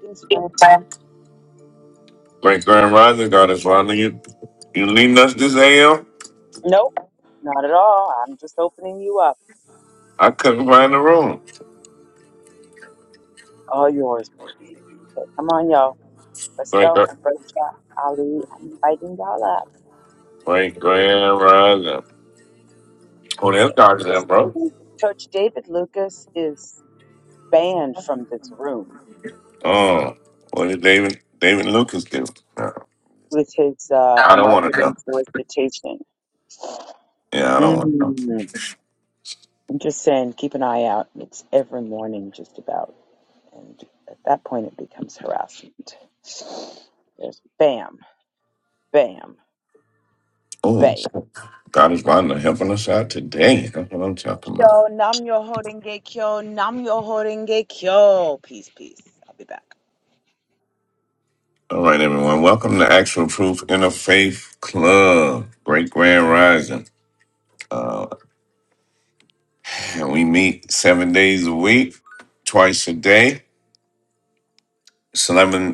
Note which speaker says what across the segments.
Speaker 1: Yes, babe.
Speaker 2: Great Grand Rising God is Londa. You you leading us this AM?
Speaker 1: Nope, not at all. I'm just opening you up.
Speaker 2: I couldn't find the room.
Speaker 1: All yours, baby. Okay, come on, y'all. Let's
Speaker 2: Great
Speaker 1: go.
Speaker 2: Grand-
Speaker 1: and Embrace Ali. I'm inviting y'all up.
Speaker 2: Great Grand Rising. Oh, that's
Speaker 1: Amen.
Speaker 2: God
Speaker 1: One
Speaker 2: is that, bro.
Speaker 1: second. Coach David Lucas is banned from this room
Speaker 2: Oh, what did David David Lucas do? Uh,
Speaker 1: with his uh,
Speaker 2: I don't want to know.
Speaker 1: marketing solicitation.
Speaker 2: Yeah, I don't want. to.
Speaker 1: Mm. I'm just saying, keep an eye out. It's every morning, just about. And at that point, it becomes harassment. There's bam, bam,
Speaker 2: Oh,
Speaker 1: bam.
Speaker 2: God is Londa helping us out today. That's what I'm talking
Speaker 1: Yo,
Speaker 2: about.
Speaker 1: nam yo horenge kyo, nam yo horenge kyo. Peace, peace. I'll be back.
Speaker 2: All right, everyone. Welcome to Actual Proof Interfaith Club. Great Grand Rising. Uh, and we meet seven days a week, twice a day. It's 11,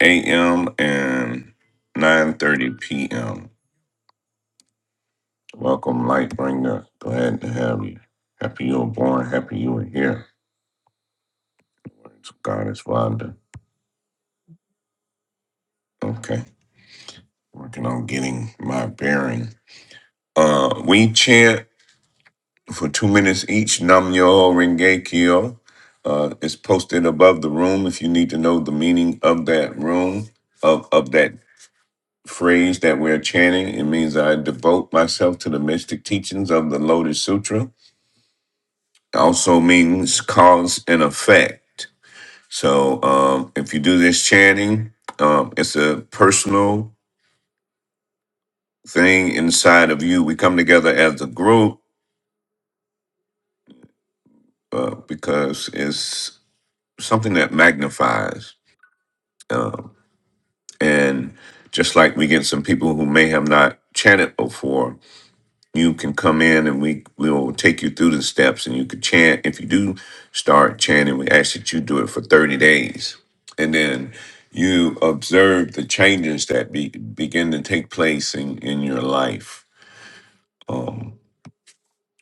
Speaker 2: a.m. and 9.30 p.m. Welcome, Lightbringer. Glad to have you. Happy you were born. Happy you were here. Thanks, God is Wanda. Okay. Working on getting my bearing. Uh, we chant for two minutes each. Nam Yo Renge Kyo. Uh, it's posted above the room if you need to know the meaning of that room, of of that. phrase that we're chanting. It means I devote myself to the mystic teachings of the Lotus Sutra. It also means cause and effect. So um, if you do this chanting, um, it's a personal thing inside of you. We come together as a group uh, because it's something that magnifies. Um, and just like we get some people who may have not chanted before, you can come in and we we will take you through the steps and you could chant if you do start chanting we ask that you do it for 30 days and then you observe the changes that be, begin to take place in in your life um,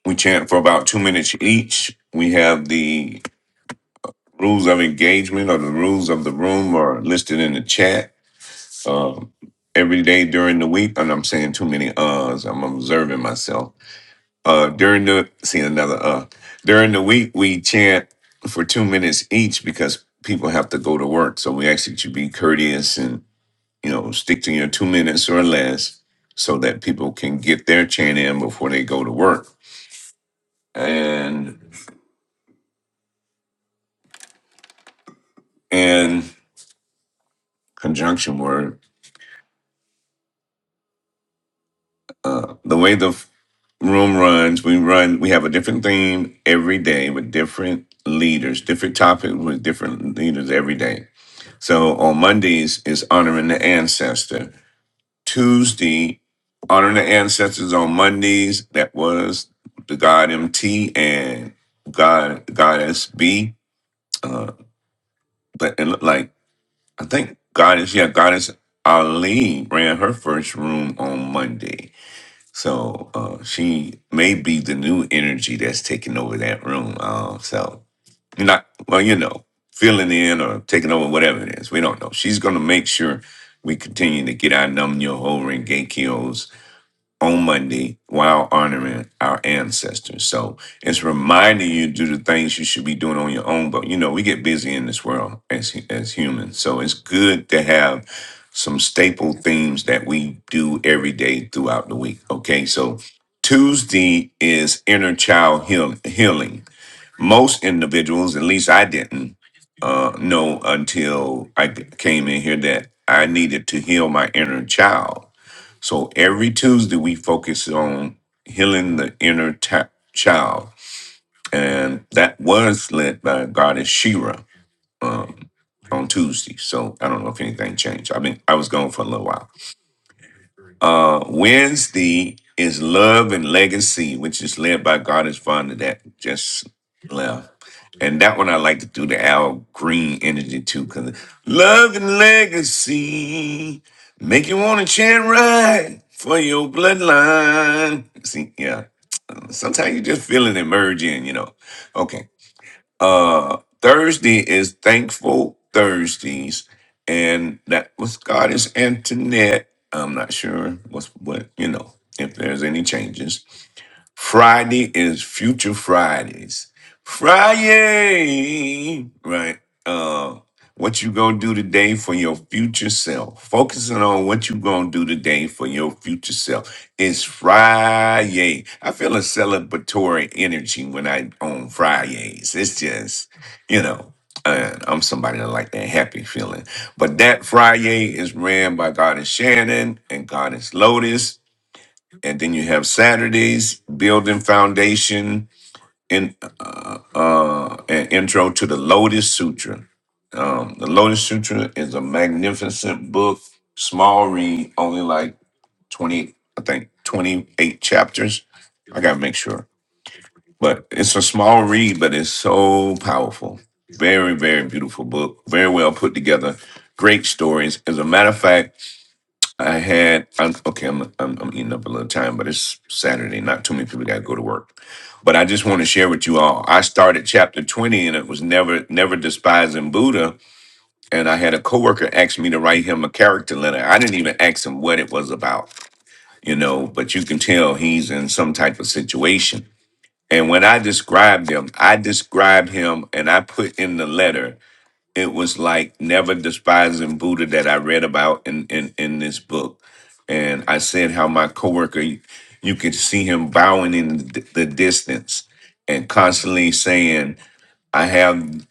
Speaker 2: we chant for about two minutes each we have the rules of engagement or the rules of the room are listed in the chat um, every day during the week and i'm saying too many uhs i'm observing myself Uh, during the see another uh during the week we chant for two minutes each because people have to go to work. So we ask that you be courteous and you know stick to your two minutes or less so that people can get their chant in before they go to work. And and conjunction word uh, the way the f- room runs we run we have a different theme every day with different leaders different topic with different leaders every day So on Mondays is honoring the ancestor. Tuesday, honoring the ancestors on Mondays. That was the god MT and God Goddess B. Uh, but it looked like I think Goddess, yeah, Goddess Ali ran her first room on Monday. So uh, she may be the new energy that's taking over that room. Uh, so you're not well, you know, filling in or taking over, whatever it is. We don't know. She's going to make sure we continue to get our Num Yo Ho Rengekios on Monday while honoring our ancestors. So it's reminding you to do the things you should be doing on your own. But you know, we get busy in this world as hu- as humans, so it's good to have some staple themes that we do every day throughout the week. Okay, so Tuesday is inner child heal- healing most individuals, at least I didn't uh, know until I c- came in here that I needed to heal my inner child. So every Tuesday we focus on healing the inner ta- child, and that was led by Goddess Shira um, on Tuesday. So I don't know if anything changed. I mean, I was gone for a little while. Uh, Wednesday is Love and Legacy, which is led by God is Father that just left. And that one I like to do the Al Green energy too, because Love and Legacy make you want to chant right for your bloodline. See, yeah, sometimes you just feel it emerging, you know. Okay uh Thursday is Thankful Thursdays, and that was Goddess Antoinette. I'm not sure what's what you know if there's any changes. Friday is Future Fridays. Friday, right? Uh, what you gonna do today for your future self? Focusing on what you gonna do today for your future self. It's Friday. I feel a celebratory energy when I on Fridays. It's just, you know. uh, I'm somebody that like that happy feeling. But that Friday is ran by Goddess Shannon and Goddess Lotus and then you have Saturdays building foundation and uh, uh, an intro to the Lotus Sutra. Um, the Lotus Sutra is a magnificent book, small read, only like twenty, I think twenty eight chapters. I gotta make sure, but it's a small read, but it's so powerful. Very, very beautiful book. Very well put together. Great stories. As a matter of fact. I had I'm, okay. I'm, I'm I'm eating up a little time, but it's Saturday. Not too many people got to go to work. But I just want to share with you all. I started chapter twenty, and it was never never despising Buddha. And I had a coworker ask me to write him a character letter. I didn't even ask him what it was about, you know. But you can tell he's in some type of situation. And when I described him, I described him, and I put in the letter it was like never despising Buddha that I read about in in in this book, and I said how my coworker, you, you could see him bowing in the the distance and constantly saying, "I have."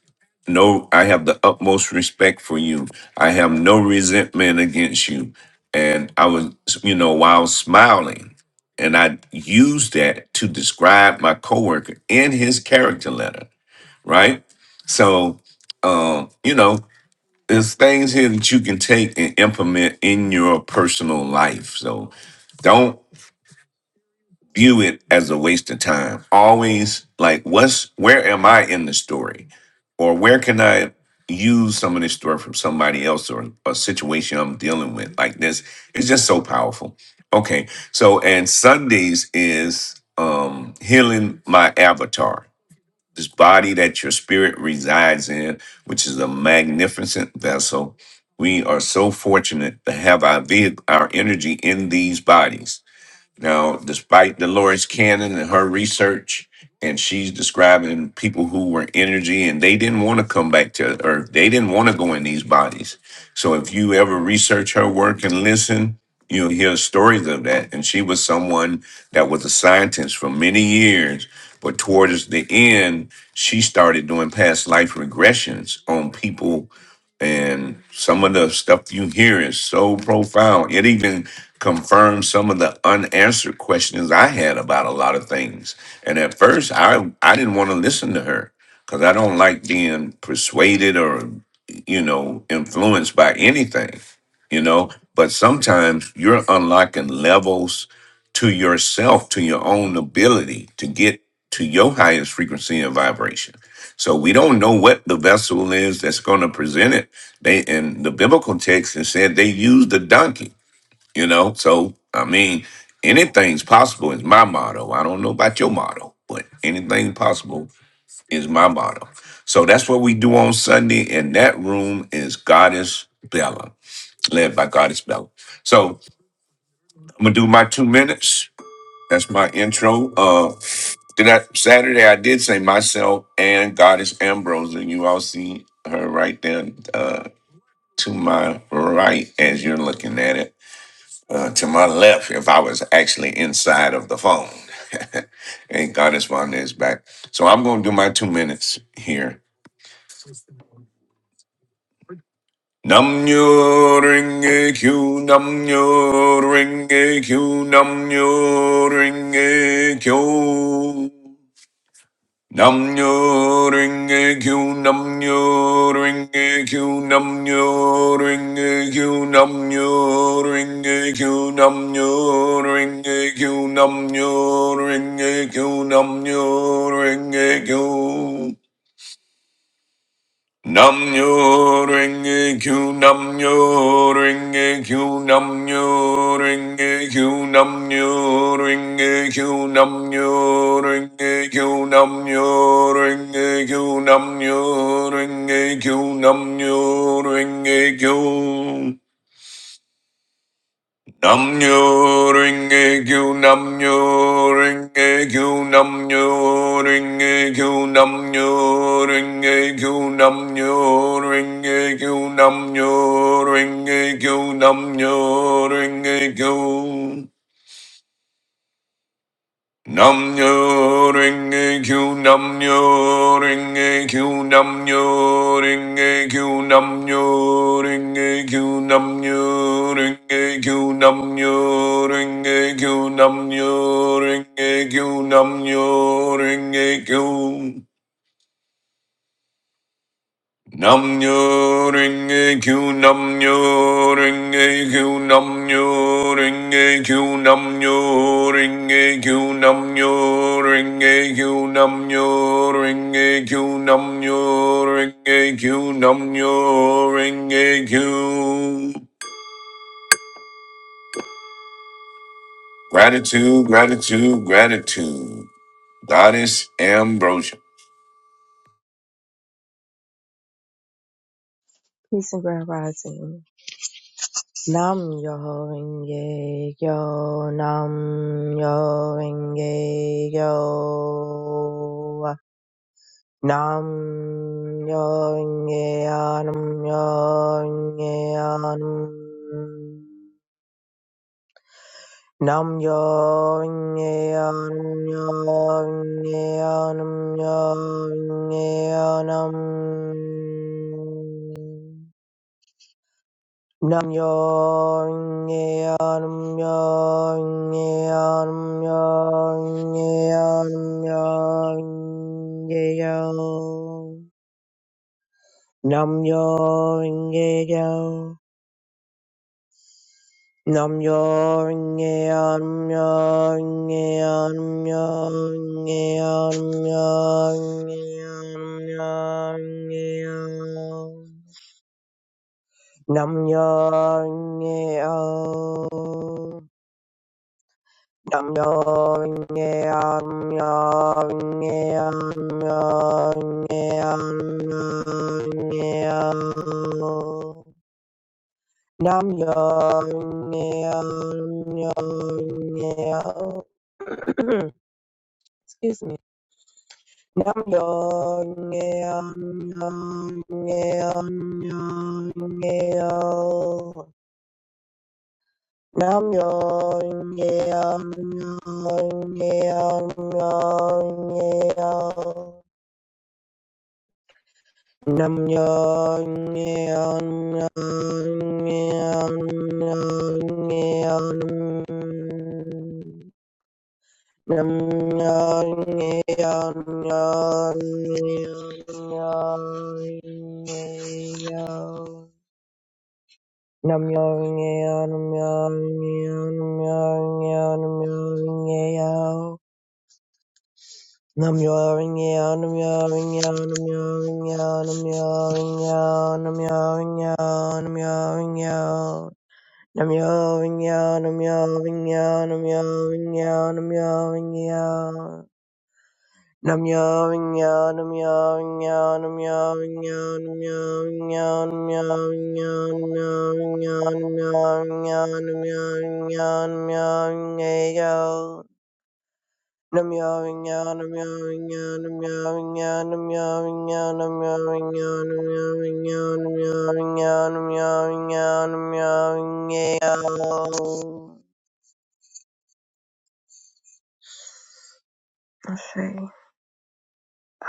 Speaker 2: No, I have the utmost respect for you. I have no resentment against you. And I was, you know, while smiling, and I used that to describe my coworker in his character letter, right? So, um, you know, there's things here that you can take and implement in your personal life. So don't view it as a waste of time. Always like what's where am I in the story? Or where can I use some of this story from somebody else or a situation I'm dealing with? Like this, it's just so powerful. Okay. So and Sundays is um healing my avatar this body that your spirit resides in, which is a magnificent vessel. We are so fortunate to have our vehicle, our energy in these bodies. Now, despite Dolores Cannon and her research, and she's describing people who were energy and they didn't want to come back to Earth. They didn't want to go in these bodies. So if you ever research her work and listen, you'll hear stories of that. And she was someone that was a scientist for many years, but towards the end, she started doing past life regressions on people and some of the stuff you hear is so profound. It even confirms some of the unanswered questions I had about a lot of things. And at first, I I didn't want to listen to her because I don't like being persuaded or you know influenced by anything. You know, but sometimes you're unlocking levels to yourself, to your own ability to get to your highest frequency and vibration. So we don't know what the vessel is that's going to present it they in the biblical text and said they used the donkey, you know. So I mean, anything's possible is my motto. I don't know about your motto, but anything possible is my motto. So that's what we do on Sunday, and that room is Goddess Bella, led by Goddess Bella. So I'm gonna do my two minutes. That's my intro. Uh did I Saturday I did say myself and Goddess Ambrose, and you all see her right there. Uh to my right as you're looking at it. Uh, to my left, if I was actually inside of the phone. and God is on his back. So I'm going to do my two minutes here. Nam nyo ring a q, nam nyo ring a q, nam nyo ring a q. Namnyo ringe kyu namnyo ringe kyu namnyo ringe kyu namnyo ringe kyu namnyo ringe kyu namnyo ringe kyu namnyo ringe kyu Nam nyo ring a q nam nyo ring a q nam nyo ring a q nam nyo ring a q nam nyo ring a q nam nyo ring a q nam nyo ring a q nam nyo ring a q Nam nyo ring a q nam nyo ring a q nam nyo ring Namnyo nam kyu ring ringe kyu namnyo ringe kyu namnyo ringe kyu namnyo ringe kyu namnyo ringe kyu namnyo ringe kyu Nam nyo ring a q nam nyo ring a q nam nyo ring a q nam nyo ring a q nam nyo ring a q nam nyo ring a q nam nyo ring a q nam nyo ring a q Namnyo Renge Kyu Namnyo Renge Kyu Namnyo Renge Kyu Namnyo Renge Kyu Namnyo Renge Kyu Namnyo Renge Kyu Namnyo Renge Kyu Namnyo Renge Kyu Gratitude, gratitude, gratitude. Goddess Ambrosia.
Speaker 3: Peace and grand rising. Nam yo renge yo, nam yo renge yo. Nam yo renge yo. nam yo renge yo. nam. Nam yo renge ya, nam yo renge ya, nam yo renge ya, nam. Nam Myoho Renge yo nam yo nge yo nam yo nge yo nam yo nge yo nam yo nge yo nam yo nge yo nam yo nge yo Excuse me. Nam yo nam Nam yo nye yo nye yo Nam yo neon neon neon Nam yo neon neon Nam yo neon neon neon Nam yawing yawn, I'm yawing yawn, I'm yawing yawn, I'm yawing yawn, I'm yawing yawn, I'm yawing yawn. Nam yawing yawn, I'm yawing yawn, I'm yawing yawn, I'm yawing yawn. Nam yawing yawn, I'm yawing yawn, I'm yawing yawn, I'm yawing yawn, I'm yawing yawn, I'm yawing yawn, I'm yawing yawn, I'm yawing yawn, I'm yawing yawn. Nam yawing yan, I'm yawing yan, I'm yawing yan, I'm yawing yan, I'm yawing yan, I'm yawing yan, I'm yawing yan, I'm yawing yan, I'm say,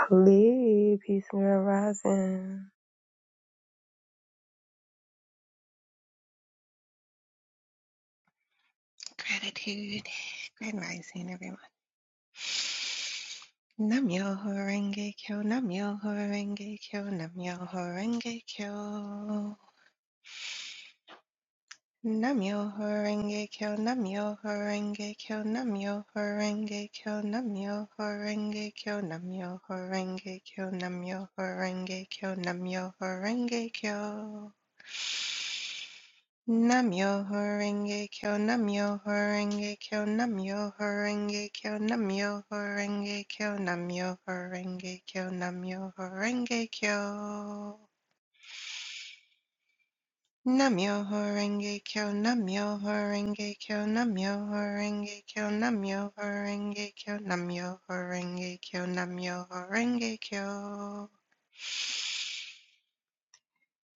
Speaker 3: Ali, peace and good rising.
Speaker 4: Gratitude. Grand rising, everyone. Namyo horenge kyo, namyo horenge kyo, namyo horenge kyo. Namyo horenge kyo, namyo horenge kyo, namyo horenge kyo, namyo horenge kyo, namyo horenge kyo, namyo horenge kyo, namyo horenge kyo. Namyo Horenge Kyo, Namyo Horenge Kyo, Namyo Horenge Kyo, Namyo Horenge Kyo, Namyo Horenge Kyo, Namyo Horenge Kyo. Namyo Horenge Kyo, Namyo Horenge Kyo, Namyo Horenge Kyo, Namyo Horenge Kyo, Namyo Horenge Kyo, Namyo Horenge Kyo.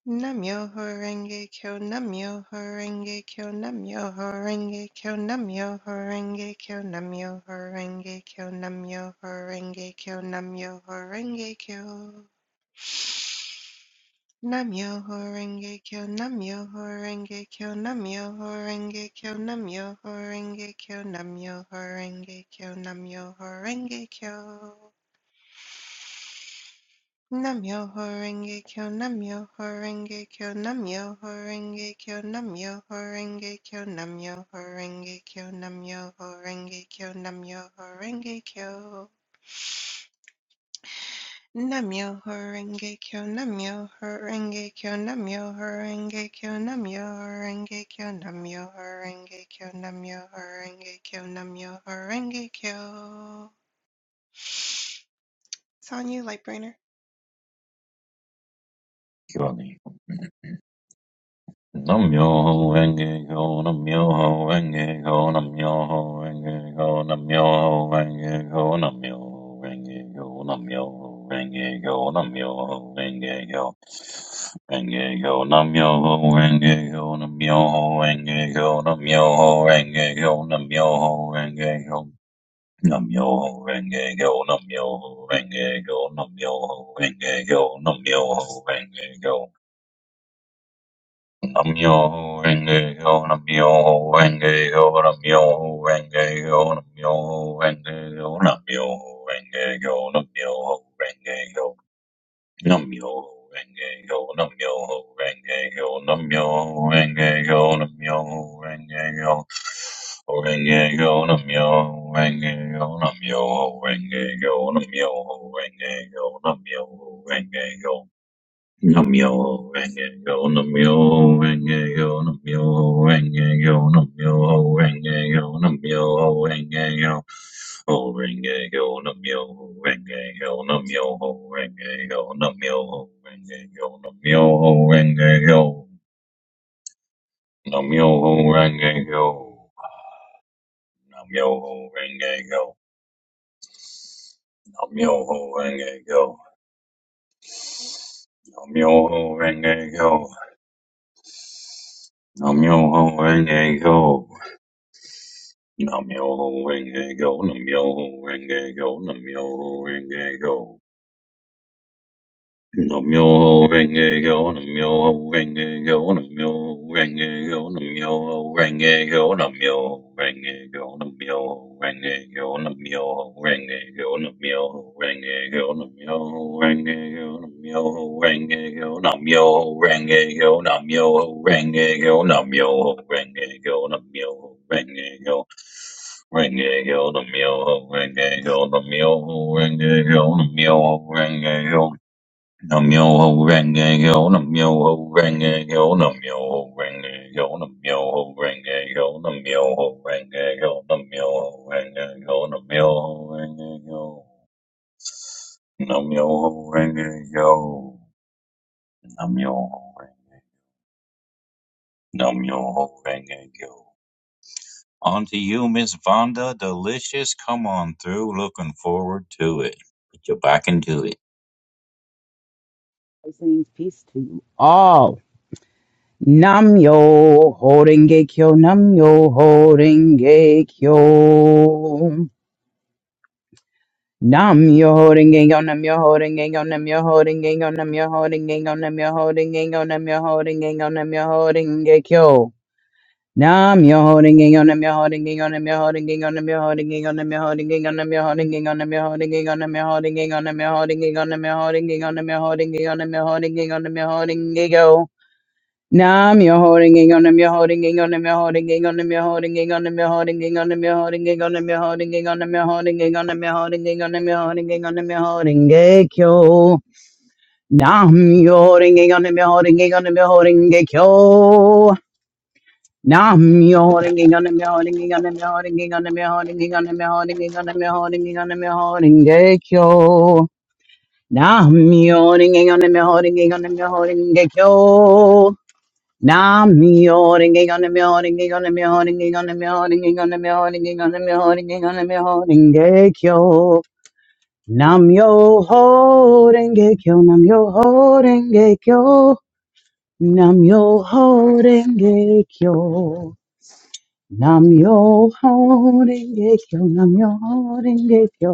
Speaker 4: Namyo Horenge Kyo, Namyo Horenge Kyo, Namyo Horenge Kyo, Namyo Horenge Kyo, Namyo Horenge Kyo, Namyo Horenge Kyo, Namyo Horenge Kyo. Namyo Horenge Kyo, Namyo Horenge Kyo, Namyo Horenge Kyo, Namyo Horenge Kyo, Namyo Horenge Kyo, Namyo Horenge Kyo. Namyoho Renge Kyo, Namyoho Renge Kyo, Namyoho Renge Kyo, Namyoho Renge Kyo, Namyoho Renge Kyo, Namyoho Renge Kyo, Namyoho Renge Kyo. Namyoho Renge Kyo, Namyoho Renge Kyo, Namyoho Renge Kyo, Namyoho Renge Kyo, Namyoho Renge Kyo, Namyoho Renge Kyo, Namyoho Renge Kyo. It's on you, Lightbrainer.
Speaker 5: nam myoho Renge Kyo, nam myoho Renge Kyo, nam myoho Renge Kyo, nam myoho Renge Kyo, nam myoho Renge Kyo, nam myoho Renge Kyo, nam myoho Renge Kyo, Renge Kyo, Namyoho Renge Kyo, nam myoho Renge Kyo, nam myoho Renge Kyo, nam myoho Renge Kyo. nam myoho Renge Kyo, nam myoho Renge Kyo, Namyoho Renge Kyo, Namyoho Renge Kyo. Namyo Renge Kyo, Namyo Renge Kyo, Namyo Renge Kyo, Namyo Renge Kyo, Namyo Renge Kyo, Namyo Renge Kyo, Namyo Renge Kyo, Namyo Renge Kyo, Namyo Renge Kyo, Namyo Renge Kyo. Renge go namyo, renge go namyo, renge go namyo, renge go namyo, Renge Kyo. Namyo renge yo, namyo renge yo, namyo renge yo, namyo renge yo, namyo renge yo. Oh, renge yo, namyo renge yo, namyo renge yo, namyo renge yo, namyo renge yo, namyo renge yo, namyo renge yo, namyo renge yo, namyo renge yo, namyo renge yo. Namyo Renge Go, Namyo Renge Go, Namyo Renge Go. Namyo Renge Go, Namyo Renge Go, Namyo Renge Go, Namyo Renge Go, Namyo Renge Go, Namyo Renge Go, Namyo Renge Go, Namyo Renge Go, Namyo Renge Go, Namyo Renge Go, Namyo Renge Go, Namyo Renge Go, Namyo Renge Go, Namyo Renge Go, Renge yo the meal ho, renge yo the meal ho, renge yo the meal ho, renge yo the meal ho, renge yo the meal ho, renge yo the meal ho, renge yo the meal ho, renge yo the meal ho, renge yo the meal ho, renge yo the meal ho, renge yo the meal ho, renge yo the meal ho, renge yo the meal ho, renge yo On to you, Miss Vonda. Delicious. Come on through. Looking forward to it. Put your back into it.
Speaker 1: Blessings, peace to you all. Nam yo horenge kyo, nam yo horenge kyo. Nam yo horenge kyo, nam yo horenge kyo, nam yo horenge kyo, nam yo horenge kyo, nam yo horenge kyo, nam yo horenge kyo, nam yo horenge kyo. Nam yo holding in on them, you're holding in on them, you're holding in on them, you're holding in on them, you're holding in on them, you're holding in on them, you're holding in on them, you're holding in on them, you're holding in on them, you're holding in on them, you're holding in on them, you're holding in on them, you're holding in go. Nam you're holding in on them, you're holding in on them, you're holding in on them, you're holding in on them, holding on them, holding on them, holding on them, holding on them, holding on them, holding on them, holding go. Nam you holding on them, holding on them, holding go. Now holding on the holding on the holding on the holding on the holding on the holding on the holding gekyo. Now holding on the holding on the holding gekyo. Now holding on the holding on the holding on the holding on the holding on the holding on the holding gekyo. Nam yo holding gekyo. Nam yo holding gekyo. Nam yo holding gekyo. Nam yo ho renge kyo, nam yo ho renge kyo,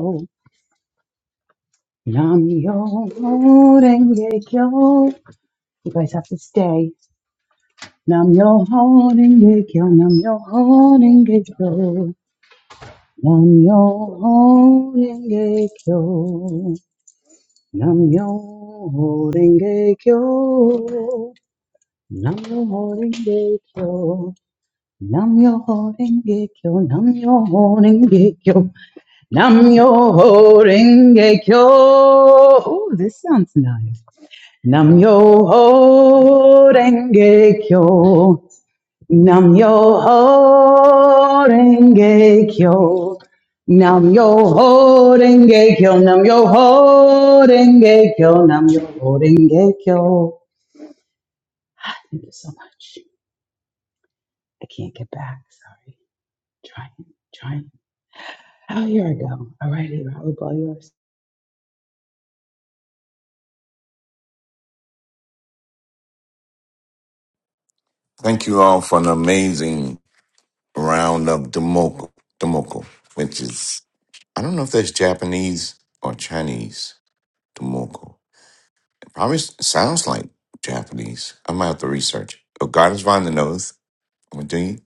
Speaker 1: nam yo ho renge kyo. You guys have to stay. Nam yo ho renge kyo, nam yo ho renge kyo, nam yo ho renge kyo, nam yo ho renge kyo, nam yo ho renge kyo, nam yo ho renge kyo, nam yo ho renge kyo. Namyo Renge Kyo. Oh, this sounds nice. Namyo Renge Kyo. Namyo Renge Kyo. Namyo Renge Kyo. Namyo Renge Kyo. Namyo Renge Kyo. Thank you so much. I can't get back. Sorry. Trying, trying. Oh, here I go. All righty, Raul, all yours.
Speaker 2: Thank you all for an amazing round of Demoko, Demoko, which is I don't know if that's Japanese or Chinese. Tomoko. It probably s- sounds like Japanese. I might have to research. Oh, God is find the nose. I'm do you?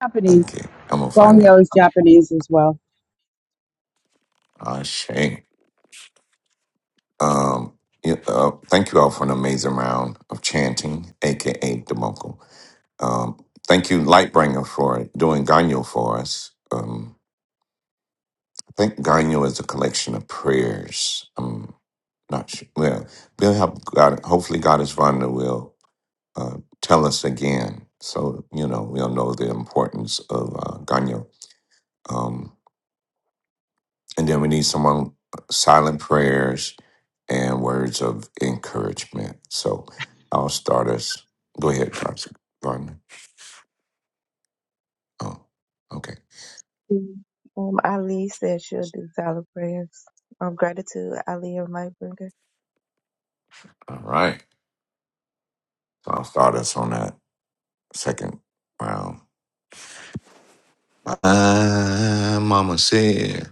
Speaker 1: Japanese.
Speaker 2: Okay, I'm gonna find out.
Speaker 1: Gongyo is Japanese as well.
Speaker 2: Ah, shame. Um, yeah, uh, thank you all for an amazing round of chanting, aka Demoko. Um, thank you, Lightbringer, for doing Ganyo for us. Um, I think Ganyo is a collection of prayers. Um, not sure. Well, we'll help God. Hopefully, God is Vanda will. uh, tell us again. So, you know, we'll know the importance of uh, Ganyo. Um, and then we need someone, uh, silent prayers and words of encouragement. So I'll start us. Go ahead, Pastor Gardner. Oh, okay.
Speaker 3: Um, Ali said she'll do silent prayers. Um, gratitude, Ali and Light Bringer.
Speaker 2: All right. So I'll start us on that second round. My mama said,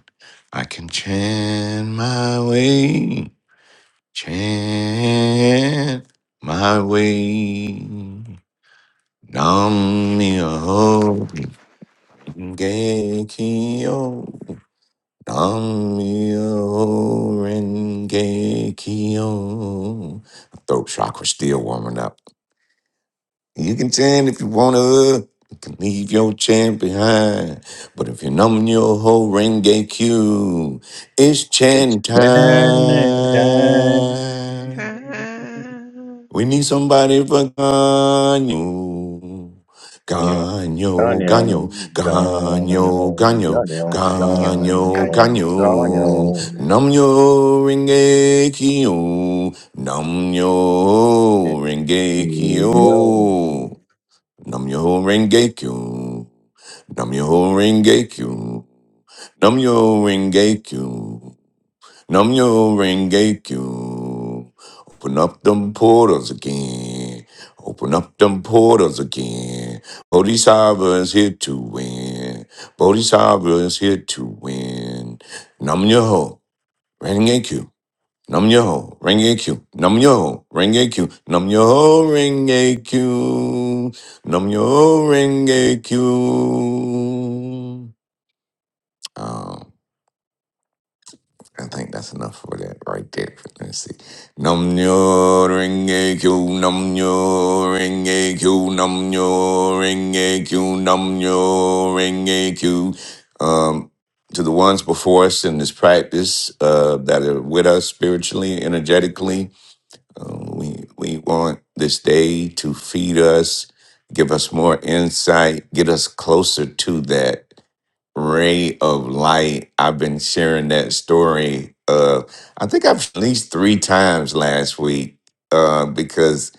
Speaker 2: I can chant my way, chant my way. Nam myoho renge kyo. Nam myoho renge kyo. Throat chakra still warming up. You can tend if you wanna. You can leave your chant behind. But if you're numbing your whole renge Q, it's
Speaker 5: It's
Speaker 2: chant
Speaker 5: turning
Speaker 2: time.
Speaker 5: time.
Speaker 2: We need somebody for Ganyo.
Speaker 5: On your, on
Speaker 2: Ganyo,
Speaker 5: your,
Speaker 2: Ganyo,
Speaker 5: on
Speaker 2: Ganyo,
Speaker 5: your,
Speaker 2: Ganyo,
Speaker 5: on your,
Speaker 4: Ganyo,
Speaker 2: Ganyo,
Speaker 4: ganyo.
Speaker 5: on
Speaker 2: Ganyo. Namyo Renge Kyo. Namyo Renge Kyo. Namyo Renge Kyo. Namyo Renge Kyo. Namyo Renge Kyo. Namyo Renge Kyo. Open up them portals again. Open up them portals again. Bodhisattva is here to win. Bodhisattva is here to win. Nam yo ring AQ. Nam yo ring AQ. Nam yo ring AQ. Nam yo ring AQ. Nam yo ring AQ. I think that's enough for that right there. Let's see. Num nyo ring a q num nyo ring a q num nyo ring a q num nyo ring a q. Um, to the ones before us in this practice uh, that are with us spiritually, energetically, uh, we we want this day to feed us, give us more insight, get us closer to that ray of light. I've been sharing that story. Uh, I think I've at least three times last week uh, because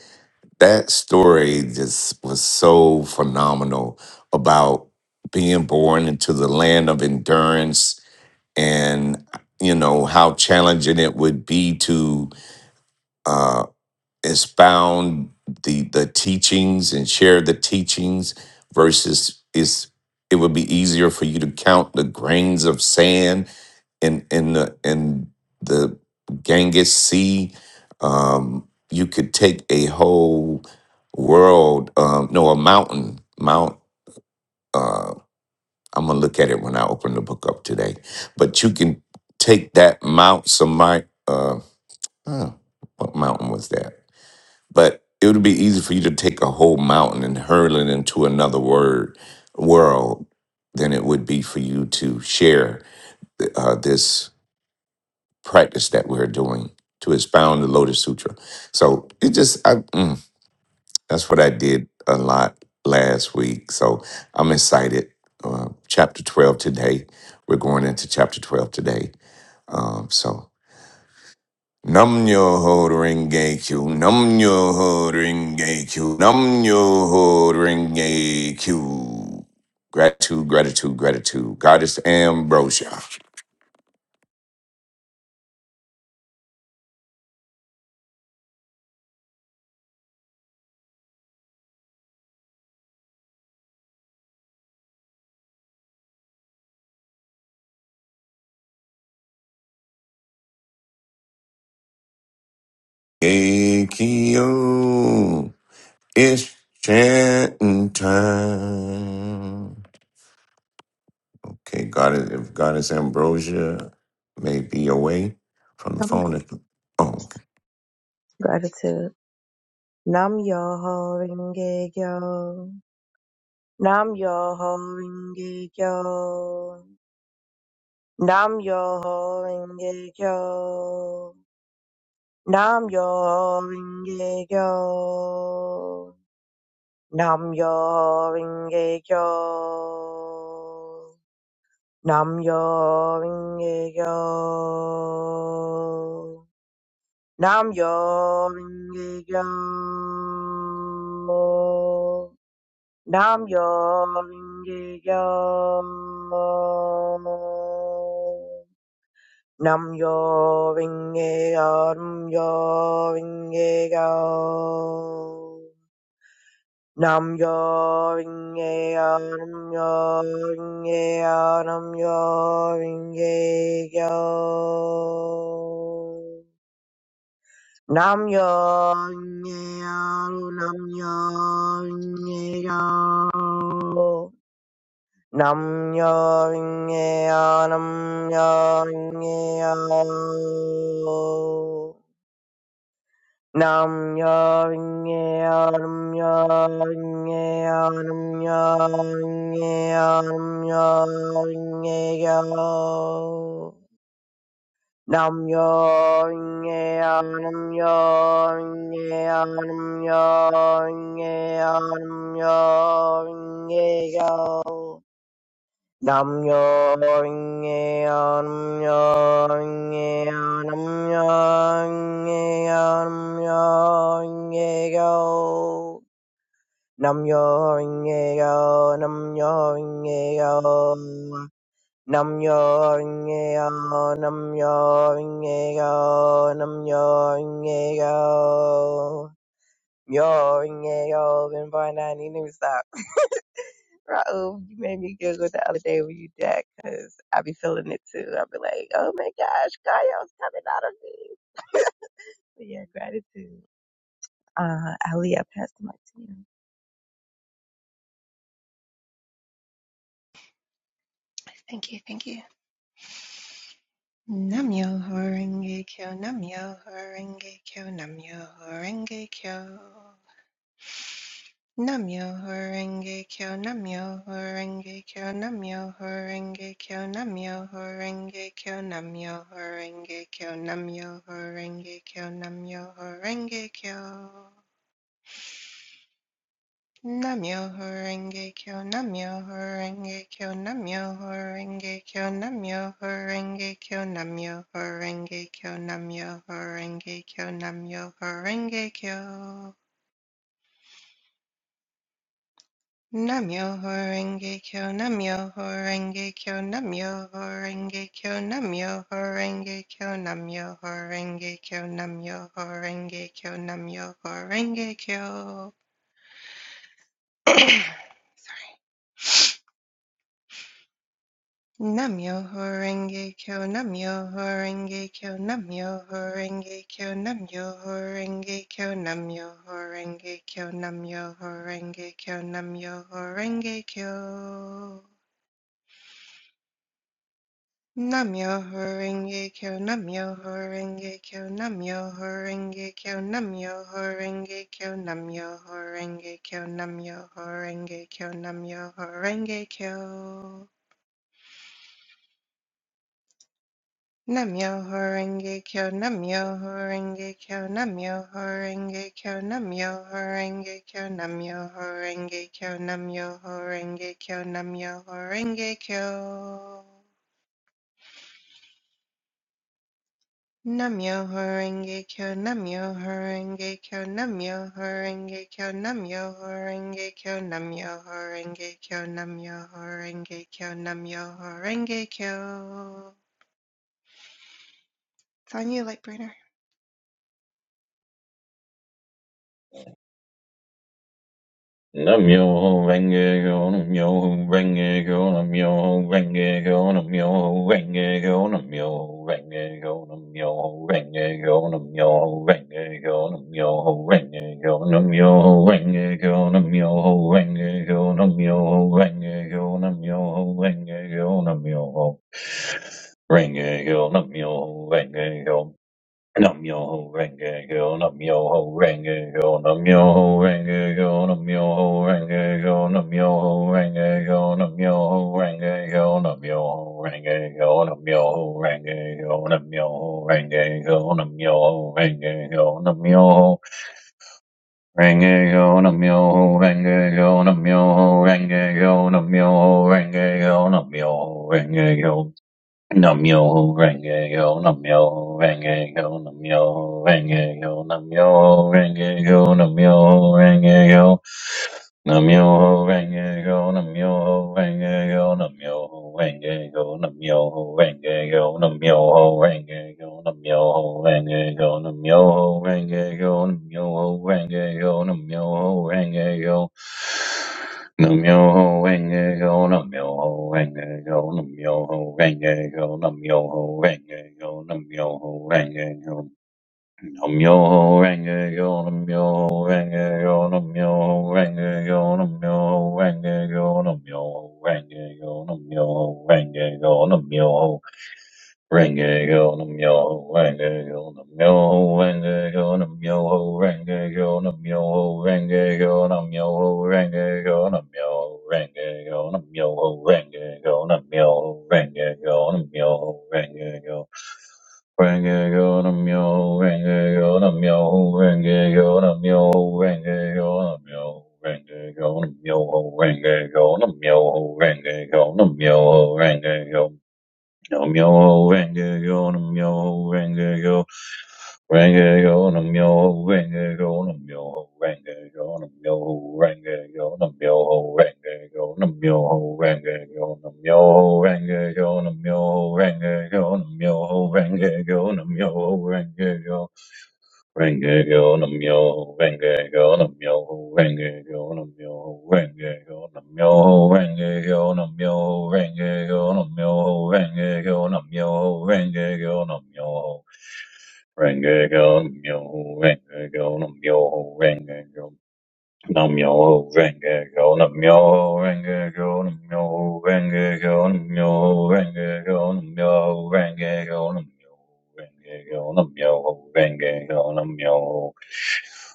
Speaker 2: that story just was so phenomenal about being born into the land of endurance and you know how challenging it would be to uh, expound the the teachings and share the teachings versus is it would be easier for you to count the grains of sand in in the in the Ganges Sea. Um, you could take a whole world, um, no, a mountain, Mount. Uh, I'm gonna look at it when I open the book up today. But you can take that Mount Samai. Uh, huh, what mountain was that? But it would be easy for you to take a whole mountain and hurl it into another word world than it would be for you to share uh, this practice that we're doing to expound the Lotus Sutra. So it just I, mm, that's what I did a lot last week. So I'm excited. Uh, chapter 12 today. We're going into chapter 12 today. Um, so Nam yo ho renge kyu, nam yo ho renge kyu, nam yo ho renge kyu. Gratitude, gratitude, gratitude. Goddess Ambrosia. Akio, it's chanting time. Okay, Goddess, if Goddess Ambrosia may be away from the
Speaker 3: Tell me.
Speaker 2: phone. if- Oh, okay.
Speaker 3: Gratitude. Nam yo ho ringe yo. Nam yo ho ringe yo. Nam yo ho renge kyo. Nam yo ho renge kyo. Nam yo ho renge kyo. Nam yo ho renge kyo. Nam yo ho renge kyo. Nam yo ho renge kyo. Nam yo ringe yo, nam yo ringe yo. Nam yo ringe yo, nam yo ringe yo, nam yo ringe yo. Nam yo ringe yo, nam yo ringe yo. Nam yo ringe yo, nam yo ringe yo. Nam yo nye nam yo nye nam yo nye nam yo nye yo Nam yo nye nam yo nye nam yo nye nam yo nye yo Nam yo ring ye yo, nam yo ring ye yo, nam yo ring ye yo, nam yo ring ye go nam yo ring ye go nam yo ring ye go nam yo ring ye go nam yo ring ye go nam yo ring ye go yo ring ye go can find that need to stop Raul, you made me giggle the other day when you did that 'cause I be feeling it too. I be like, oh my gosh, Gaio's coming out of me. But yeah, gratitude. Uh, Ali, I passed the mic to you.
Speaker 4: Thank you, thank you. Namyo horenge kyo, namyo horenge kyo, namyo horenge kyo. Namyo horenge kyo, namyo horenge kyo, namyo horenge kyo, namyo horenge kyo, namyo horenge kyo, namyo horenge kyo, namyo horenge kyo. Namyo Horenge Kyo, Namyo Horenge Kyo, Namyo Horenge Kyo, Namyo Horenge Kyo, Namyo Horenge Kyo, Namyo Horenge Kyo, Namyo Horenge Kyo. Namyo Horenge Kyo, Namyo Horenge Kyo, Namyo Horenge Kyo, Namyo Horenge Kyo, Namyo Horenge Kyo, Namyo Horenge Kyo, Namyo Horenge Kyo. Namyo Horenge Kyo Namyo Horenge Kyo Namyo Horenge Kyo Namyo Horenge Kyo Namyo Horenge Kyo Namyo Horenge Kyo Namyo Horenge Kyo Namyo Horenge Kyo Namyo Horenge Kyo Namyo Horenge Kyo Namyo Horenge Kyo Namyo Horenge Kyo Namyo Horenge Kyo Namyo Horenge Kyo Namyo Horenge Kyo, Namyo Horenge Kyo, Namyo Horenge Kyo, Namyo Horenge Kyo, Namyo Horenge Kyo, Namyo Horenge Kyo, Namyo Horenge Kyo. Namyo Horenge Kyo, Namyo Horenge Kyo, Namyo Horenge Kyo, Namyo Horenge Kyo, Namyo Horenge Kyo, Namyo Horenge Kyo, Namyo Horenge Kyo. It's on you, Lightbringer.
Speaker 5: Namyo renge go, namyo renge go, namyo renge go, namyo renge go, namyo renge go, namyo renge go, namyo renge go, namyo renge go, namyo renge go, namyo renge go, namyo renge go, namyo renge go, namyo renge go, namyo renge go. Nam yo ho renge yo, nam yo ho renge yo, nam yo ho renge yo, nam yo ho renge yo, nam yo ho renge yo, nam yo ho renge yo, nam yo ho renge yo, nam yo ho renge yo, nam yo ho renge yo, nam yo ho renge yo, nam yo ho renge yo, nam yo ho renge yo, nam yo ho renge yo, nam yo ho renge yo, nam yo ho renge yo, Namyo renge yo, namyo renge yo, namyo renge yo, namyo renge yo, namyo renge yo. Namyoho Renge Go, Namyoho Renge Go, Namyoho Renge Go, Namyoho Renge Go, Namyoho Renge Go, Namyoho Renge Go, Namyoho Renge Go, Namyoho Renge Go, Namyoho Renge Go. Namyoho Renge Go, Namyoho Renge Go, Namyoho Renge Go, Namyoho Renge Go, Namyoho Renge Go. Namyo renge yo namyo renge yo namyo renge yo namyo renge yo namyo renge yo namyo renge yo namyo Renge go num yo ho, renge go num yo ho, renge go num yo ho, renge go num yo ho, renge go num yo ho, renge go num yo ho, renge go num yo ho, renge go num yo ho, renge go num yo ho, renge go. Renge go num yo ho, renge go num yo ho, renge go num yo ho, renge go num yo ho, renge go num yo ho, renge go num yo ho, renge go num yo ho, renge go Namyo renge yo, namyo renge yo, renge yo, namyo renge yo, namyo renge yo, namyo renge yo, namyo renge yo, namyo renge yo, namyo renge yo, namyo renge yo, namyo renge yo, namyo renge yo. Renge go nam yo, renge go nam yo, renge go nam yo, renge go nam yo, renge go nam yo, renge go nam yo, renge go nam yo, renge go nam yo, renge go nam yo, renge go nam yo, renge go nam yo, renge go nam yo, renge go nam yo, renge go nam yo, renge go nam yo, renge go nam yo, renge go nam yo, renge go nam yo.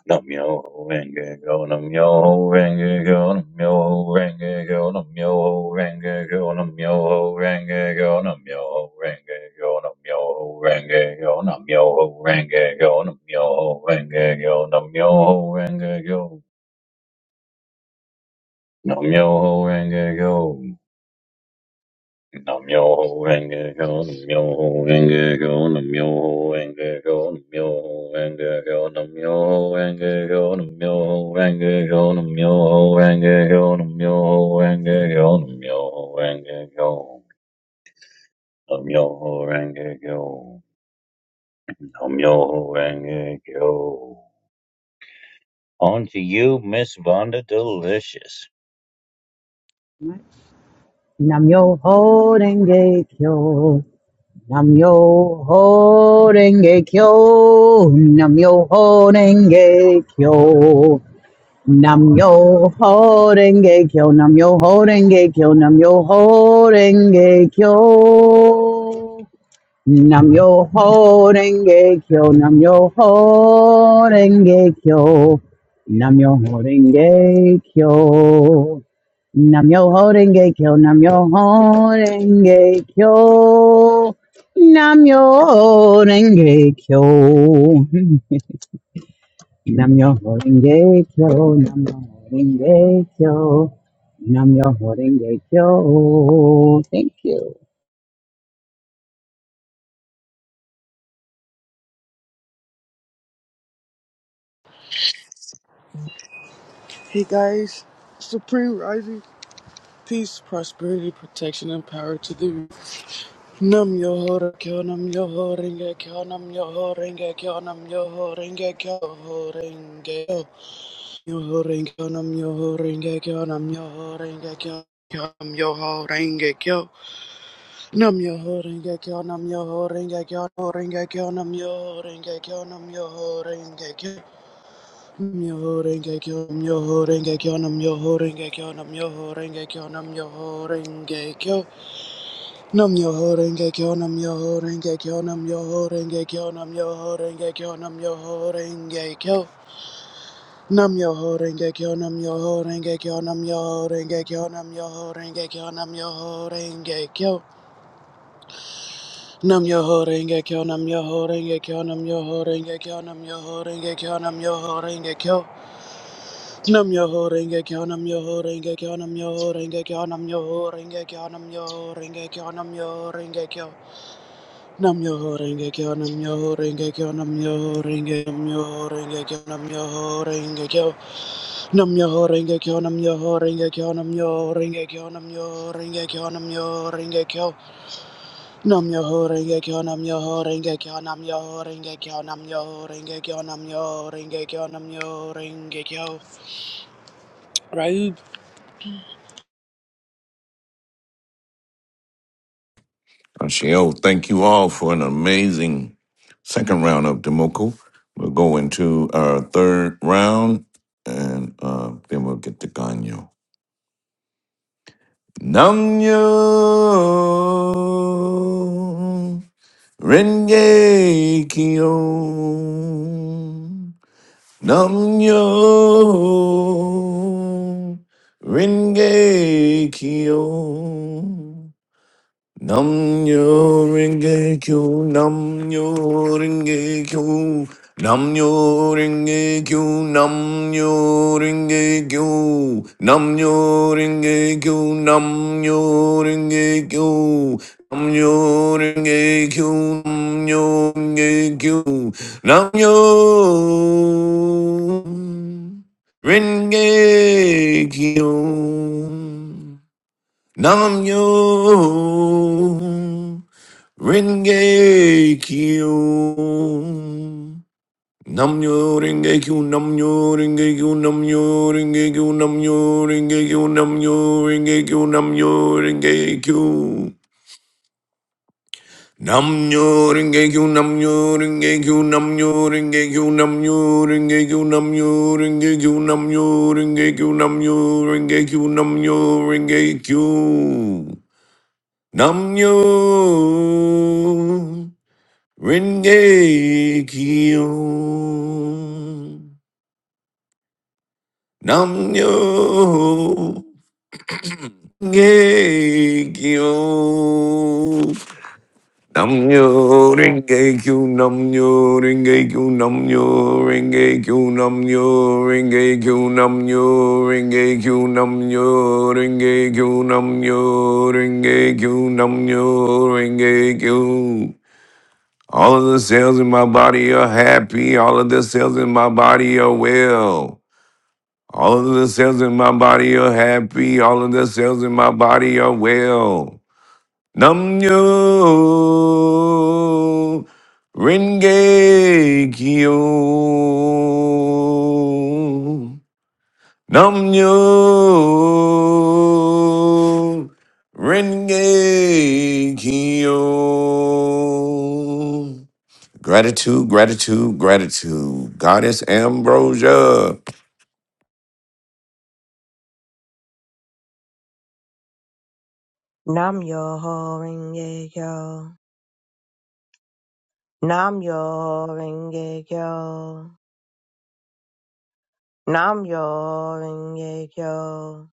Speaker 5: Nam yo ho renge kyo, nam yo ho renge kyo, nam yo ho renge kyo, nam yo ho renge kyo, nam yo ho renge kyo, nam yo ho renge kyo, nam yo ho renge kyo, nam yo ho renge kyo, nam yo ho renge kyo, nam yo ho renge kyo, nam yo ho renge kyo. Namyo Renge Go, Namyo Renge Go, Namyo Renge Go, Namyo Renge Go, Namyo Renge Go, Namyo Renge Go, Namyo Renge Go, Namyo Renge Go, Namyo Renge Go, Namyo Renge Go, Namyo Renge Go. On to you, Miss Vonda Delicious.
Speaker 1: Namyo Horenge Kyo. Namyo Horenge Kyo. Namyo Horenge Kyo. Namyo Horenge Kyo. Namyo Horenge Kyo. Namyo Horenge Kyo. Nam yo ho renge kyo, nam yo ho renge kyo, nam yo ho renge kyo, nam yo ho renge kyo, nam yo ho renge kyo, nam yo ho renge kyo, nam yo ho renge kyo, nam yo ho renge kyo, nam yo ho renge kyo. Thank you.
Speaker 6: Hey guys, Supreme Rising, peace, prosperity, protection, and power to the Nam yo ho ra kyo, nam yo ho ringa kyo, nam yo ho ringa kyo, nam yo ho ringa kyo, ho ringa kyo, yo ho ringa kyo, nam yo ho ringa kyo, nam yo ho ringa kyo. Nam yo ho ringa kyo, nam yo ho ringa kyo, nam yo ho ringa kyo, ho ringa kyo, nam yo ho ringa kyo, nam yo ho ringa kyo. Myoho renge kyo, myoho renge kyo, nam myoho renge kyo, nam myoho renge kyo, nam myoho renge kyo, nam myoho renge kyo, nam myoho renge kyo, nam myoho renge kyo, nam myoho renge kyo, nam myoho renge kyo, nam myoho renge kyo, nam myoho renge kyo, nam myoho renge kyo, nam myoho renge kyo, nam myoho renge kyo, nam myoho renge kyo, nam myoho renge kyo, nam myoho renge kyo, nam myoho renge kyo, nam myoho renge kyo. Nam yo ho renge kyo nam yo ho renge kyo nam yo ho renge kyo nam yo ho renge kyo nam yo ho renge kyo nam yo ho renge kyo nam yo ho renge kyo nam yo ho renge kyo nam yo ho renge nam yo ho renge kyo nam yo ho renge kyo nam yo ho renge kyo nam yo ho renge kyo nam yo ho renge kyo nam yo ho renge kyo nam yo ho renge kyo nam yo ho renge kyo nam yo ho renge kyo nam yo ho renge kyo nam yo ho renge kyo nam yo ho renge kyo nam yo ho renge kyo
Speaker 2: Oh, she, oh, thank you all for an amazing second round of Demoko. We'll go into our third round, and uh, then we'll get to Ganyo. Namyo Renge Kyo Namyo Renge Kyo Nam nyo ringe kyo, nam nyo ringe kyo, nam nyo ringe kyo, nam nyo ringe kyo, nam nyo ringe kyo, nam nyo ringe kyo, nam nyo ringe kyo, nam nyo ringe kyo, nam nyo ringe kyo. Nam yo renge kyo. Nam yo renge kyo. Nam yo renge kyo. Nam yo renge kyo. Nam yo renge kyo. Nam yo renge kyo. Nam yo renge kyo. Nam yo renge kyo. Nam yo renge kyo. Nam yo renge kyo. Nam yo renge kyo. Nam yo renge kyo. Nam yo renge kyo. Nam yo renge kyo. Nam yo renge kyo. Namyo Renge Kyo. Namyo Renge Kyo. Namyo Renge Kyo. Namyo Renge Kyo. Namyo Renge Kyo. Namyo Renge Kyo. Namyo Renge Kyo. Namyo Renge Kyo. Namyo Renge Kyo. Namyo Renge Kyo. All of the cells in my body are happy. All of the cells in my body are well. All of the cells in my body are happy. All of the cells in my body are well. Nam yo renge kyo. Nam yo renge kyo. Gratitude, gratitude, gratitude. Goddess Ambrosia.
Speaker 3: Nam yo ho renge yo. Nam yo renge yo. Nam yo renge yo.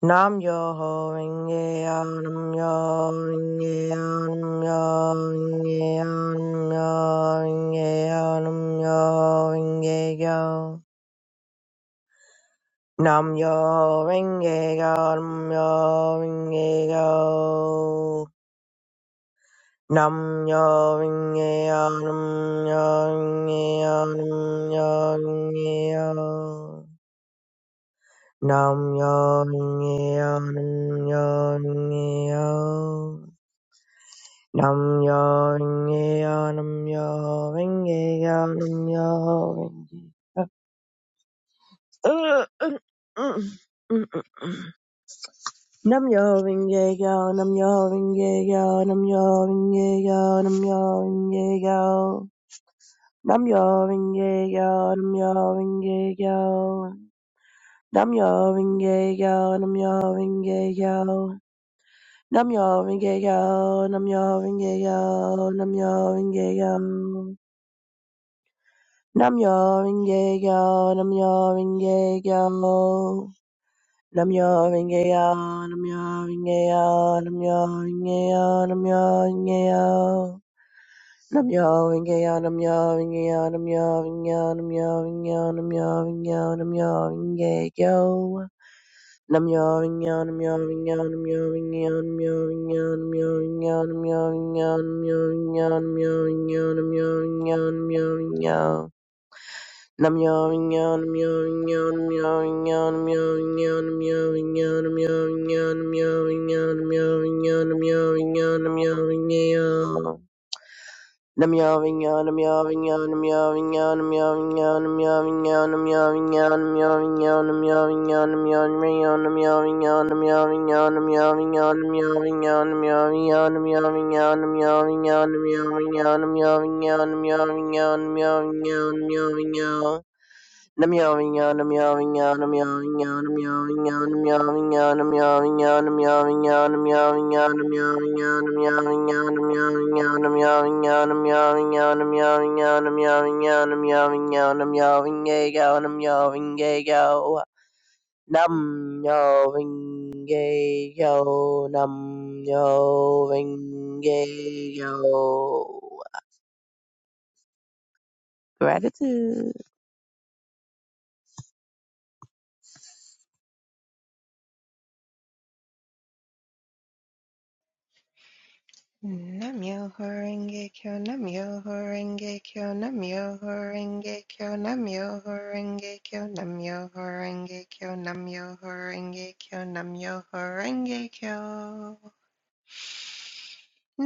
Speaker 3: Nam yo ho ring yo, nam yo ring yo, nam yo renge yo, nam yo ring yo, nam yo renge yo. Nam yo ho renge yo, nam yo renge yo. Nam yo ring yo, nam yo renge yo, nam yo ring yo. Nam yo ring yo, nam yo renge yo. Nam yo ringe yo, nam yo ringe yo, nam yo ringe yo. Nam yo ringe yo, nam yo ringe yo, nam yo ringe yo, nam yo ringe yo. Nam yo ringe yo, nam yo ringe yo. Nam yo ringe yo, nam yo ringe yo. Nam yo ringe yo, nam yo ringe yo, nam yo ringe yo. Namyo Ringegyo, Namyo Ringegyo, Namyo Ringegyo, Namyo Ringegyo, Namyo Ringegyo, Namyo Ringegyo, Namyo Ringegyo, Namyo Ringegyo, Namyo Ringegyo, Namyo Ringegyo, Namyo Ringegyo, Namyo Ringegyo, Namyo Ringegyo, Namyo Ringegyo, Namyo Ringegyo, Namyo Ringegyo, Namyo Ringegyo, Namyo Ringegyo, Namyo Ringegyo, Namyo Ringegyo, Namyo Ringegyo, Namyo Ringegyo, Nam yawing yawn meowing yawn meowing yawn meowing yawn meowing yawn meowing yawn meowing yawn meowing yawn meowing yawn meowing yawn. nam yawing yawn meowing yawn meowing yawn meowing yawn meowing yawn meowing yawn meowing yawn meowing yawn meowing yawn meowing yawn meowing yawn meowing yawn meowing yawn meowing yawn meowing yawn meowing yawn meowing yawn meowing yawn meowing yawn meowing yawn meowing yawn. Nam yo vinge yo, nam yo vinge yo. Gratitude. Nam yo vinge
Speaker 4: Namyo Horenge Kyo, Namyo Horenge Kyo, Namyo Horenge Kyo, Namyo Horenge Kyo, Namyo Horenge Kyo, Namyo Horenge Kyo, Namyo Horenge Kyo.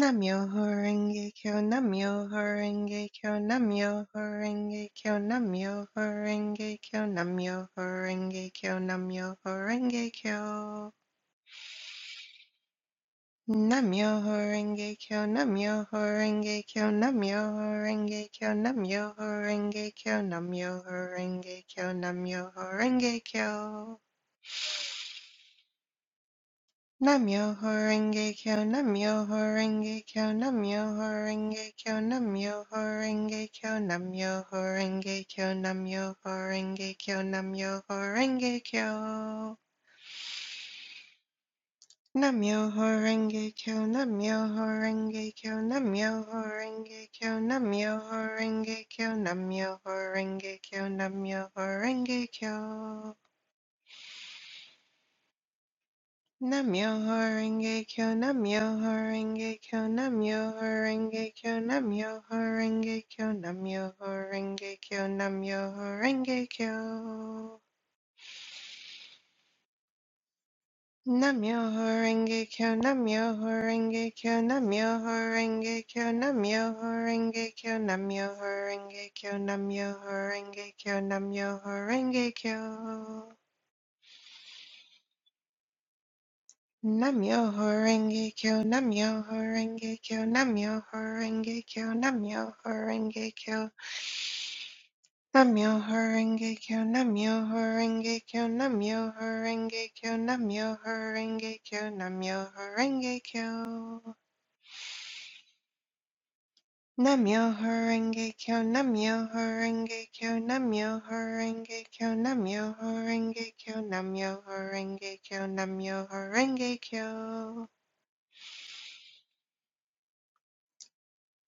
Speaker 4: Namyo Horenge Kyo, Namyo Horenge Kyo, Namyo Horenge Kyo, Namyo Horenge Kyo, Namyo Horenge Kyo, Namyo Horenge Kyo. Namyoho Renge Kyo, Namyoho Renge Kyo, Namyoho Renge Kyo, Namyoho Renge Kyo, Namyoho Renge Kyo, Namyoho Renge Kyo. Namyoho Renge Kyo, Namyoho Renge Kyo, Namyoho Renge Kyo, Namyoho Renge Kyo, Namyoho Renge Kyo, Namyoho Renge Kyo, Namyoho Renge Kyo. Nam-myoho-renge-kyo, Nam-myoho-renge-kyo, Nam-myoho-renge-kyo, Nam-myoho-renge-kyo, Nam-myoho-renge-kyo, Nam-myoho-renge-kyo. Nam-myoho-renge-kyo, Nam-myoho-renge-kyo, Nam-myoho-renge-kyo, Nam-myoho-renge-kyo, Nam-myoho-renge-kyo, Nam-myoho-renge-kyo. Namyoho Renge Kyo, Namyoho Renge Kyo, Namyoho Renge Kyo, Namyoho horenge Kyo, Namyoho Renge Kyo, Namyoho Renge Kyo, Namyoho Renge Kyo. Namyoho horenge Kyo, Namyoho Renge Kyo, Namyoho Renge Kyo, Namyoho Renge Kyo, Namyoho horenge Kyo, Namyoho Renge Kyo, Namyoho Renge Kyo, Namyoho Renge Kyo, Namyoho horenge Kyo. Namyo Horenge Kyo, Namyo Horenge Kyo, Namyo Horenge Kyo, Namyo Horenge Kyo, Namyo Horenge Kyo, Namyo Horenge Kyo.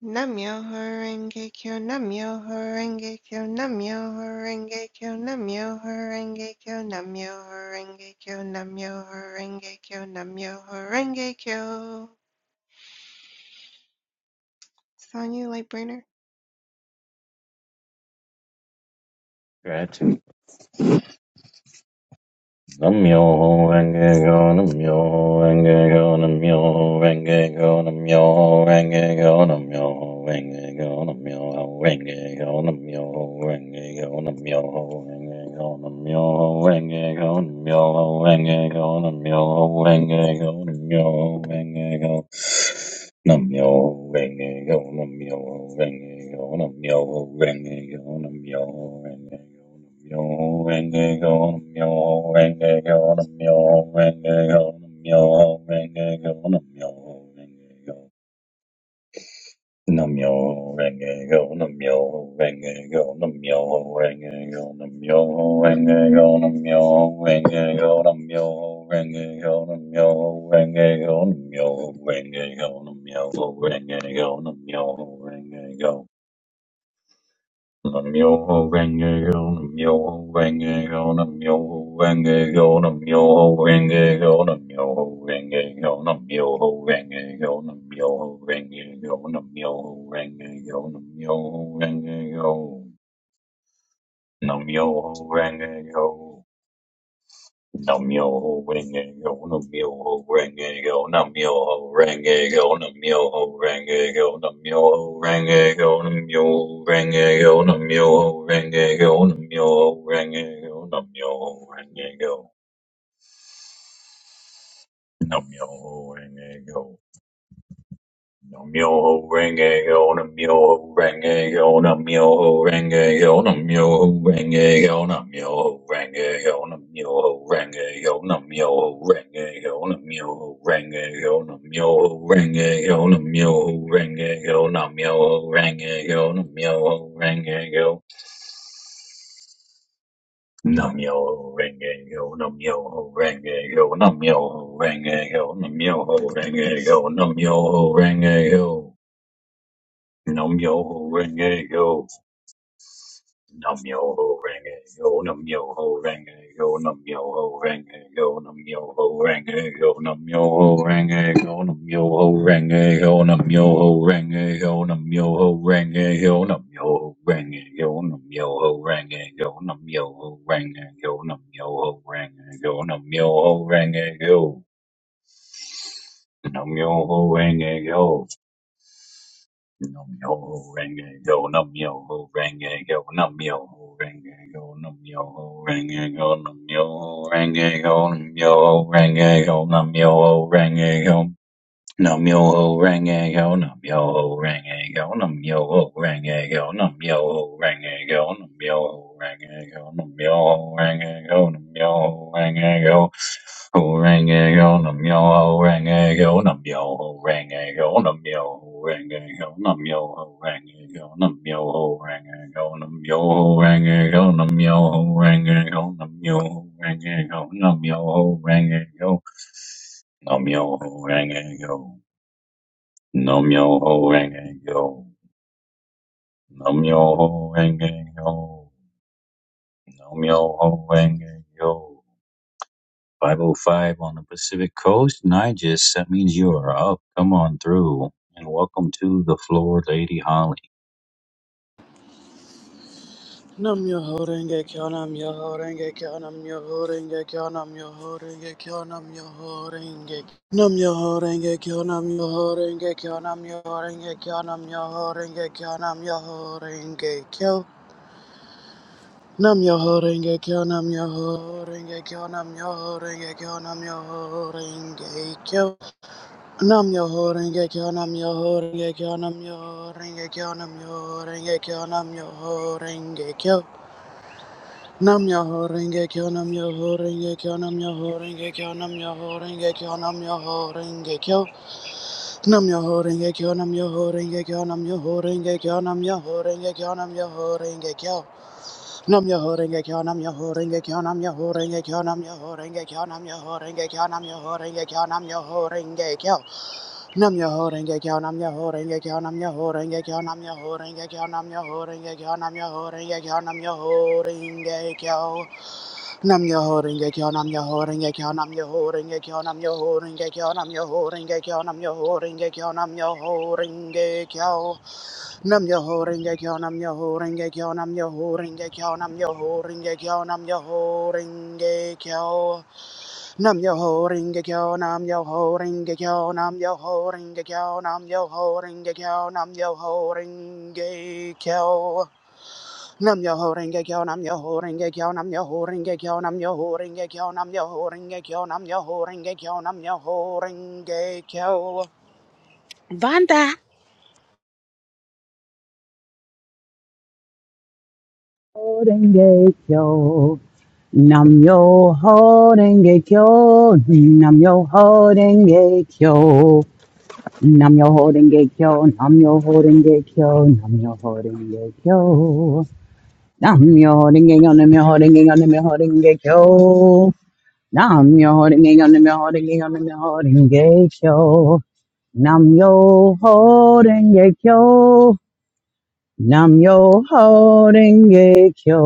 Speaker 4: Namyo Horenge Kyo, Namyo Horenge Kyo, Namyo Horenge Kyo, Namyo Horenge Kyo, Namyo Horenge Kyo, Namyo Horenge Kyo, Namyo Horenge Kyo. It's on you, Lightburner.
Speaker 5: Gratitude. Namyo renge go, namyo renge go, namyo renge go, namyo renge go, namyo renge go, namyo renge go, namyo renge go, namyo renge go, namyo renge go, namyo renge go, namyo renge go, namyo renge go. Nam-myoho-renge-kyo, Nam-myoho-renge-kyo, Nam-myoho-renge-kyo, Nam-myoho-renge-kyo, Nam-myoho-renge-kyo, Nam-myoho-renge-kyo, Nam-myoho-renge-kyo, Nam-myoho-renge-kyo, Nam-myoho-renge-kyo. Namyo renge go, namyo renge go, namyo renge go, namyo renge go, namyo renge go, namyo renge go, namyo renge go, namyo renge go, namyo renge go, namyo renge go, Namyo Namyoho Renge Kyo, Namyoho Renge Kyo, Namyoho Renge Kyo, Namyoho Renge Kyo, Namyoho Renge Kyo, Namyoho Renge Kyo, Namyoho Renge Kyo, Namyoho Renge Kyo, Namyoho Renge Kyo, Namyoho Renge Kyo. Namyoho renge yo, namyoho renge yo, namyoho renge yo, namyoho renge yo, namyoho renge yo, namyoho renge yo, namyoho renge yo, namyoho renge yo, namyoho renge yo, namyoho renge yo, namyoho renge yo, namyoho renge go. Nam yo. Namyo renge yo, namyo renge yo, namyo renge yo, namyo renge yo, namyo renge yo. Nam yo ho renge yo. Nam yo ho renge yo. Nam yo ho renge yo. Nam yo ho renge yo. Nam yo ho renge yo. Nam yo ho renge yo. Nam yo ho renge yo. Nam yo ho renge yo. Nam yo ho renge yo. Nam yo ho renge yo. Nam yo ho renge yo. Nam yo ho renge yo. Nam yo ho renge yo. Nam yo ho renge yo. Nam yo ho renge yo. Num yo ho renge go, num yo ho renge go, num yo ho renge go, num yo ho renge go, num yo ho renge go, num yo ho renge go, num yo ho renge go, Num yo ho rang a go, num yo ho rang a go, num yo ho rang a go, num yo ho rang a go, num yo ho rang a go, num yo ho rang a go, num yo ho rang a go, ho rang a go, num yo ho rang a go, num yo ho rang a go, num yo ho rang a go, num yo ho rang a go, num yo ho rang a go, num yo ho rang a go, num yo ho rang a go, num yo ho rang a go, num yo ho rang a go. Nam yo ho renge yo. Nam yo ho renge yo. Nam yo ho renge yo. Nam yo ho renge yo. 505 on the Pacific Coast. Nigis, that means you are up. Come on through. And welcome to the floor, Lady Holly.
Speaker 6: Nam yo ho renge kyo nam yo ho renge kyo nam yo ho renge kyo nam yo ho renge kyo nam yo ho renge nam yo ho renge kyo nam yo ho renge kyo nam yo ho renge kyo nam yo ho renge kyo nam yo ho renge kyo nam yo ho renge kyo nam yo ho renge kyo nam yo ho renge kyo nam yo ho renge kyo Nam yo ho renge kyo nam yo ho renge kyo nam yo ho renge kyo nam yo ho renge kyo nam yo ho renge kyo Nam yo ho renge kyo nam yo ho renge kyo nam yo ho renge kyo nam yo ho renge kyo nam yo ho renge kyo nam yo ho renge kyo nam yo ho renge kyo nam yo ho renge kyo nam yo renge kyo nam yo renge kyo Nam your holding a kyon, I'm your holding a kyon, I'm your holding Nam kyon, I'm your holding a kyon, I'm your holding a kyon, i Nam your holding a kyon, I'm your holding a Nam your holding a kyon, I'm your holding a kyon, I'm your holding a kyon, I'm your Nam yo ho ringe kyo nam yo ho ringe kyo nam yo ho ringe kyo nam yo ho ringe kyo nam yo ho ringe kyo nam yo ho ringe kyo nam yo ho ringe kyo nam yo ho ringe kyo nam yo ho ringe kyo nam yo ho ringe kyo nam yo ho ringe kyo nam yo ho ringe kyo Nam yo ho ringe kyo nam yo ho ringe kyo nam yo ho ringe kyo nam yo ho ringe kyo nam yo ho Nam yo ho renge kyo, nam yo ho renge kyo, nam yo ho renge kyo, nam yo ho renge kyo, nam yo ho renge kyo, nam yo ho renge kyo, nam yo ho renge kyo.
Speaker 1: Renge Kyo. Nam yo ho renge kyo, nam yo ho renge kyo, nam yo ho renge kyo, nam yo ho renge kyo, nam yo ho renge kyo, nam yo ho renge kyo, nam yo ho renge kyo, nam yo ho renge kyo, nam yo ho renge kyo, nam yo ho renge kyo, nam yo ho renge kyo, nam yo ho renge kyo, nam yo ho renge kyo.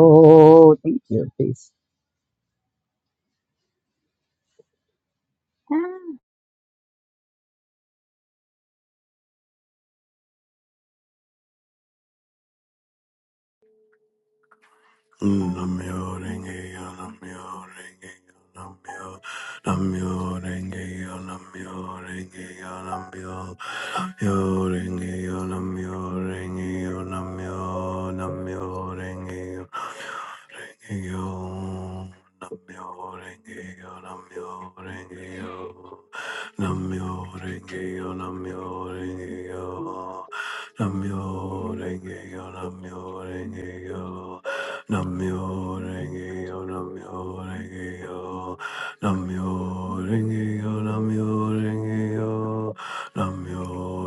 Speaker 1: Thank you, peace.
Speaker 7: Namyo Namyo-renge-kyo, namyo-renge-kyo, namyo-renge-kyo, namyo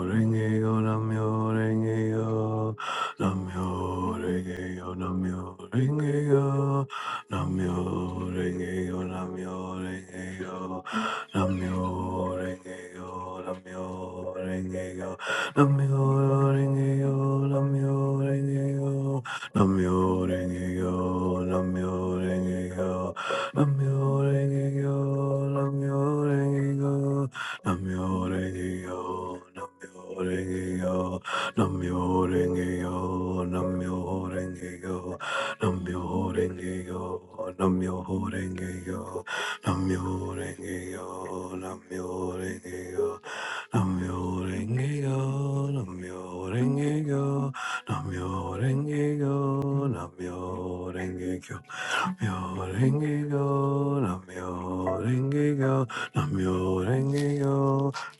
Speaker 7: renge yo, Namyo Renge-kyo, Namyo Renge-kyo, Namyo Renge-kyo, Namyo Renge-kyo, Namyo Renge-kyo, Namyo Renge-kyo, Namyo Renge-kyo, Namyo Renge-kyo, Namyo Renge-kyo, Namyo Renge-kyo, Namyo Renge-kyo, Namyo Renge-kyo, Namyo Renge-kyo, Namyo Renge-kyo, Namyo renge yo, namyo renge yo, namyo renge yo, namyo renge yo, namyo renge yo, namyo renge yo, namyo renge yo, namyo renge yo, namyo renge yo, namyo renge yo, namyo renge yo,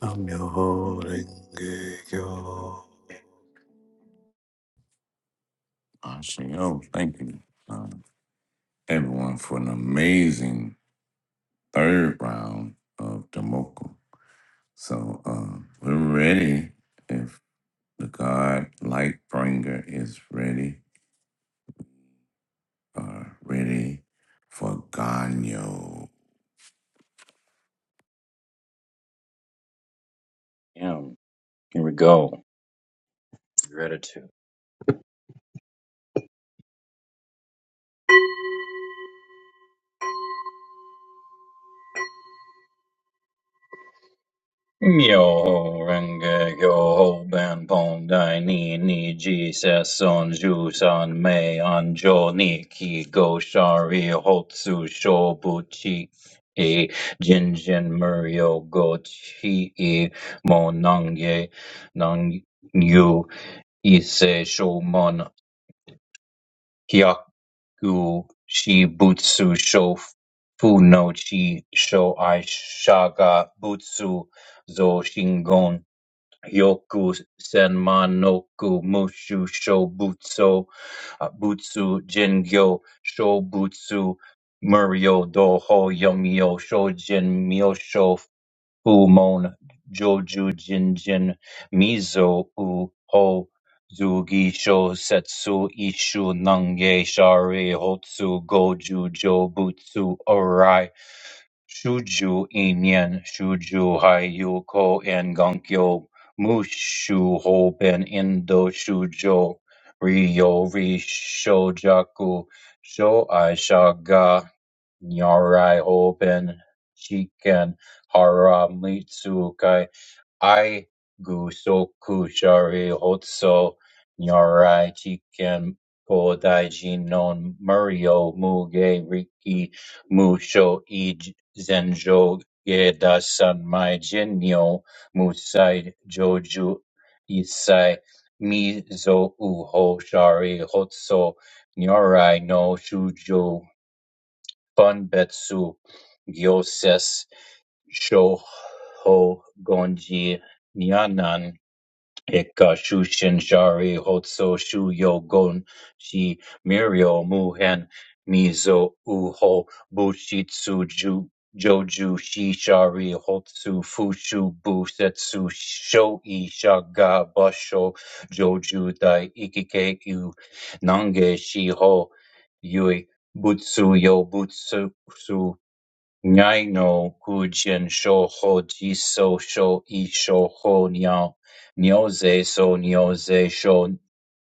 Speaker 7: namyo renge yo.
Speaker 2: Ashayo, thank you, uh, everyone, for an amazing third round of the Mocha. So uh, we're ready if the God Light Bringer is ready, uh, ready for Ganyo.
Speaker 5: Yeah, here we go. Gratitude. Yo renge yo ho ben pon dai ni ni ji se son ju san mei an jo ni ki go shari hotsu sho buchi e jin jin murio go chi e mo nang ye nang yu i se sho mon hyaku shi butsu sho fu no chi sho ai shaga butsu zo shingon Yoku Senman Noku Mushu Shobutsu uh, Butsu Jingyo Shobutsu Murio Doho Yomio Shojin Myosho Umon Joju Jinjin Mizo U Ho Zugi Sho Setsu Ishu Nange Shari Hotsu Goju jo Butsu Orai Shuju Inyen Shuju Hayu Ko and Gankyo Mushu Hoben Indo Shujo Ryo Rishojaku Sho Aishaga Nyarai Hoben Shiken Haramitsukai I Gusoku Shari Hotso Nyarai Chiken Kodai Jinon Murio Muge Riki Musho Ij Zenjo Geda Sanmai Jinyo Musai Joju Isai Mizo Uho Shari Hotso Nyorai no Shujo Banbetsu Gyosess Shohogonji Nyanan Eka Shushin Shari Hotso Shu Yogon Shi Mirio Muhen Mizo Uho Bushitsu Ju Joju Shi Shari Hotsu Fushu Busetsu Shoi Shaga Basho Joju Dai Ikike U Nange Shi Ho Yui Butsu Yo Butsu Naino Kujien Shoho Jiso Sho Isho Ho Nyao Nyoze So Nyoze Sho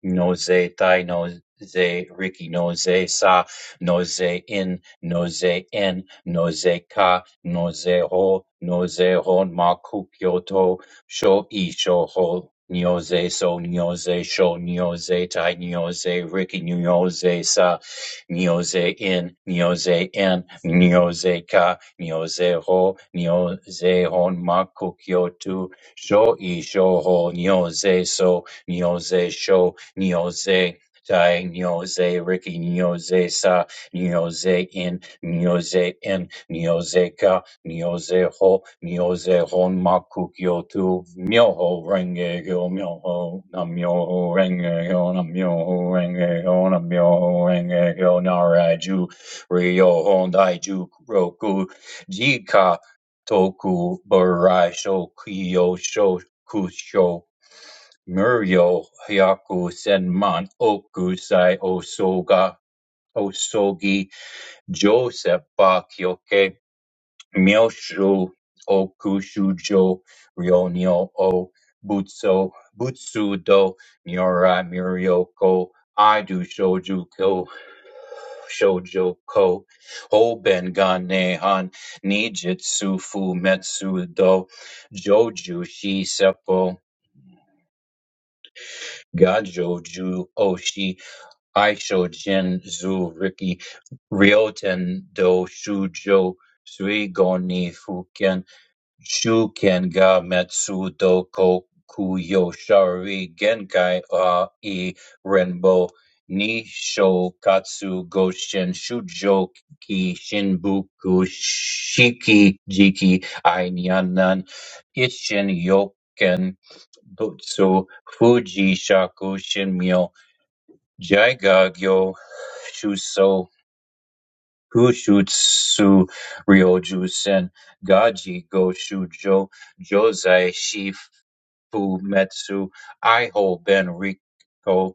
Speaker 5: Noze Tai Noze Riki Noze Sa Noze In Noze En Noze Ka Noze Ho Noze Hon Ma Kukyo Sho e sho ho nyoze so nyoze sho nyoze tai nyoze riki nyoze sa nyoze in nyoze in nyoze ka nyoze ho nyoze hon maku kyotu sho e sho ho nyoze so nyoze sho nyoze tai nyoze riki nyoze sa nyoze in nyoze in nyoze ka Nyozeho, Nyozeho Makukyotu, Myoho Renge Hyo, Myoho Nam Myoho Renge Hyo, Nam Myoho Renge Hyo, Nam Myoho Renge Hyo, Naraju, Ryo Hondaiju Roku, Jika Toku Barai Shokuyo Shokusho, Muryo Hyaku Senman Okusai Osoga, Osogi Joseph Bakyoke Myoshu Okushujo Ryonyo O Butsu Butsudo Nyora Myrioko Aidu Shouju Ko Shoujo Ko Hoben Ganehan Nijitsu Fu Metsu Do Joju Shi Seppo Gajoju Oshi Aishojin Zu Riki Ryoten Do Shujo Sui Fuken Shuken ga Metsu Dokoku Yoshari Genkai wa i Renbo Nishokatsu Goshin Shujoki Shinbuku Shiki Jiki Ainanan Ishin Yoken Butsu Fuji Shaku Shinmyo Jaigagyo Shuso Kushutsu Ryoju Sen Gaji Go Shujo Josei Shifu Metsu Aiho Ben Riko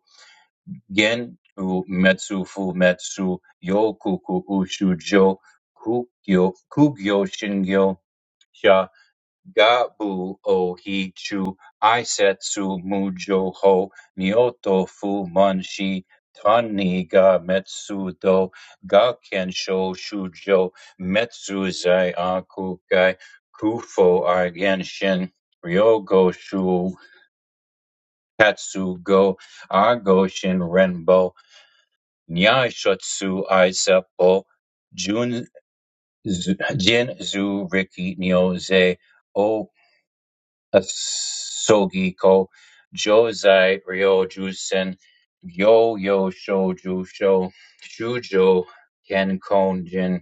Speaker 5: Genku Metsu Fumetsu Yokuku Ushujo Kugyo Kugyo Shingyo Sha Gabu ohi chu Isetsu mujo ho Myoto fu man shi tani ga metsu do gakensho shujo metsu zai aku gai kufo agenshin ryogo shu katsu go agoshin renbo nyashutsu isepo jun zu- jinzu riki nyoze Asogiko, Josei Ryoju Sen, Yo Yo Shouju Sho, Shujo Kenkonjin,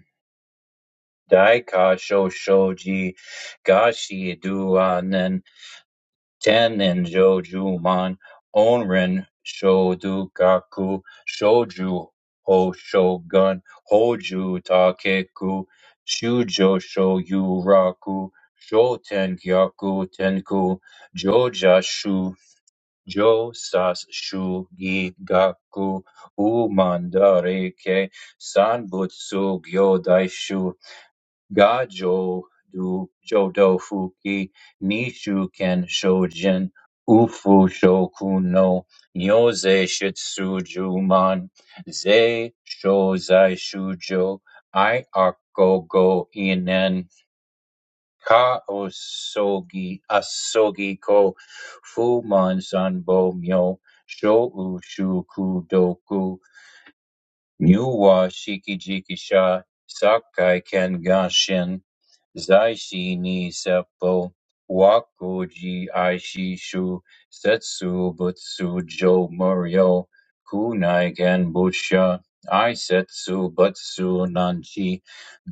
Speaker 5: Daika Sho Shoji, Gashi Duanen, Tenin Jōjūmon, Onrin Shodugaku, Shouju Hoshogun, Hoju Takeku, Shujo Shoyuraku, Shotengyaku Tenku, Jōjashu, Jōsashu Gigaku, umandareke Sanbutsu Gyodaishu, ga jo du jodo fuki nishu ken shojin ufu shoku no nyoze shitsuju man ze shozai shujo i arko go inen ka osogi asogi ko fuman sanbo myo shou shuku Nyu wa shikijikisha Sakai Kengashin Zaishi ni seppo Wakuji aishi shu Setsu butsu jo muryo Kunai kenbusha Aisetsu butsu nanchi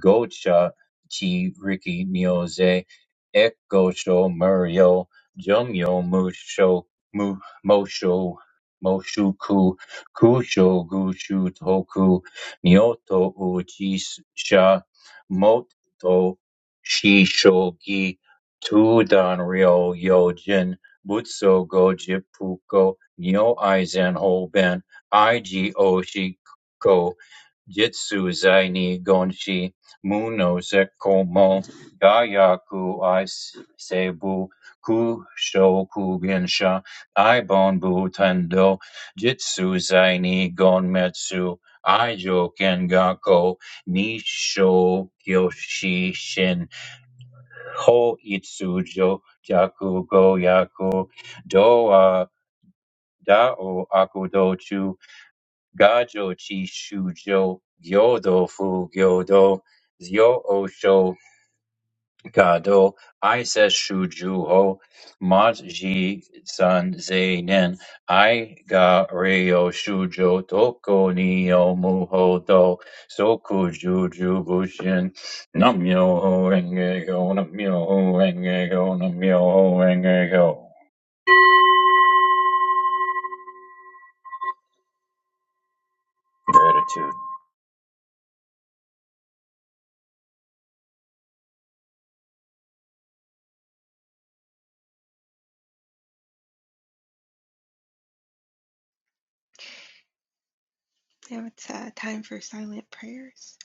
Speaker 5: Gocha chi riki myoze Ekosho muryo Jumyo musho mu, mosho moshuku Kusho Gushu Toku Nyoto Ujisha Moto Shishogi Tudan Ryo Yojin Butsu Gojipuko Nyo Aizen Hoben Iji Oshiko Jitsu zaini gonshi muno sekomo gayaku i seibu kushoku gensha ibon bu tendo jitsūzai ni gonmetsu aijo kengako nisho kyoshi shin ho itsujo jaku go yaku doa dao akudochu gajo chi shujo gyodo fu gyodo zyo osho kado ises shujuho mat ji san zeinen i ga ryo shujo toko ni o muho do soku juju bushin nam yo ho renge go nam yo ho renge go nam yo ho renge go gratitude
Speaker 4: Now it's uh, time for silent prayers.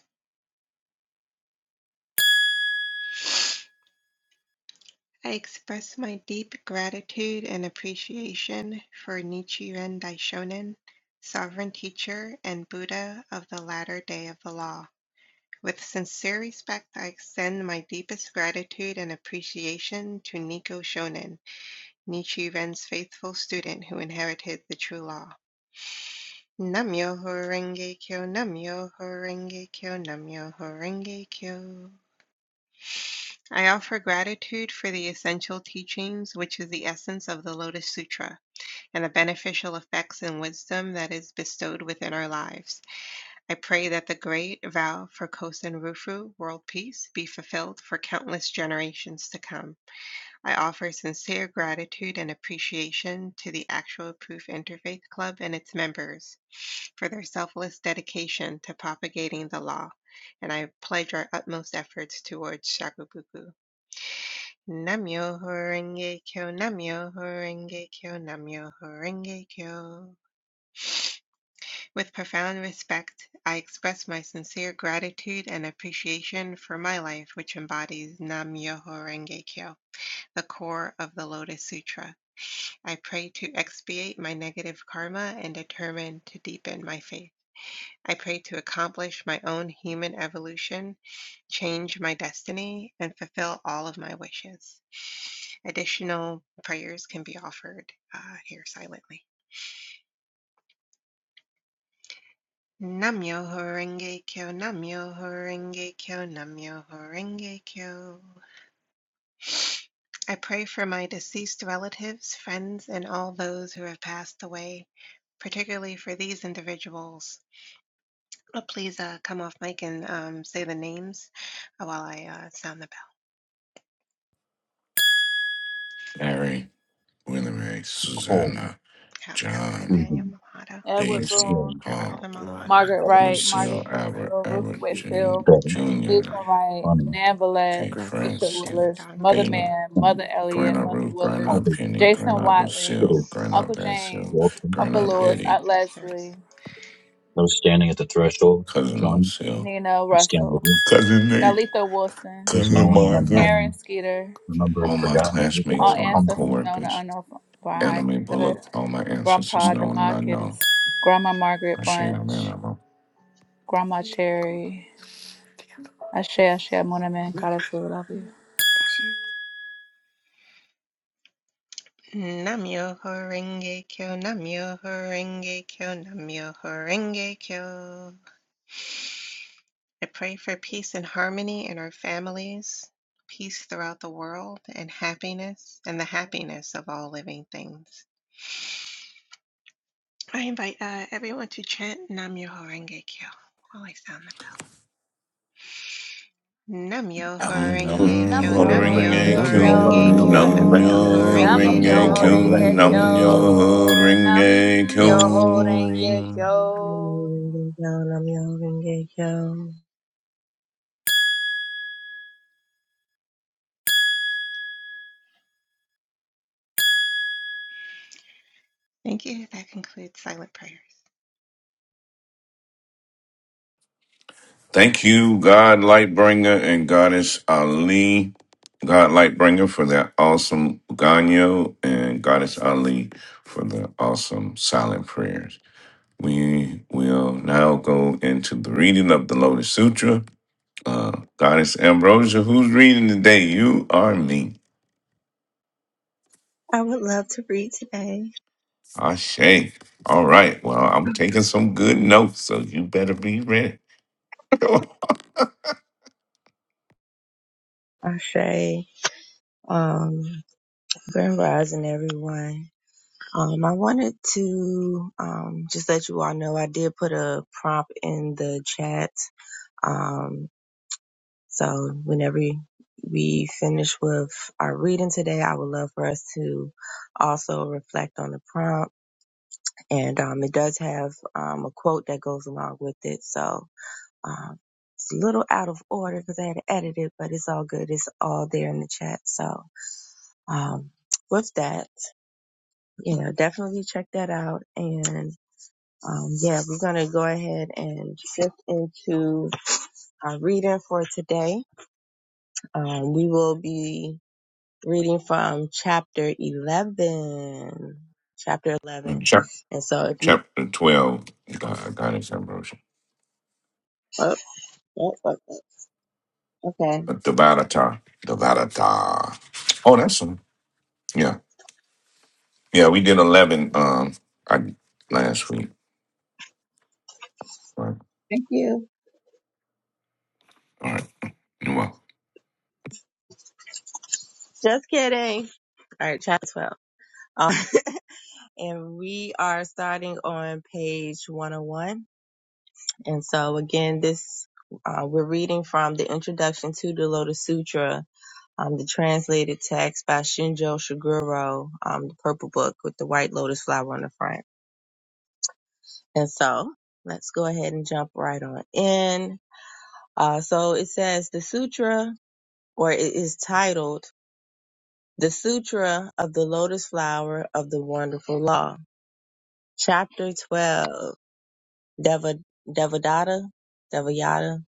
Speaker 4: I express my deep gratitude and appreciation for Nichiren Daishonin, sovereign teacher and Buddha of the latter day of the law. With sincere respect, I extend my deepest gratitude and appreciation to Nico Shonin, Nichiren's faithful student who inherited the true law. Namyo Horenge Kyo, Namyo Horenge Kyo, Namyo Horenge Kyo. I offer gratitude for the essential teachings, which is the essence of the Lotus Sutra, and the beneficial effects and wisdom that is bestowed within our lives. I pray that the great vow for Kosen Rufu, world peace, be fulfilled for countless generations to come. I offer sincere gratitude and appreciation to the Actual Proof Interfaith Club and its members for their selfless dedication to propagating the law, and I pledge our utmost efforts towards Shakubuku. Namyo Horenge Kyo, Namyo Horenge Kyo, Namyo Horenge Kyo. With profound respect, I express my sincere gratitude and appreciation for my life, which embodies Namyo Horenge Kyo, the core of the Lotus Sutra. I pray to expiate my negative karma and determine to deepen my faith. I pray to accomplish my own human evolution, change my destiny, and fulfill all of my wishes. Additional prayers can be offered uh, here silently. Namyo Horenge Kyo, Namyo Horenge Kyo, Namyo Horenge Kyo. I pray for my deceased relatives, friends, and all those who have passed away, particularly for these individuals. Uh, Please uh, come off mic and um, say the names uh, while I uh, sound the
Speaker 2: Mary, Willamette,
Speaker 5: cold
Speaker 2: Susanna,
Speaker 4: bell. Alfred
Speaker 2: John,
Speaker 4: Nathaniel
Speaker 5: proven,
Speaker 4: Malhado,
Speaker 8: Edward
Speaker 2: Daisy,
Speaker 8: Boone,
Speaker 5: resilient,
Speaker 2: Paul,
Speaker 4: Merelda
Speaker 7: Lord,
Speaker 4: Malhado,
Speaker 7: with
Speaker 8: Margaret
Speaker 7: me,
Speaker 8: Wright, Margaret
Speaker 2: Lucille, Albert,
Speaker 8: Whitfield, Ruth
Speaker 2: Albert,
Speaker 7: Pete,
Speaker 2: Jane,
Speaker 8: Whitfield,
Speaker 5: better,
Speaker 4: Ivy
Speaker 2: Jr.
Speaker 4: Malhado,
Speaker 8: Deidre Wright,
Speaker 5: funny,
Speaker 8: Nan Villette,
Speaker 2: Kate
Speaker 8: Bishop
Speaker 7: Grandpa.
Speaker 4: Devin
Speaker 8: Willis,
Speaker 2: Francis,
Speaker 8: Mother
Speaker 4: Donnelly,
Speaker 2: Kayla,
Speaker 8: Mann,
Speaker 5: and
Speaker 8: Mother Elliott,
Speaker 2: Grandma
Speaker 8: Mother
Speaker 2: Ruth,
Speaker 8: Willis,
Speaker 2: Grandma
Speaker 5: always.
Speaker 2: Penny,
Speaker 4: all my
Speaker 8: Jason
Speaker 2: Grandma
Speaker 8: Watley,
Speaker 5: Peter,
Speaker 2: Lucille,
Speaker 4: coworkers,
Speaker 2: Grandma
Speaker 8: Uncle
Speaker 2: Vancille,
Speaker 8: James,
Speaker 5: welcome.
Speaker 8: Uncle
Speaker 2: Grandma
Speaker 4: not my
Speaker 8: Lewis,
Speaker 2: Betty,
Speaker 8: Aunt
Speaker 4: ancestors.
Speaker 8: Leslie,
Speaker 5: Those standing at the threshold,
Speaker 2: Cousin
Speaker 5: John,
Speaker 2: Lucille,
Speaker 8: Nina
Speaker 5: I stand with
Speaker 8: Russell,
Speaker 5: you.
Speaker 2: Cousin Nate,
Speaker 8: Dalitha Wilson,
Speaker 5: Those
Speaker 2: Cousin
Speaker 5: known and
Speaker 2: Margaret,
Speaker 5: unknown,
Speaker 8: Karen Skeeter,
Speaker 5: remembered,
Speaker 2: all my
Speaker 5: forgotten, those that I
Speaker 8: all
Speaker 2: classmates,
Speaker 5: will
Speaker 2: all my
Speaker 5: come to.
Speaker 8: ancestors
Speaker 5: you.
Speaker 8: known and
Speaker 2: coworkers,
Speaker 8: unknown by
Speaker 2: Anime
Speaker 8: good,
Speaker 2: Bullock, all my ancestors
Speaker 8: Grandpa
Speaker 2: known and unknown.
Speaker 8: Demarcus, Grandma Margaret
Speaker 2: I say amen.
Speaker 8: Bunch,
Speaker 2: I'm
Speaker 8: Grandma Cherry, Ashe, ashe, mon amen, I still love you.
Speaker 4: Namyo Horenge Kyo, Namyo Horenge Kyo, Namyo Horenge Kyo. I pray for peace and harmony in our families, peace throughout the world, and happiness, and the happiness of all living things. I invite uh, everyone to chant Namyo Horenge Kyo while I sound the bell. Namyo
Speaker 2: Nam
Speaker 5: No
Speaker 4: Horenge
Speaker 8: Nam
Speaker 4: Kyo,
Speaker 2: nyo
Speaker 5: ho,
Speaker 8: yo
Speaker 2: ring
Speaker 4: Namyo
Speaker 2: a
Speaker 5: reindeer,
Speaker 8: denge
Speaker 7: Nam
Speaker 2: q
Speaker 7: myo
Speaker 5: no,
Speaker 4: Horenge
Speaker 5: no
Speaker 4: Kyo,
Speaker 7: renge yo,
Speaker 5: ho,
Speaker 2: nam
Speaker 7: nam
Speaker 8: kyo.
Speaker 4: Namyo
Speaker 7: myo
Speaker 5: reindeer,
Speaker 2: nyo
Speaker 5: no,
Speaker 7: renge yo,
Speaker 8: Nam
Speaker 2: ring
Speaker 4: Horenge
Speaker 5: no
Speaker 7: nam
Speaker 2: a
Speaker 8: yo
Speaker 2: q
Speaker 5: ho,
Speaker 7: myo
Speaker 8: denge
Speaker 4: Kyo.
Speaker 5: reindeer,
Speaker 7: renge
Speaker 2: nam
Speaker 7: yo.
Speaker 5: no.
Speaker 2: nyo
Speaker 8: kyo.
Speaker 2: ring a
Speaker 8: Nam yo denge
Speaker 2: q
Speaker 8: kyo.
Speaker 3: yo, nam yo vinge yo.
Speaker 4: Thank you. That concludes silent prayer.
Speaker 2: Thank you, God Lightbringer and Goddess Ali. God Lightbringer for that awesome Ganyo and Goddess Ali for the awesome silent prayers. We will now go into the reading of the Lotus Sutra. Uh, Goddess Ambrosia, who's reading today? You are me.
Speaker 3: I would love to read today.
Speaker 2: Ashe. All right. Well, I'm taking some good notes, so you better be ready. Go
Speaker 3: Ashe, um, Grand Rising, everyone. Um, I wanted to um, just let you all know I did put a prompt in the chat. Um, so whenever we finish with our reading today, I would love for us to also reflect on the prompt. And um, it does have um, a quote that goes along with it. So Um, it's a little out of order because I had to edit it, but it's all good. It's all there in the chat. So, um, with that, you know, definitely check that out. And, um, yeah, we're going to go ahead and shift into our reading for today. Um, we will be reading from chapter 11. Chapter
Speaker 2: on.
Speaker 3: 11.
Speaker 2: Chap-
Speaker 3: And so if you,
Speaker 2: Chapter 12, God, Goddess Ambrosia.
Speaker 3: oh, oh, oh, oh, okay.
Speaker 2: Devadatta. Devadatta. Oh, that's one. Yeah. Yeah, we did 11 um I, last week. Right.
Speaker 3: Thank you.
Speaker 2: All right. Well,
Speaker 3: Just kidding. All right, chapter 12. Um, and we are starting on page 101. And so, again, this uh, we're reading from the introduction to the Lotus Sutra, um, the translated text by Shinjo Shiguro, um, the purple book with the white lotus flower on the front. And so, let's go ahead and jump right on in. Uh, so, it says the sutra, or it is titled The Sutra of the Lotus Flower of the Wonderful Law, Chapter 12. Deva, Devadatta, Devayata,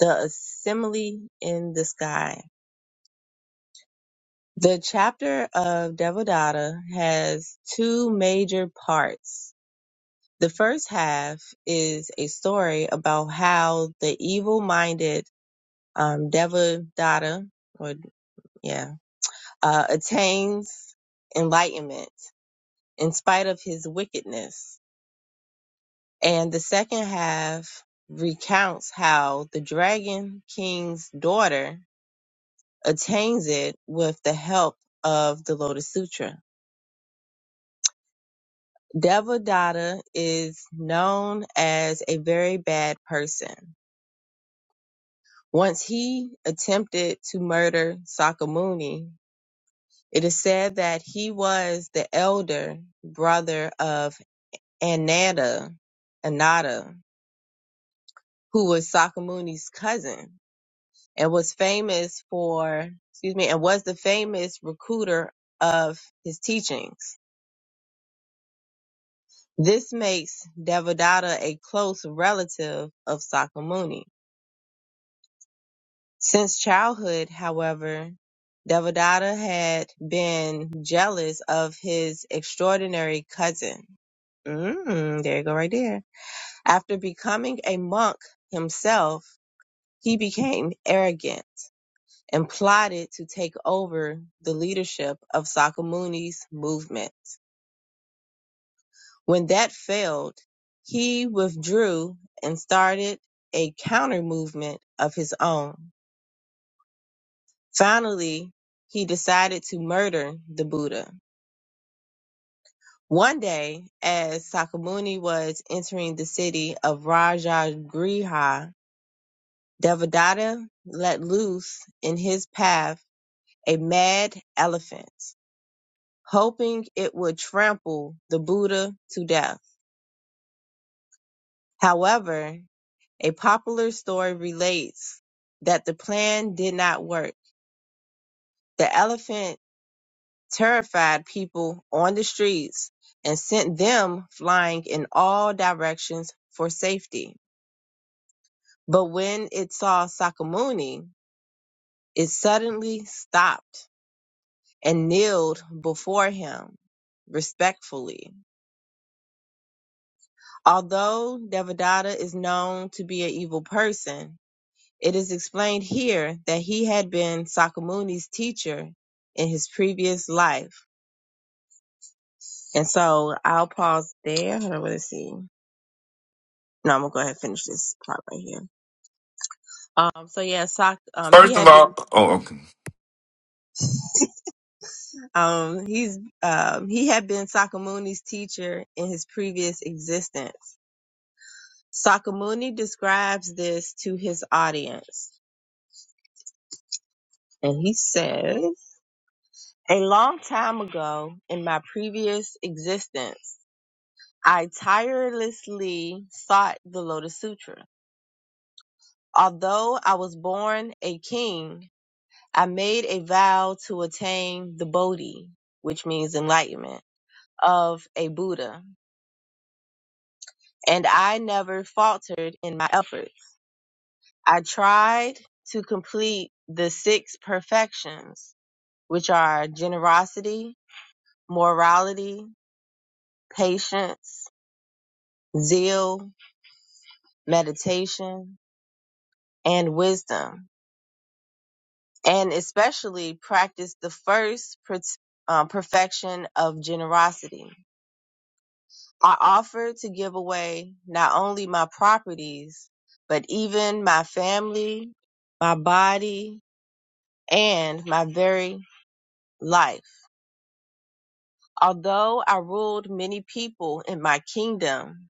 Speaker 3: the assembly in the sky. The chapter of Devadatta has two major parts. The first half is a story about how the evil-minded um, Devadatta, or yeah, uh, attains enlightenment in spite of his wickedness, and the second half recounts how the Dragon King's daughter attains it with the help of the Lotus Sutra. Devadatta is known as a very bad person. Once he attempted to murder Sakamuni, it is said that he was the elder brother of Ananda, Ananda, who was Sakamuni's cousin and was famous for, excuse me, and was the famous recruiter of his teachings. This makes Devadatta a close relative of Sakamuni. Since childhood, however, Devadatta had been jealous of his extraordinary cousin. Mm, there you go, right there. After becoming a monk himself, he became arrogant and plotted to take over the leadership of Sakamuni's movement. When that failed, he withdrew and started a counter movement of his own. Finally, he decided to murder the Buddha. One day, as Sakamuni was entering the city of Rajagriha, Devadatta let loose in his path a mad elephant, hoping it would trample the Buddha to death. However, A popular story relates that the plan did not work. The elephant terrified people on the streets and sent them flying in all directions for safety. But when it saw Sakamuni, it suddenly stopped and kneeled before him respectfully. Although Devadatta is known to be an evil person, It is explained here that he had been Sakamuni's teacher in his previous life. And so I'll pause there. Hold on, let's see. No, I'm gonna go ahead and finish this part right here. Um, so yeah, Sak, um, he
Speaker 2: first of
Speaker 3: had been,
Speaker 2: all, oh, okay.
Speaker 3: um, he's, um, he had been Sakamuni's teacher in his previous existence. Sakamuni describes this to his audience, and he says, "A long time ago, in my previous existence." I tirelessly sought the Lotus Sutra. Although I was born a king, I made a vow to attain the Bodhi, which means enlightenment, of a Buddha, and I never faltered in my efforts. I tried to complete the six perfections, which are generosity, morality, patience, zeal, meditation, and wisdom and especially practice the first per- um, perfection of generosity. I offer to give away not only my properties, but even my family, my body, and my very life. Although I ruled many people in my kingdom,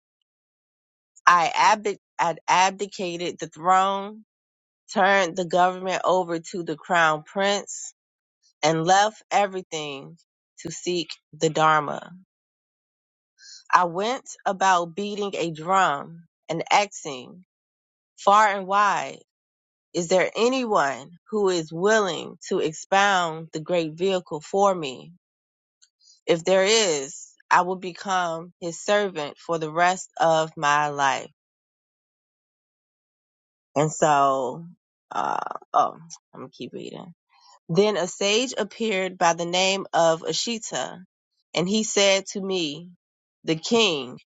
Speaker 3: I abdi- I abdicated the throne, turned the government over to the crown prince, and left everything to seek the Dharma. I went about beating a drum and asking far and wide, is there anyone who is willing to expound the great vehicle for me? If there is, I will become his servant for the rest of my life. And so, uh, oh, I'm gonna keep reading. Then a sage appeared by the name of Ashita, and he said to me, the king,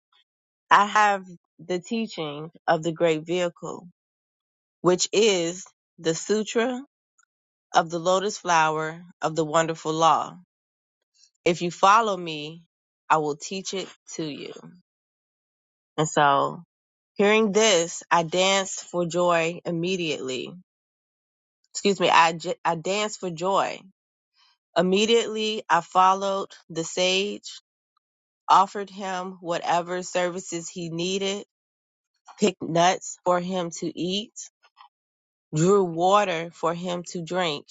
Speaker 3: I have the teaching of the great vehicle which is the Sutra of the Lotus Flower of the Wonderful Law. If you follow me, I will teach it to you. And so, hearing this, I danced for joy immediately. Excuse me, I I danced for joy. Immediately, I followed the sage, offered him whatever services he needed, picked nuts for him to eat, drew water for him to drink,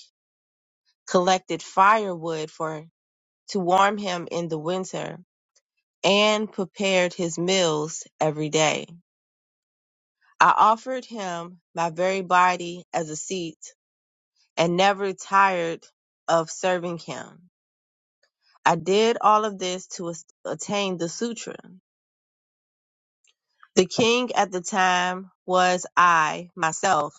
Speaker 3: collected firewood for to warm him in the winter, and prepared his meals every day. I offered him my very body as a seat, and never tired of serving him. I did all of this to as- attain the sutra. The king at the time was I myself,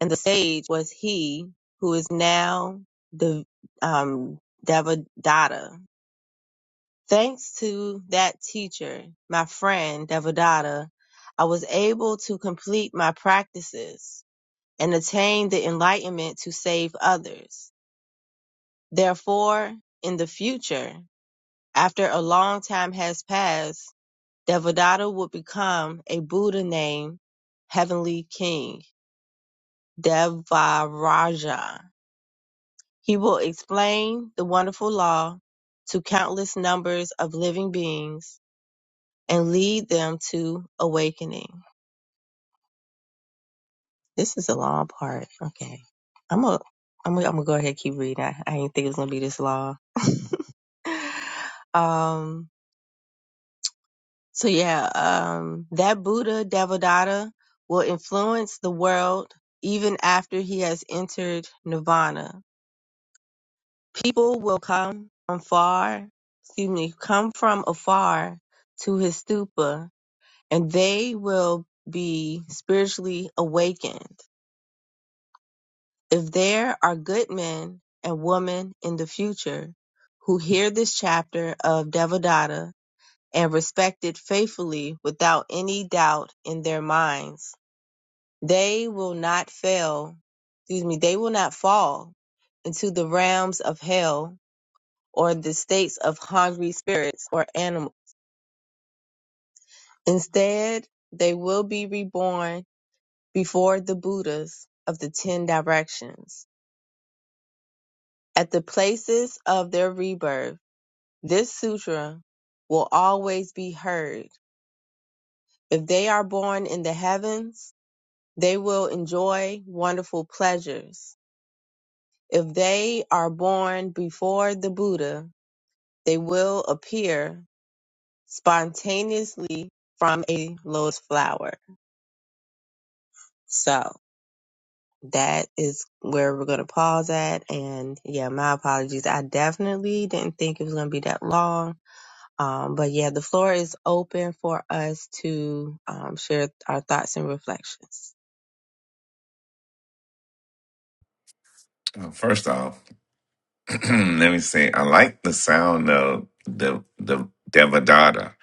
Speaker 3: and the sage was he who is now the um, Devadatta. Thanks to that teacher, my friend Devadatta, I was able to complete my practices and attain the enlightenment to save others. Therefore, in the future, after a long time has passed, Devadatta would become a Buddha named Heavenly King, Devaraja. He will explain the wonderful law to countless numbers of living beings and lead them to awakening. This is a long part. Okay. I'm gonna I'm gonna I'm gonna go ahead and keep reading. I, I didn't think it was gonna be this long. um so yeah, um that Buddha Devadatta will influence the world even after he has entered nirvana. People will come from far, excuse me, come from afar to his stupa and they will be spiritually awakened If there are good men and women in the future who hear this chapter of Devadatta and respect it faithfully without any doubt in their minds, they will not fail, excuse me, they will not fall into the realms of hell or the states of hungry spirits or animals. Instead, they will be reborn before the Buddhas of the Ten Directions at the places of their rebirth This sutra will always be heard. If they are born in the heavens, they will enjoy wonderful pleasures. If they are born before the Buddha, they will appear spontaneously from a lotus flower. So that is where we're going to pause at. And yeah, my apologies. I definitely didn't think it was going to be that long Um, but yeah, the floor is open for us to um, share our thoughts and reflections.
Speaker 2: Uh, First off, let me say, I like the sound of the, the Devadatta,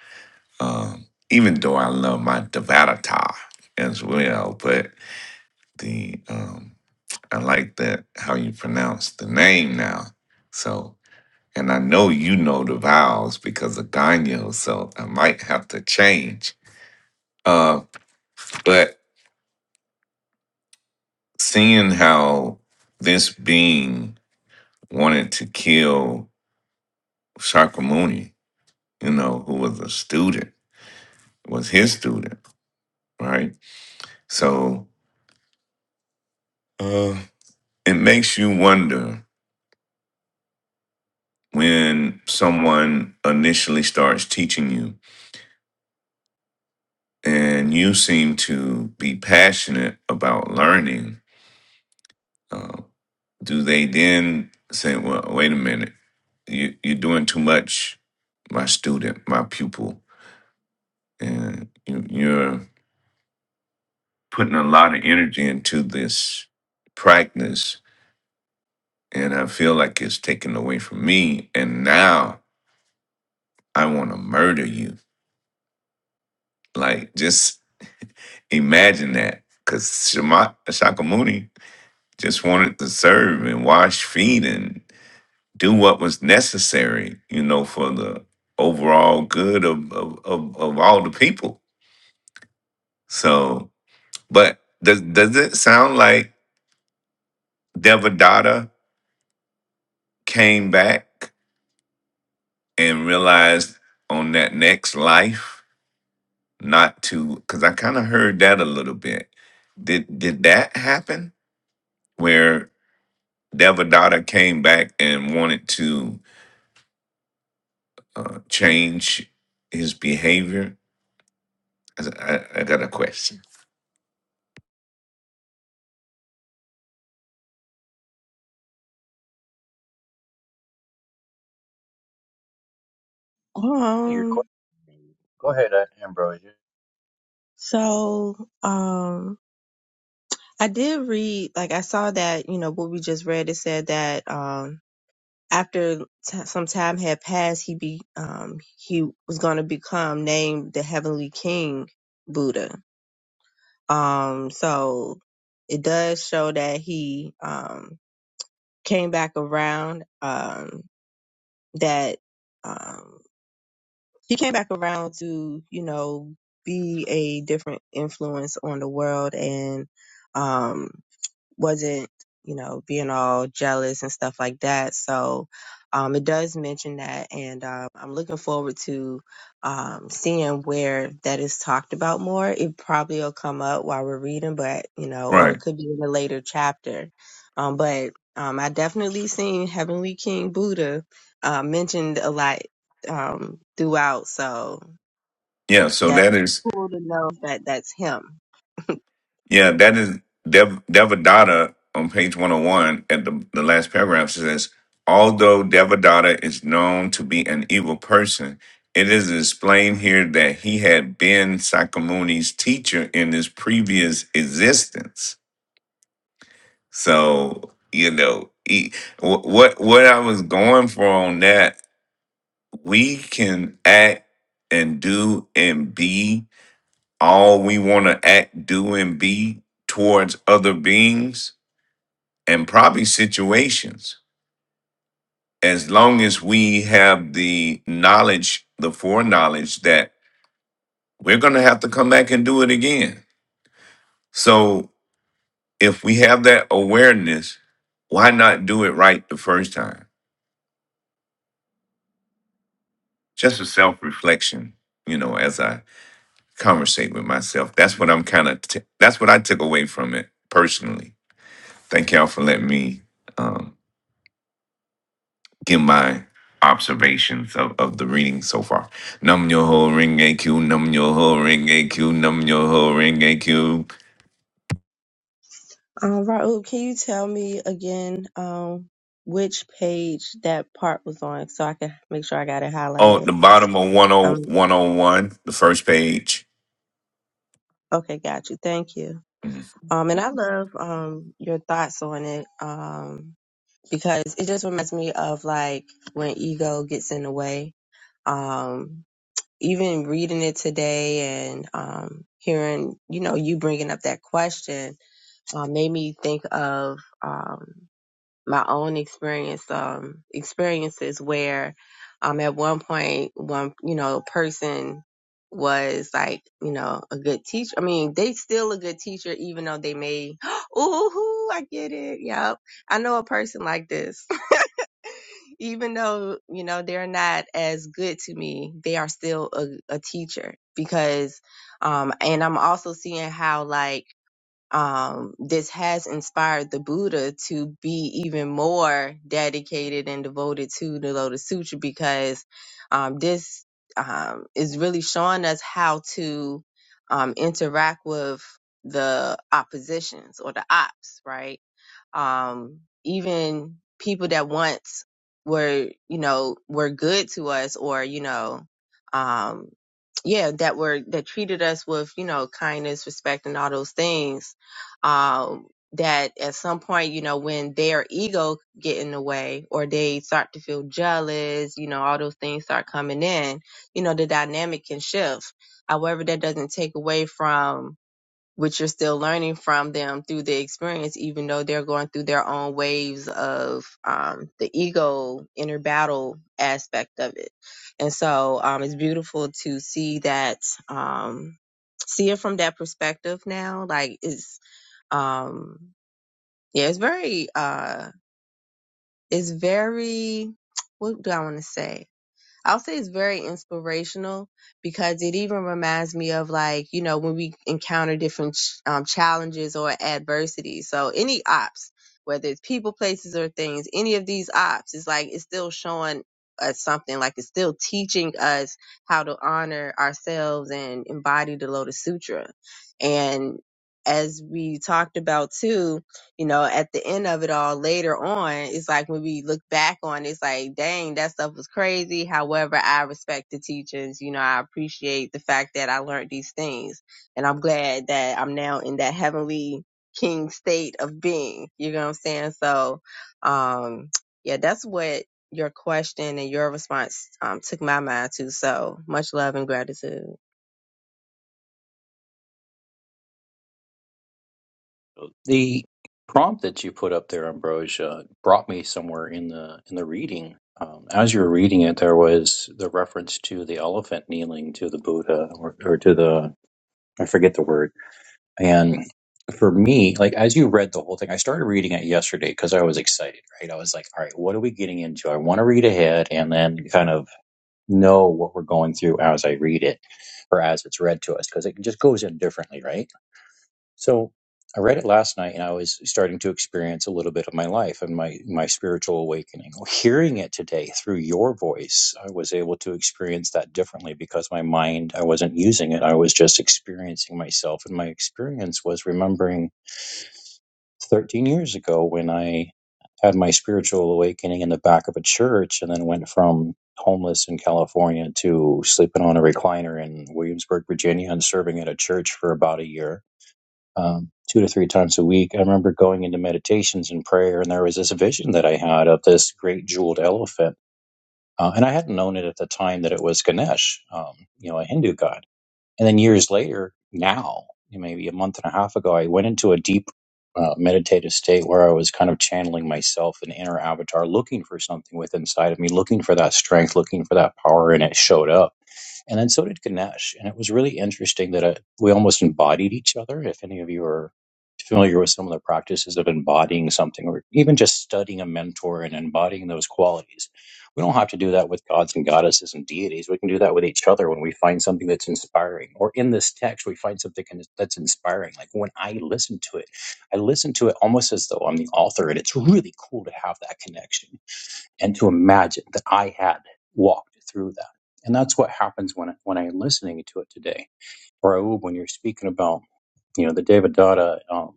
Speaker 2: um, even though I love my Devadatta as well. But the um, I like that how you pronounce the name now. So And I know you know the vowels because of Ganyo, so I might have to change. Uh, but seeing how this being wanted to kill Shakyamuni, you know, who was a student, was his student, right? So uh, it makes you wonder when someone initially starts teaching you and you seem to be passionate about learning Um, do they then say, "Well, wait a minute, you you're doing too much, my student, my pupil, and you, you're putting a lot of energy into this practice, and I feel like it's taken away from me, and now I want to murder you." Like, just imagine that, because Shama Shakamuni just wanted to serve and wash feet and. do what was necessary, you know, for the overall good of of, of, of all the people. So, but does does it sound like Devadatta came back and realized on that next life not to? Because I kind of heard that a little bit. Did did that happen where Devadatta came back and wanted to uh, change his behavior? I, I I got a question.
Speaker 5: Your
Speaker 3: Um,
Speaker 5: question. Go ahead, uh, Ambrosia.
Speaker 3: so um, I did read, like I saw that you know what we just read. It said that um, after t- some time had passed, he be um, he was going to become named the Heavenly King Buddha. Um, so it does show that he um, came back around. Um, that um, he came back around to you know be a different influence on the world and um wasn't, you know, being all jealous and stuff like that. So um, it does mention that, and um, I'm looking forward to um, seeing where that is talked about more. It probably will come up while we're reading, but you know,
Speaker 2: right?
Speaker 3: or it could be in a later chapter. Um, but um, I definitely seen Heavenly King Buddha uh, mentioned a lot um, throughout. So
Speaker 2: Yeah, so
Speaker 3: that's
Speaker 2: that is
Speaker 3: cool to know that that's him.
Speaker 2: yeah, that is Dev Devadatta on page one hundred one at the the last paragraph says, although Devadatta is known to be an evil person, it is explained here that he had been Sakamuni's teacher in his previous existence. So you know, he, wh- what what I was going for on that, we can act and do and be all we want to act, do, and be towards other beings and probably situations. As long as we have the knowledge, the foreknowledge that we're going to have to come back and do it again. So if we have that awareness, why not do it right the first time? Just a self reflection, you know, as I conversate with myself. That's what I'm kind of, t- that's what I took away from it personally. Thank y'all for letting me. um, give my observations of, of the reading so far. Num yo ho ring AQ, num yo ho ring AQ, num yo ho ring AQ.
Speaker 3: Um, Raul, can you tell me again um, which page that part was on so I can make sure I got it
Speaker 2: Oh,
Speaker 3: highlighted?
Speaker 2: the bottom of
Speaker 3: Um,
Speaker 2: 10101, the first page,
Speaker 3: okay, got you. Thank you. Um, and I love um, your thoughts on it um, because it just reminds me of like when ego gets in the way. Um, even reading it today and um, hearing, you know, you bringing up that question uh, made me think of um, my own experience, um, experiences where um, at one point, one, you know, person was like, you know, a good teacher. I mean, they still a good teacher, even though they may, ooh, I get it. Yep. I know a person like this even though you know they're not as good to me they are still a, a teacher because um and i'm also seeing how like um this has inspired the buddha to be even more dedicated and devoted to the lotus sutra because um this um is really showing us how to um interact with the oppositions or the ops right um, even people that once were, you know, were good to us or, you know, um, yeah, that were, that treated us with, you know, kindness, respect and all those things. Um, that at some point, you know, when their ego get in the way or they start to feel jealous, you know, all those things start coming in, you know, the dynamic can shift. However, that doesn't take away from which you're still learning from them through the experience, even though they're going through their own waves of um, the ego inner battle aspect of it. And so um, it's beautiful to see that, um, see it from that perspective now. Like it's, um, yeah, it's very, uh, it's very, what do I want to say? I'll say it's very inspirational because it even reminds me of like, you know, when we encounter different ch- um, challenges or adversity. So any ops, whether it's people, places, or things, any of these ops is like, it's still showing us something, like it's still teaching us how to honor ourselves and embody the Lotus Sutra. And as we talked about too, you know, at the end of it all later on, it's like when we look back on it, it's like, dang, that stuff was crazy. However, I respect the teachers. You know, I appreciate the fact that I learned these things. And I'm glad that I'm now in that heavenly king state of being. You know what I'm saying? So, um, yeah, that's what your question and your response um, took my mind to. So much love and gratitude.
Speaker 5: The prompt that you put up there, Ambrosia, brought me somewhere in the in the reading. Um, as you were reading it, there was the reference to the elephant kneeling to the Buddha, or, or to the I forget the word And for me, like as you read the whole thing, I started reading it yesterday because I was excited, right? I was like, all right, what are we getting into? I want to read ahead and then kind of know what we're going through as I read it or as it's read to us because it just goes in differently, right? So I read it last night and I was starting to experience a little bit of my life and my, my spiritual awakening. Hearing it today through your voice, I was able to experience that differently because my mind, I wasn't using it. I was just experiencing myself. And my experience was remembering 13 years ago when I had my spiritual awakening in the back of a church and then went from homeless in California to sleeping on a recliner in Williamsburg, Virginia and serving at a church for about a year um, two to three times a week. I remember going into meditations and prayer, and there was this vision that I had of this great jeweled elephant. Uh, and I hadn't known it at the time that it was Ganesh, um, you know, a Hindu god. And then years later, now, maybe a month and a half ago, I went into a deep uh, meditative state where I was kind of channeling myself, an inner avatar, looking for something within inside of me, looking for that strength, looking for that power, and it showed up and then so did Ganesh. And it was really interesting that uh we almost embodied each other. If any of you are familiar with some of the practices of embodying something or even just studying a mentor and embodying those qualities, we don't have to do that with gods and goddesses and deities. We can do that with each other when we find something that's inspiring. Or in this text, we find something that's inspiring. Like when I listen to it, I listen to it almost as though I'm the author. And it's really cool to have that connection and to imagine that I had walked through that. And that's what happens when I, when I'm listening to it today, or when you're speaking about, you know, the David Dada, um,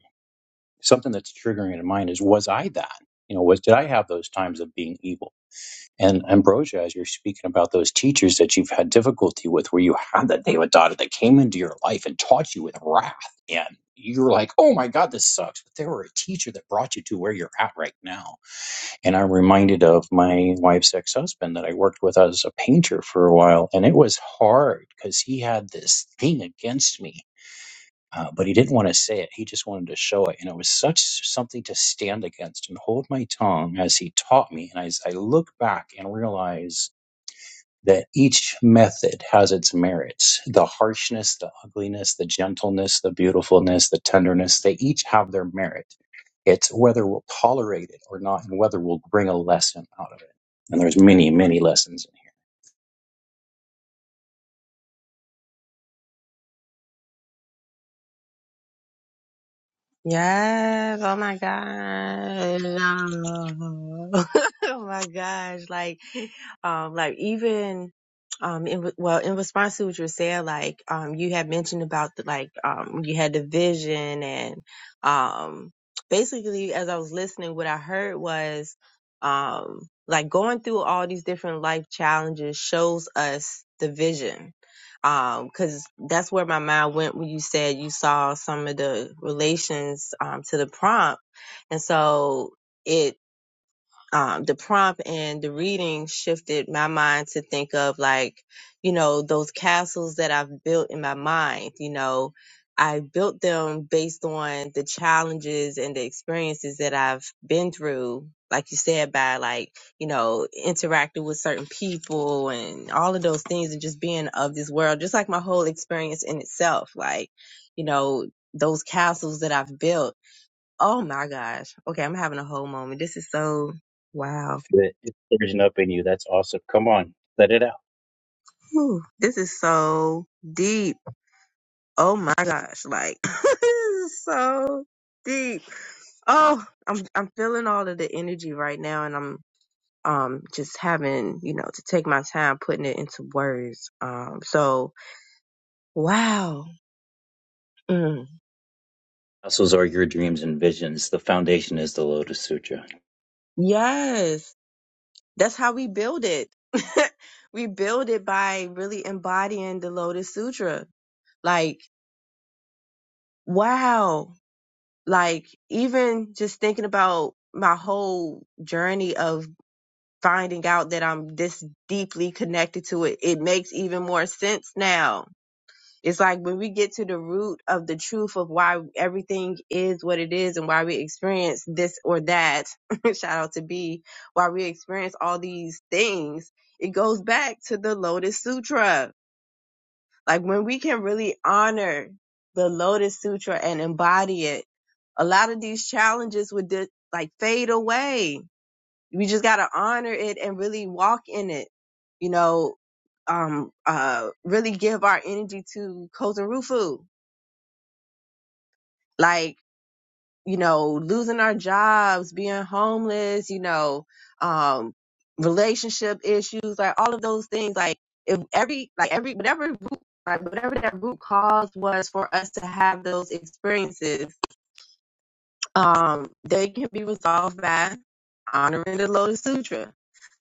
Speaker 5: something that's triggering in mind is, was I that? You know, was did I have those times of being evil? And Ambrosia, as you're speaking about those teachers that you've had difficulty with, where you had that David Dada that came into your life and taught you with wrath, and you're like, oh my God, this sucks. But they were a teacher that brought you to where you're at right now and I'm reminded of my wife's ex husband that I worked with as a painter for a while. And it was hard because he had this thing against me, uh, but he didn't want to say it. He just wanted to show it. And it was such something to stand against and hold my tongue as he taught me. And as I look back and realize that each method has its merits the harshness the ugliness the gentleness the beautifulness the tenderness they each have their merit it's whether we'll tolerate it or not and whether we'll bring a lesson out of it and there's many many lessons in here
Speaker 3: Yes, oh my God. No. oh my gosh. Like, um, like even, um, in, re- well, in response to what you were saying, like, um, you had mentioned about the, like, um, you had the vision and, um, basically as I was listening, what I heard was, um, like going through all these different life challenges shows us the vision because that's where my mind went when you said you saw some of the relations um, to the prompt, and so it um, the prompt and the reading shifted my mind to think of like, you know, those castles that I've built in my mind. You know, I built them based on the challenges and the experiences that I've been through. Like you said, by like, you know, interacting with certain people and all of those things and just being of this world, just like my whole experience in itself. Like, you know, those castles that I've built Oh my gosh. Okay, I'm having a whole moment. This is so wow.
Speaker 5: if it- it's surging up in you that's awesome come on let it out
Speaker 3: Whew. This is so deep. Oh my gosh. Like this is so deep. Oh, I'm I'm feeling all of the energy right now and I'm um just having, you know, to take my time putting it into words. Um so wow. Mm.
Speaker 5: Muscles are your dreams and visions. The foundation is the Lotus Sutra.
Speaker 3: Yes. That's how we build it. we build it by really embodying the Lotus Sutra. Like, wow like even just thinking about my whole journey of finding out that I'm this deeply connected to it, it makes even more sense now. It's like when we get to the root of the truth of why everything is what it is and why we experience this or that, shout out to B, why we experience all these things, it goes back to the Lotus Sutra like when we can really honor the Lotus Sutra and embody it, a lot of these challenges would di- like fade away. We just got to honor it and really walk in it, you know, um, uh, really give our energy to Kozarufu. Like, you know, losing our jobs, being homeless, you know, um, relationship issues, like all of those things. Like if every, like every, whatever, like whatever that root cause was for us to have those experiences, um, they can be resolved by honoring the Lotus Sutra.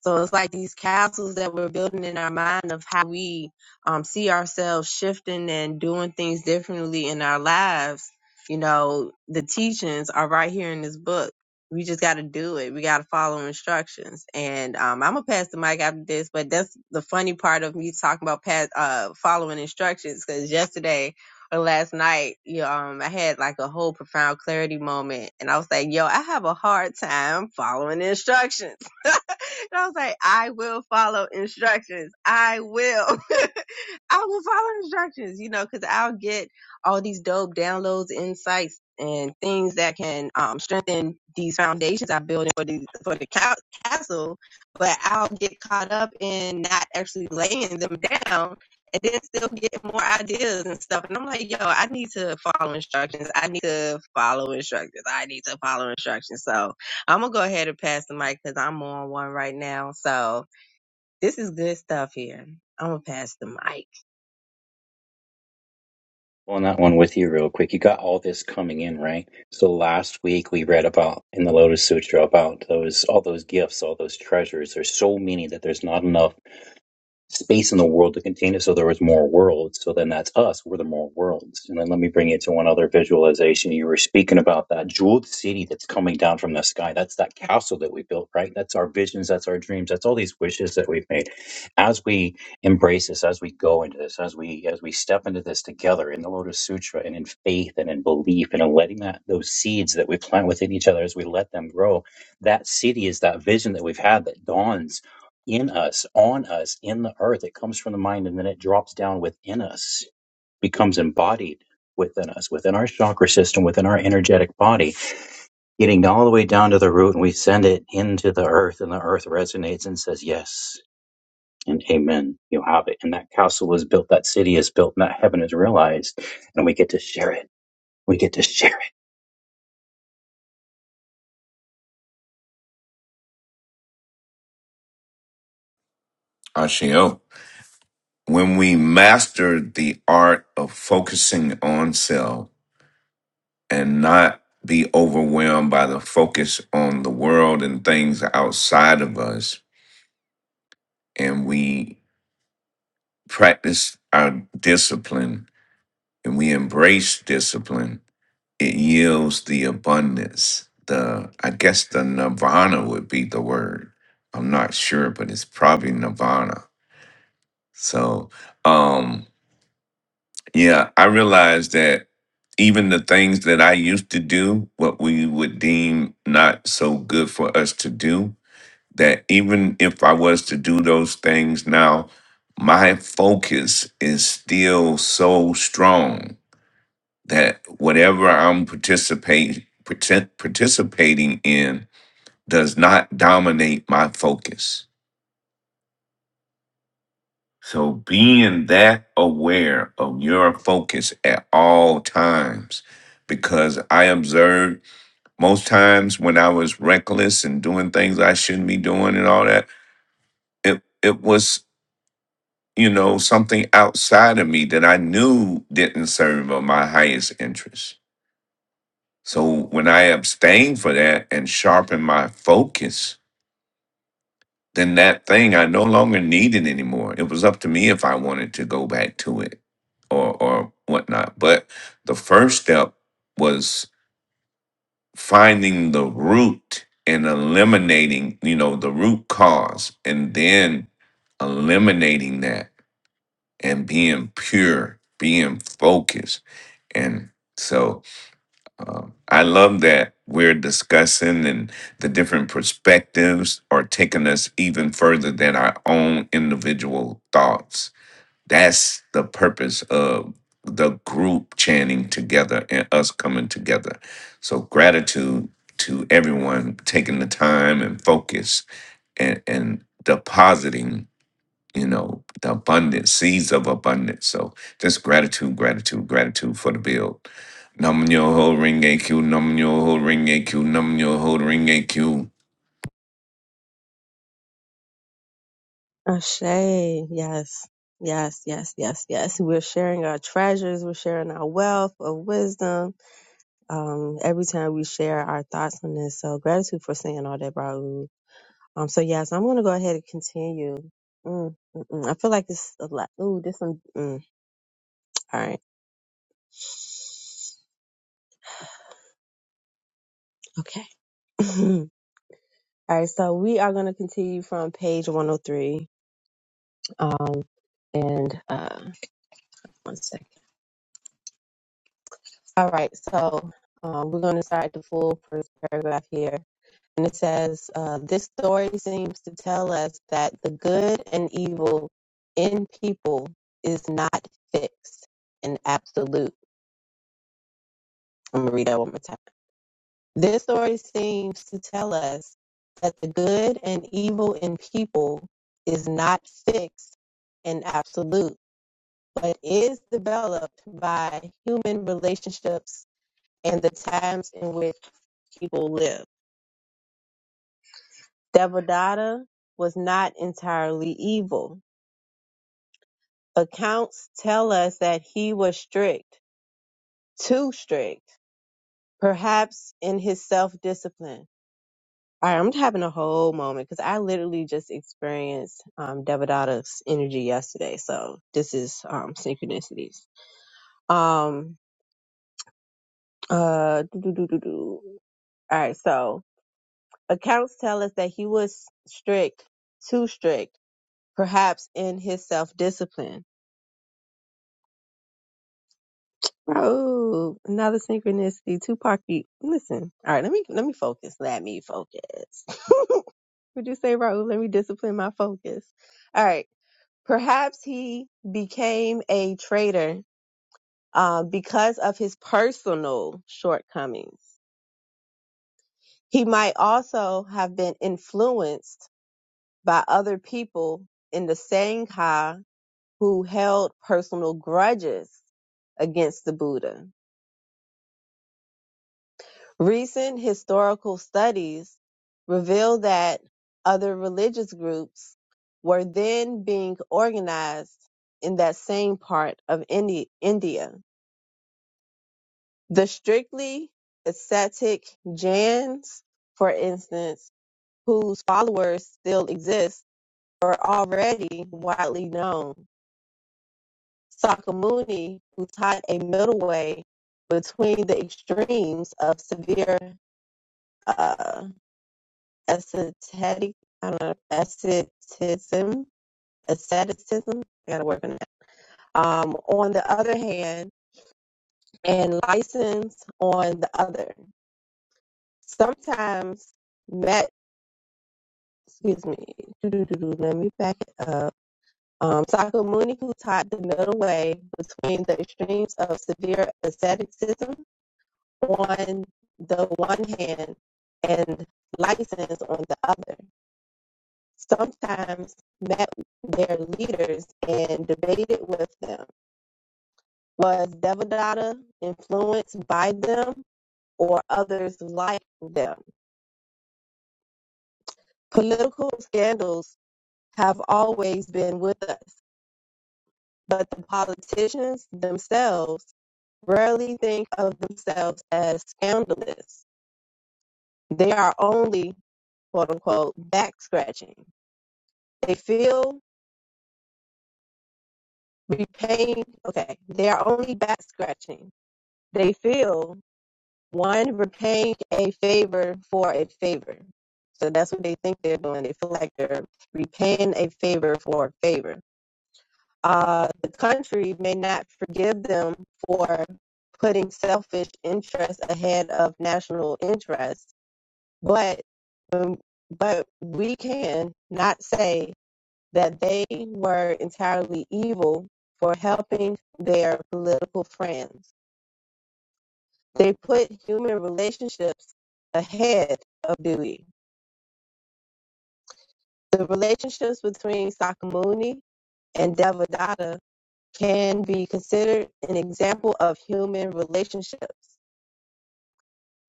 Speaker 3: So it's like these castles that we're building in our mind of how we um, see ourselves shifting and doing things differently in our lives. You know, the teachings are right here in this book. We just got to do it. We got to follow instructions. And um, I'm gonna pass the mic after this, but that's the funny part of me talking about pass, uh, following instructions. Because yesterday or last night, you know, um, I had like a whole profound clarity moment, and I was like, "Yo, I have a hard time following instructions." and I was like, "I will follow instructions. I will, I will follow instructions." You know, because I'll get all these dope downloads, insights, and things that can um, strengthen these foundations I'm building for the for the ca- castle. But I'll get caught up in not actually laying them down and then still get more ideas and stuff. And I'm like, yo, I need to follow instructions. I need to follow instructions. I need to follow instructions. So I'm gonna go ahead and pass the mic because I'm on one right now. So this is good stuff here. I'm gonna pass the mic.
Speaker 5: on that one with you real quick. You got all this coming in, right? So last week we read about in the Lotus Sutra about those all those gifts, all those treasures. There's so many that there's not enough space in the world to contain it so there was more worlds so then that's us we're the more worlds and then let me bring it to one other visualization you were speaking about that jeweled city that's coming down from the sky that's that castle that we built right that's our visions that's our dreams that's all these wishes that we've made as we embrace this as we go into this as we as we step into this together in the lotus sutra and in faith and in belief and in letting that those seeds that we plant within each other as we let them grow that city is that vision that we've had that dawns in us, on us, in the earth. It comes from the mind and then it drops down within us, becomes embodied within us, within our chakra system, within our energetic body, getting all the way down to the root. And we send it into the earth, and the earth resonates and says, Yes. And amen. You have it. And that castle is built, that city is built, and that heaven is realized. And we get to share it. We get to share.
Speaker 2: Ashio. When we master the art of focusing on self and not be overwhelmed by the focus on the world and things outside of us, and we practice our discipline and we embrace discipline, It yields the abundance. The I guess the nirvana would be the word. I'm not sure, but it's probably nirvana. So um yeah, I realized that even the things that I used to do, what we would deem not so good for us to do, that even if I was to do those things now, my focus is still so strong that whatever I'm participating partic- participating in does not dominate my focus. So being that aware of your focus at all times because I observed most times when I was reckless and doing things I shouldn't be doing and all that it it was you know something outside of me that I knew didn't serve of my highest interest So when I abstain for that and sharpen my focus, then that thing I no longer need it anymore. It was up to me if I wanted to go back to it or or whatnot. But the first step was finding the root and eliminating, you know, the root cause and then eliminating that and being pure, being focused. And so Um, I love that we're discussing and the different perspectives are taking us even further than our own individual thoughts. That's the purpose of the group chanting together and us coming together. So gratitude to everyone taking the time and focus and, and depositing you know, the abundance, seeds of abundance. So just gratitude, gratitude, gratitude for the build. Num yo ho ring AQ, num yo ho ring AQ, num yo ho ring AQ.
Speaker 3: Ashay, yes. Yes, yes, yes, yes. We're sharing our treasures. We're sharing our wealth of wisdom. Um, every time we share our thoughts on this. So gratitude for saying all that, Raul Um, so yeah, so I'm gonna go ahead and continue. Mm, mm, mm. I feel like this a lot. Ooh, this one. Mm, all right. Okay. all right. So we are gonna continue from page 103. Um, and uh, one second. All right. So um, we're gonna start the full first paragraph here. And it says, uh, This story seems to tell us that the good and evil in people is not fixed and absolute. I'm going to read that one more time. This story seems to tell us that the good and evil in people is not fixed and absolute, but is developed by human relationships and the times in which people live. Devadatta was not entirely evil. Accounts tell us that he was strict, too strict, perhaps in his self discipline. All right, I'm having a whole moment because I literally just experienced um, Devadatta's energy yesterday. So this is um, synchronicities. Um, uh, do, do, do, do, do. All right, so accounts tell us that he was strict, too strict, perhaps in his self discipline. Oh, another synchronicity. Tupac, you- listen. All right, let me let me focus. Let me focus. Would you say, Raul? Let me discipline my focus. All right. Perhaps he became a traitor uh, because of his personal shortcomings. He might also have been influenced by other people in the Sangha who held personal grudges against the Buddha. Recent historical studies reveal that other religious groups were then being organized in that same part of India The strictly ascetic Jains, for instance, whose followers still exist, were already widely known. Sakamuni, who taught a middle way between the extremes of severe uh, ascetic, I don't know, asceticism, asceticism, I gotta work on that, um, on the other hand, and license on the other. Sometimes met. excuse me, let me back it up. Um, Sakamuni, who taught the middle way between the extremes of severe asceticism on the one hand and license on the other, sometimes met their leaders and debated with them. Was Devadatta influenced by them or others like them? Political scandals have always been with us but the politicians themselves rarely think of themselves as scandalous. They are only, quote unquote, back scratching. They feel repaying, okay, they are only back scratching. They feel, one, repaying a favor for a favor. So that's what they think they're doing. They feel like they're repaying a favor for a favor uh, the country may not forgive them for putting selfish interests ahead of national interests, but um, but we can not say that they were entirely evil for helping their political friends. They put human relationships ahead of duty. The relationships between Sakamuni and Devadatta can be considered an example of human relationships.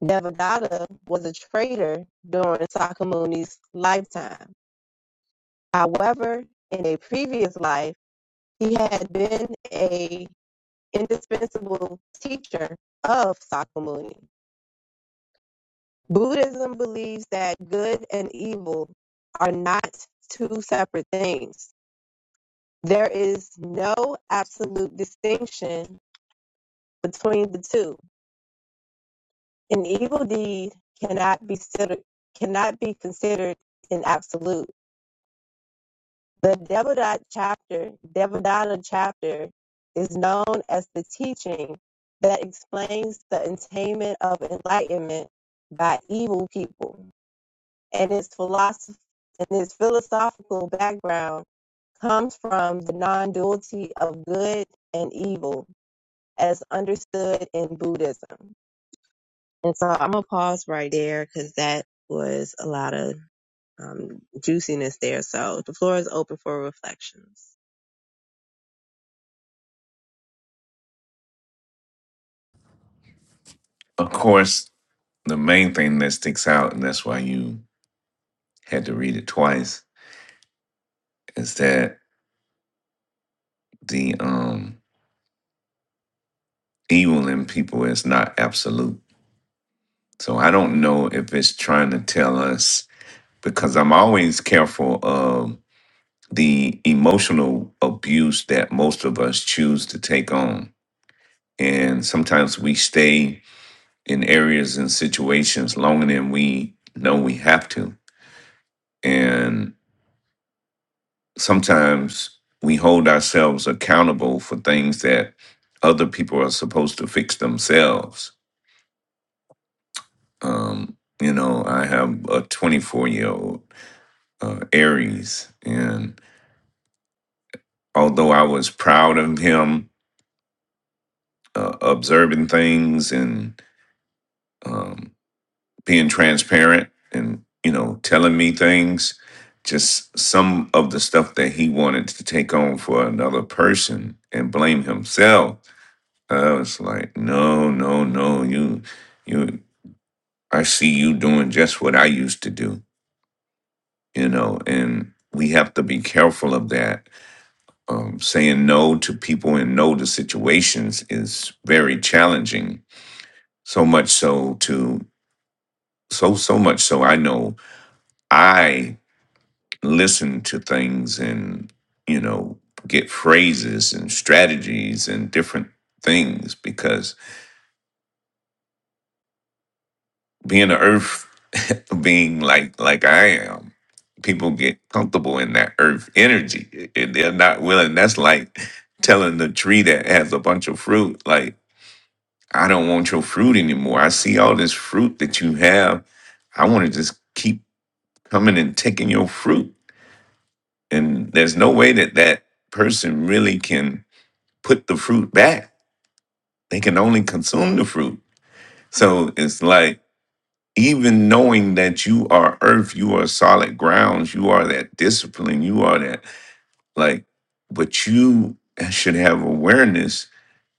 Speaker 3: Devadatta was a traitor during Sakamuni's lifetime. However, in a previous life, he had been a indispensable teacher of Sakamuni. Buddhism believes that good and evil are not two separate things. There is no absolute distinction between the two An evil deed cannot be considered cannot be considered an absolute. The Devadatta chapter, Devadatta chapter, is known as the teaching that explains the attainment of enlightenment by evil people, and its philosophy and its philosophical background comes from the non-duality of good and evil as understood in Buddhism. And so I'm gonna pause right there because that was a lot of um, juiciness there. So the floor is open for reflections.
Speaker 2: Of course, the main thing that sticks out, and that's why you had to read it twice, is that the um evil in people is not absolute. So I don't know if it's trying to tell us because I'm always careful of the emotional abuse that most of us choose to take on. And sometimes we stay in areas and situations longer than we know we have to. And sometimes we hold ourselves accountable for things that other people are supposed to fix themselves. Um, you know, I have a 24 year old uh, Aries, and although I was proud of him uh, observing things and um, being transparent and you know telling me things just some of the stuff that he wanted to take on for another person and blame himself i was like no no no you you i see you doing just what i used to do you know and we have to be careful of that um, saying no to people and no to situations is very challenging so much so to so so much so i know i listen to things and you know get phrases and strategies and different things because being an earth being like like i am people get comfortable in that earth energy and they're not willing that's like telling the tree that has a bunch of fruit like i don't want your fruit anymore i see all this fruit that you have i want to just keep coming and taking your fruit and there's no way that that person really can put the fruit back. They can only consume the fruit. So it's like, even knowing that you are earth, you are solid grounds, you are that discipline, you are that, like, but you should have awareness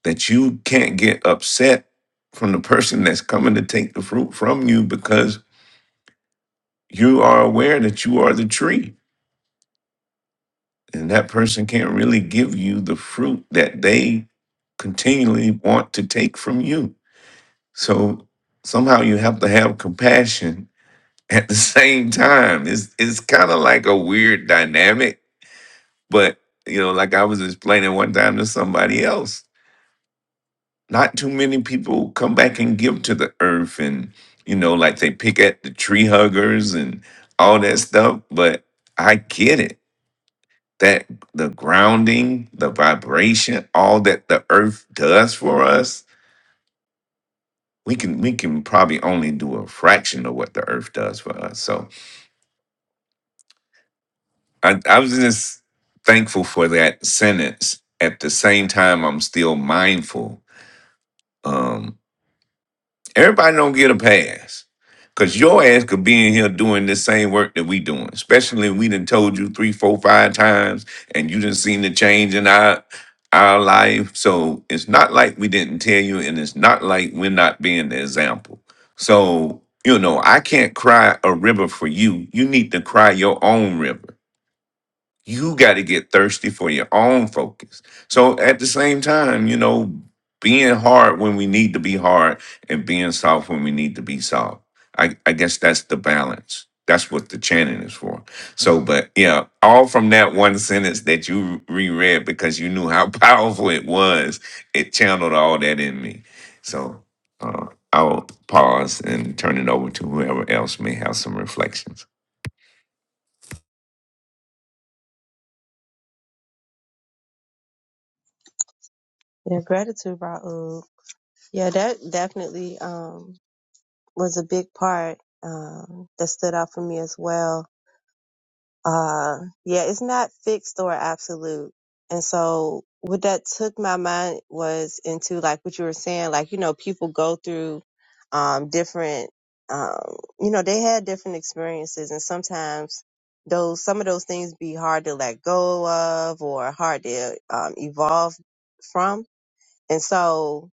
Speaker 2: that you can't get upset from the person that's coming to take the fruit from you because you are aware that you are the tree. And that person can't really give you the fruit that they continually want to take from you So somehow you have to have compassion at the same time. It's it's kind of like a weird dynamic, but you know, like I was explaining one time to somebody else, not too many people come back and give to the earth and you know, like they pick at the tree huggers and all that stuff, but I get it. That the grounding, the vibration, all that the earth does for us, we can we can probably only do a fraction of what the earth does for us. So I, I was just thankful for that sentence. At the same time, I'm still mindful. Um, everybody don't get a pass. Cause your ass could be in here doing the same work that we doing, especially we done told you three, four, five times, and you done seen the change in our our life. So it's not like we didn't tell you, and it's not like we're not being the example. So you know, I can't cry a river for you. You need to cry your own river you got to get thirsty for your own focus. So at the same time, you know, being hard when we need to be hard and being soft when we need to be soft. I, I guess that's the balance. That's what the chanting is for. So, Mhm. but yeah, all from that one sentence that you reread because you knew how powerful it was, it channeled all that in me. So uh, I'll pause and turn it over to whoever else may have some reflections.
Speaker 3: Yeah, gratitude, Raul. Yeah, that definitely um, was a big part um, that stood out for me as well. Uh, yeah, it's not fixed or absolute. And so what that took my mind was into like what you were saying, like, you know, people go through, um, different, um, you know, they had different experiences and sometimes those, some of those things be hard to let go of or hard to, um, evolve from. And so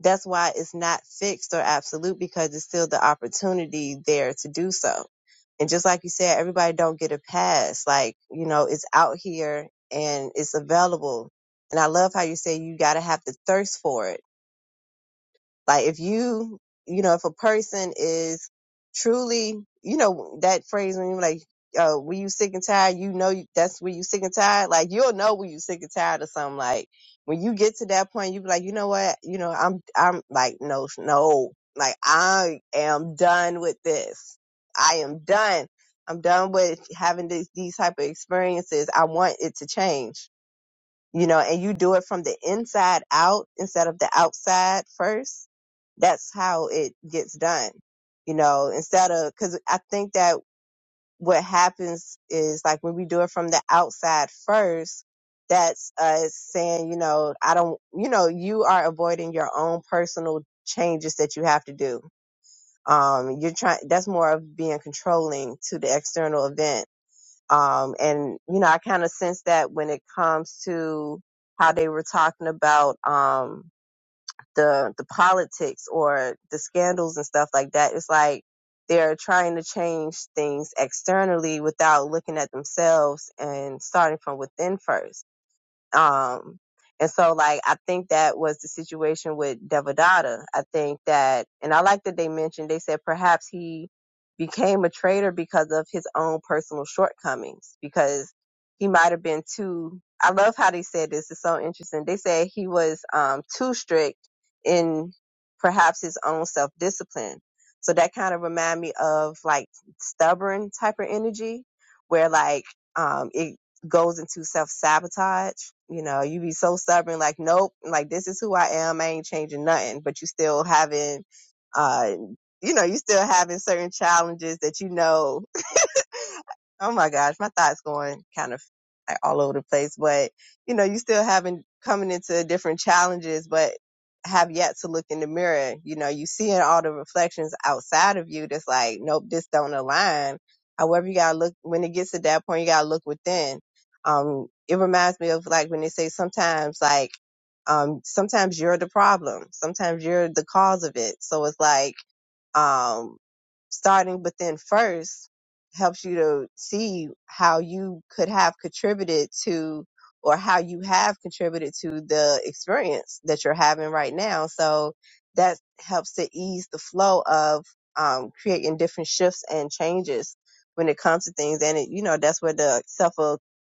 Speaker 3: that's why it's not fixed or absolute because it's still the opportunity there to do so. And just like you said, everybody don't get a pass. Like, you know, it's out here and it's available. And I love how you say you got to have to thirst for it like if you, you know, if a person is truly, you know, that phrase when you're like, uh, when you sick and tired, you know, you, that's when you sick and tired. Like you'll know when you sick and tired of something. Like when you get to that point, you be like, you know what? You know, I'm, I'm like, no, no, like I am done with this. I am done. I'm done with having this, these type of experiences. I want it to change you know, and you do it from the inside out instead of the outside first, that's how it gets done. You know, instead of, cause I think that what happens is like when we do it from the outside first, that's us saying, you know, I don't, you know, you are avoiding your own personal changes that you have to do. Um, you're trying, that's more of being controlling to the external event um, and you know, I kind of sense that when it comes to how they were talking about um, the the politics or the scandals and stuff like that, it's like they're trying to change things externally without looking at themselves and starting from within first um, and so like I think that was the situation with Devadatta. I think that, and I like that they mentioned they said perhaps he became a traitor because of his own personal shortcomings because he might have been too. I love how they said this. It's so interesting. They said he was um, too strict in perhaps his own self discipline. So that kind of remind me of like stubborn type of energy where like um, it goes into self sabotage. You know, you be so stubborn, like, nope, like this is who I am. I ain't changing nothing, but you still having, uh, you know, you still having certain challenges that you know Oh my gosh, my thoughts going kind of like all over the place, but you know, you still haven't coming into different challenges, but have yet to look in the mirror. You know, you seeing all the reflections outside of you that's like, nope, this don't align. However, you gotta look when it gets to that point, you gotta look within. Um, it reminds me of like when they say sometimes like um sometimes you're the problem, sometimes you're the cause of it. So it's like um starting within first helps you to see how you could have contributed to or how you have contributed to the experience that you're having right now. So that helps to ease the flow of um, creating different shifts and changes when it comes to things. And it, you know, that's where the self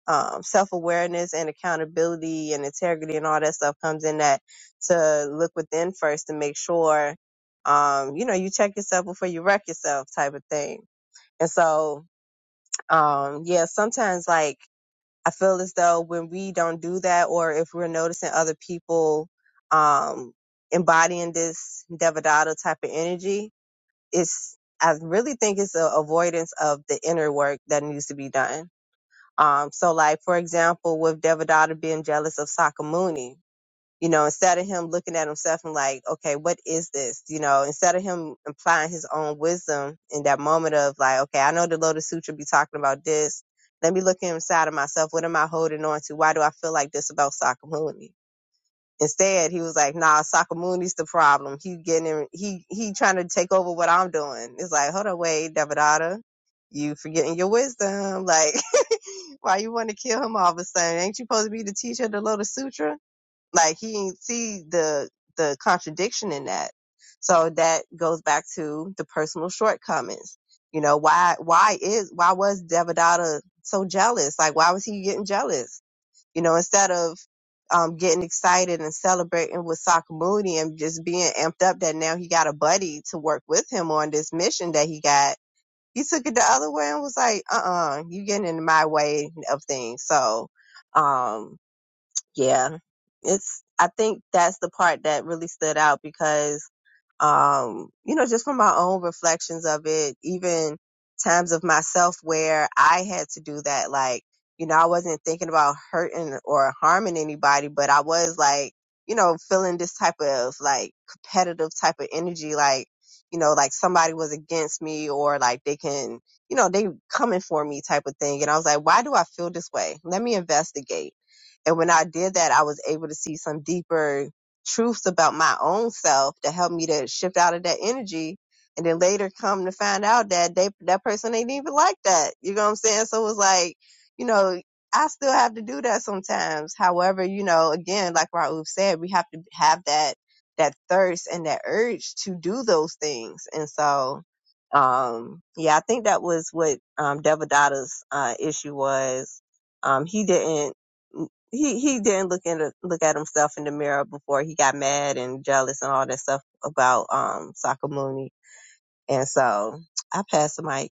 Speaker 3: um, self awareness and accountability and integrity and all that stuff comes in that to look within first to make sure um, you know, you check yourself before you wreck yourself type of thing. And so, um, yeah, sometimes like I feel as though when we don't do that or if we're noticing other people, um, embodying this Devadatta type of energy, it's, I really think it's an avoidance of the inner work that needs to be done. Um, so like, for example, with Devadatta being jealous of Sakamuni, you know, instead of him looking at himself and like, okay, what is this? You know, instead of him applying his own wisdom in that moment of like, okay, I know the Lotus Sutra be talking about this. Let me look inside of myself. What am I holding on to? Why do I feel like this about Sakamuni? Instead, he was like, nah, Sakamuni's the problem. He getting in, he, he trying to take over what I'm doing. It's like, hold on, wait, Devadatta, you forgetting your wisdom. Like, why you want to kill him all of a sudden? Ain't you supposed to be the teacher of the Lotus Sutra? Like he didn't see the the contradiction in that. So that goes back to the personal shortcomings. You know, why why is why was Devadatta so jealous? Like why was he getting jealous? You know, instead of um, getting excited and celebrating with Sakamuni and just being amped up that now he got a buddy to work with him on this mission that he got. He took it the other way and was like, uh uh you getting in my way of things. So, um, yeah, it's, I think that's the part that really stood out because um, you know, just from my own reflections of it, even times of myself where I had to do that, like, you know, I wasn't thinking about hurting or harming anybody, but I was like, you know, feeling this type of like competitive type of energy, like, you know, like somebody was against me or like they can, you know, they coming for me type of thing. And I was like, why do I feel this way? Let me investigate. And when I did that, I was able to see some deeper truths about my own self to help me to shift out of that energy. And then later come to find out that they, that person ain't even like that. You know what I'm saying? So it was like, you know, I still have to do that sometimes. However, you know, again, like Raouf said, we have to have that, that thirst and that urge to do those things. And so, um, yeah, I think that was what, um, Devadatta's, uh, issue was. Um, he didn't he he didn't look in look at himself in the mirror before he got mad and jealous and all that stuff about um Sakamuni. And so I pass the mic.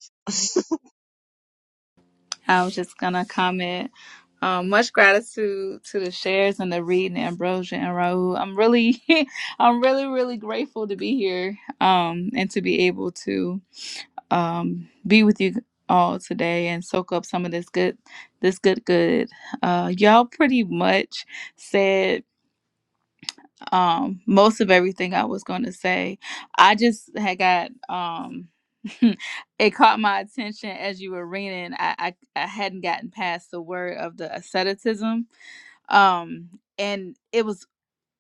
Speaker 8: I was just gonna comment. Um, much gratitude to the shares and the reading, Ambrosia and Raul. I'm really, I'm really, really grateful to be here. Um, and to be able to um, be with you all today and soak up some of this good, this good, good. Uh, y'all pretty much said um, most of everything I was going to say. I just had got. Um, it caught my attention as you were reading. I, I I hadn't gotten past the word of the asceticism, um, and it was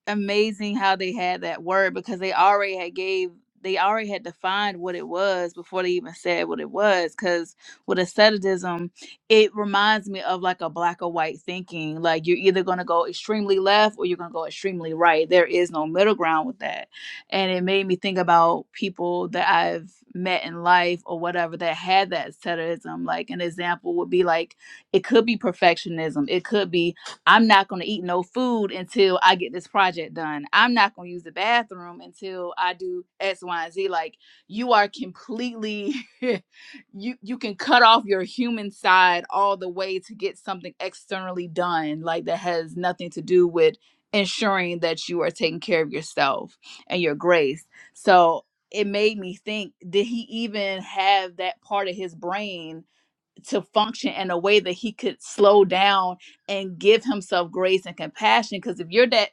Speaker 8: amazing how they had that word because they already had gave they already had defined what it was before they even said what it was because with asceticism it reminds me of like a black or white thinking like you're either going to go extremely left or you're going to go extremely right there is no middle ground with that and it made me think about people that i've met in life or whatever that had that asceticism like an example would be like it could be perfectionism it could be I'm not going to eat no food until I get this project done. I'm not going to use the bathroom until I do X, Y, and Z. Like you are completely, you you can cut off your human side all the way to get something externally done, like that has nothing to do with ensuring that you are taking care of yourself and your grace. So it made me think: Did he even have that part of his brain? to function in a way that he could slow down and give himself grace and compassion. Because if you're that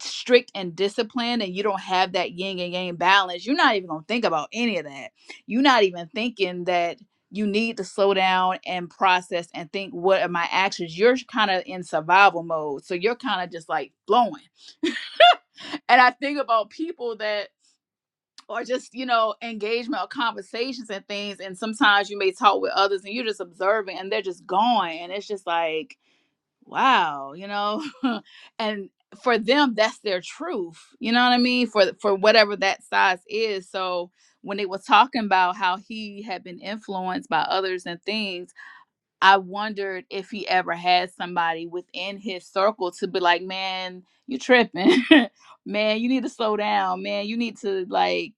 Speaker 8: strict and disciplined and you don't have that yin and yang balance, you're not even going to think about any of that. You're not even thinking that you need to slow down and process and think, what are my actions? You're kind of in survival mode. So you're kind of just like flowing. And I think about people that or just you know engagement or conversations and things and sometimes you may talk with others and you're just observing and they're just going and it's just like wow you know and for them that's their truth you know what i mean for for whatever that size is so when they were talking about how he had been influenced by others and things I wondered if he ever had somebody within his circle to be like, man, you tripping. man, you need to slow down. Man, you need to like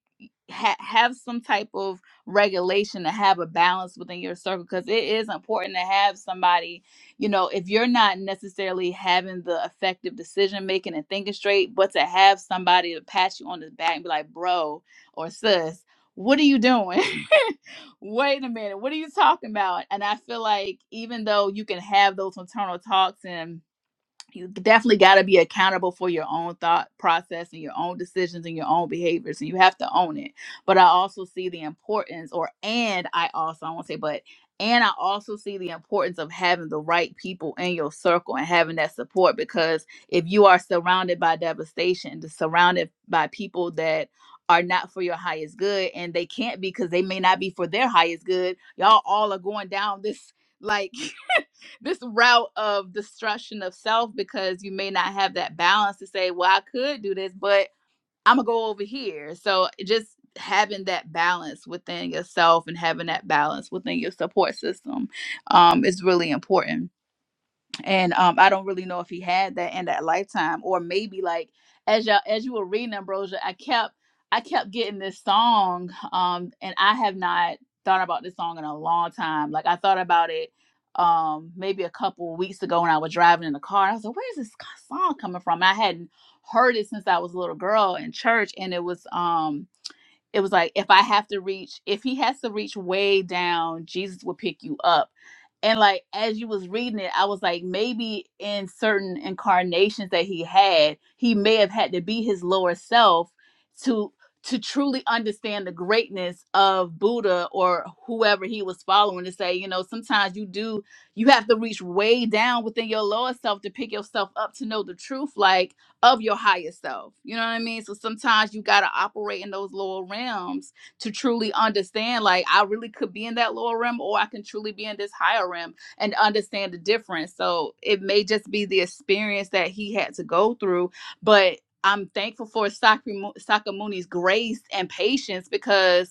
Speaker 8: ha- have some type of regulation to have a balance within your circle because it is important to have somebody, you know, if you're not necessarily having the effective decision making and thinking straight, but to have somebody to pat you on the back and be like, bro or sis, what are you doing? wait a minute, what are you talking about? And I feel like even though you can have those internal talks and you definitely got to be accountable for your own thought process and your own decisions and your own behaviors and you have to own it but i also see the importance or and i also i won't say but and i also see the importance of having the right people in your circle and having that support because if you are surrounded by devastation surrounded by people that are not for your highest good and they can't be because they may not be for their highest good y'all all are going down this like this route of destruction of self because you may not have that balance to say, well, I could do this, but I'm gonna go over here. So just having that balance within yourself and having that balance within your support system um, is really important and um i don't really know if he had that in that lifetime or maybe like as y'all as you were reading ambrosia i kept i kept getting this song um and i have not thought about this song in a long time like i thought about it um maybe a couple of weeks ago when i was driving in the car and i was like where is this song coming from and i hadn't heard it since i was a little girl in church and it was um it was like if I have to reach, if he has to reach way down, Jesus will pick you up. And like as you was reading it, I was like, maybe in certain incarnations that he had, he may have had to be his lower self to to truly understand the greatness of Buddha or whoever he was following to say, you know, sometimes you do you have to reach way down within your lower self to pick yourself up to know the truth. Like of your higher self. You know what I mean? So sometimes you got to operate in those lower realms to truly understand like I really could be in that lower realm or I can truly be in this higher realm and understand the difference. So it may just be the experience that he had to go through, but I'm thankful for Sakri- Sakamuni's grace and patience because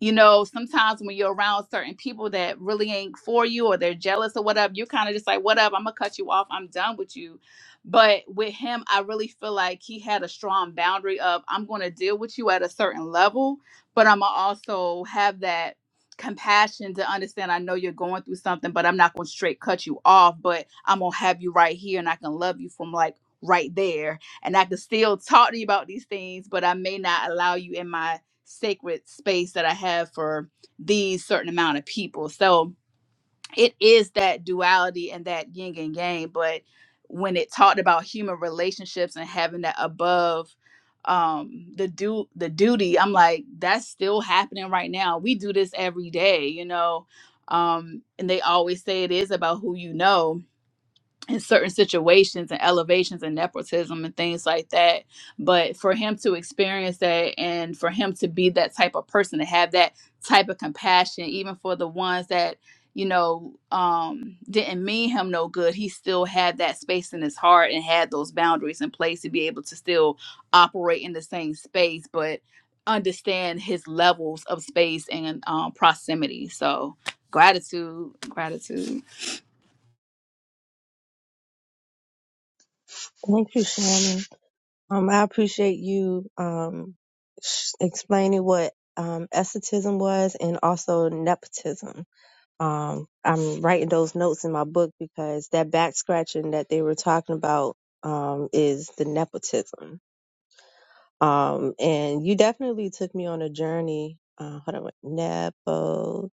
Speaker 8: you know, sometimes when you're around certain people that really ain't for you or they're jealous or whatever, you're kind of just like, whatever, I'm gonna cut you off. I'm done with you. But with him, I really feel like he had a strong boundary of I'm gonna deal with you at a certain level, but I'm gonna also have that compassion to understand I know you're going through something, but I'm not gonna straight cut you off, but I'm gonna have you right here and I can love you from like right there. And I can still talk to you about these things, but I may not allow you in my sacred space that I have for these certain amount of people. So it is that duality and that yin and yang. But when it talked about human relationships and having that above um the do the duty, I'm like, that's still happening right now. We do this every day, you know. Um, and they always say it is about who you know in certain situations and elevations and nepotism and things like that. But for him to experience that and for him to be that type of person to have that type of compassion, even for the ones that you know um didn't mean him no good he still had that space in his heart and had those boundaries in place to be able to still operate in the same space but understand his levels of space and um, proximity so gratitude gratitude
Speaker 3: Thank you, Shannon. Um, I appreciate you um explaining what um esotism was and also nepotism. Um, I'm writing those notes in my book because that back scratching that they were talking about um is the nepotism. Um, and you definitely took me on a journey. Uh, hold on, wait, nepotism.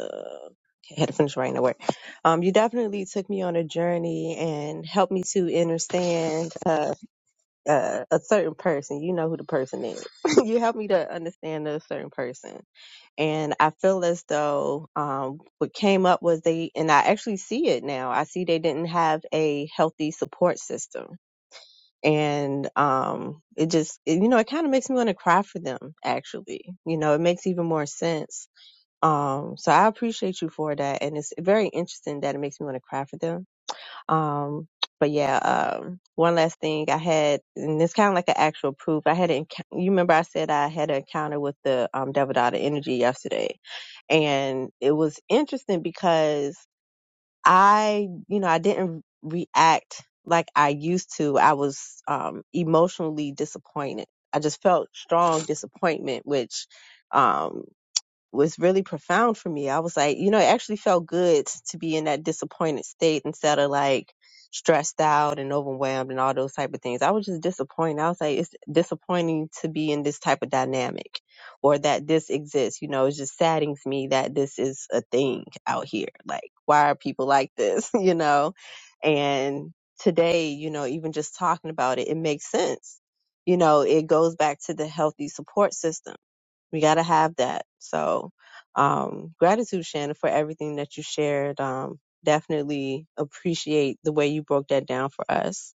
Speaker 3: Okay, I had to finish writing the word. Um, you definitely took me on a journey and helped me to understand uh, uh, a certain person. You know who the person is. you helped me to understand a certain person, and I feel as though um, what came up was they, and I actually see it now. I see they didn't have a healthy support system and um it just it, you know it kind of makes me want to cry for them actually you know it makes even more sense um so i appreciate you for that and it's very interesting that it makes me want to cry for them um but yeah um one last thing i had and it's kind of like an actual proof i had an encou- you remember i said i had an encounter with the um devil daughter energy yesterday and it was interesting because I, you know, I didn't react like I used to. I was um, emotionally disappointed. I just felt strong disappointment, which um, was really profound for me. I was like, you know, it actually felt good to be in that disappointed state instead of like stressed out and overwhelmed and all those type of things. I was just disappointed. I was like, it's disappointing to be in this type of dynamic or that this exists. You know, it just saddens me that this is a thing out here. Like, why are people like this? you know? And today, you know, even just talking about it, it makes sense. You know, it goes back to the healthy support system we got to have that. So, um, gratitude, Shannon, for everything that you shared. Um, definitely appreciate the way you broke that down for us.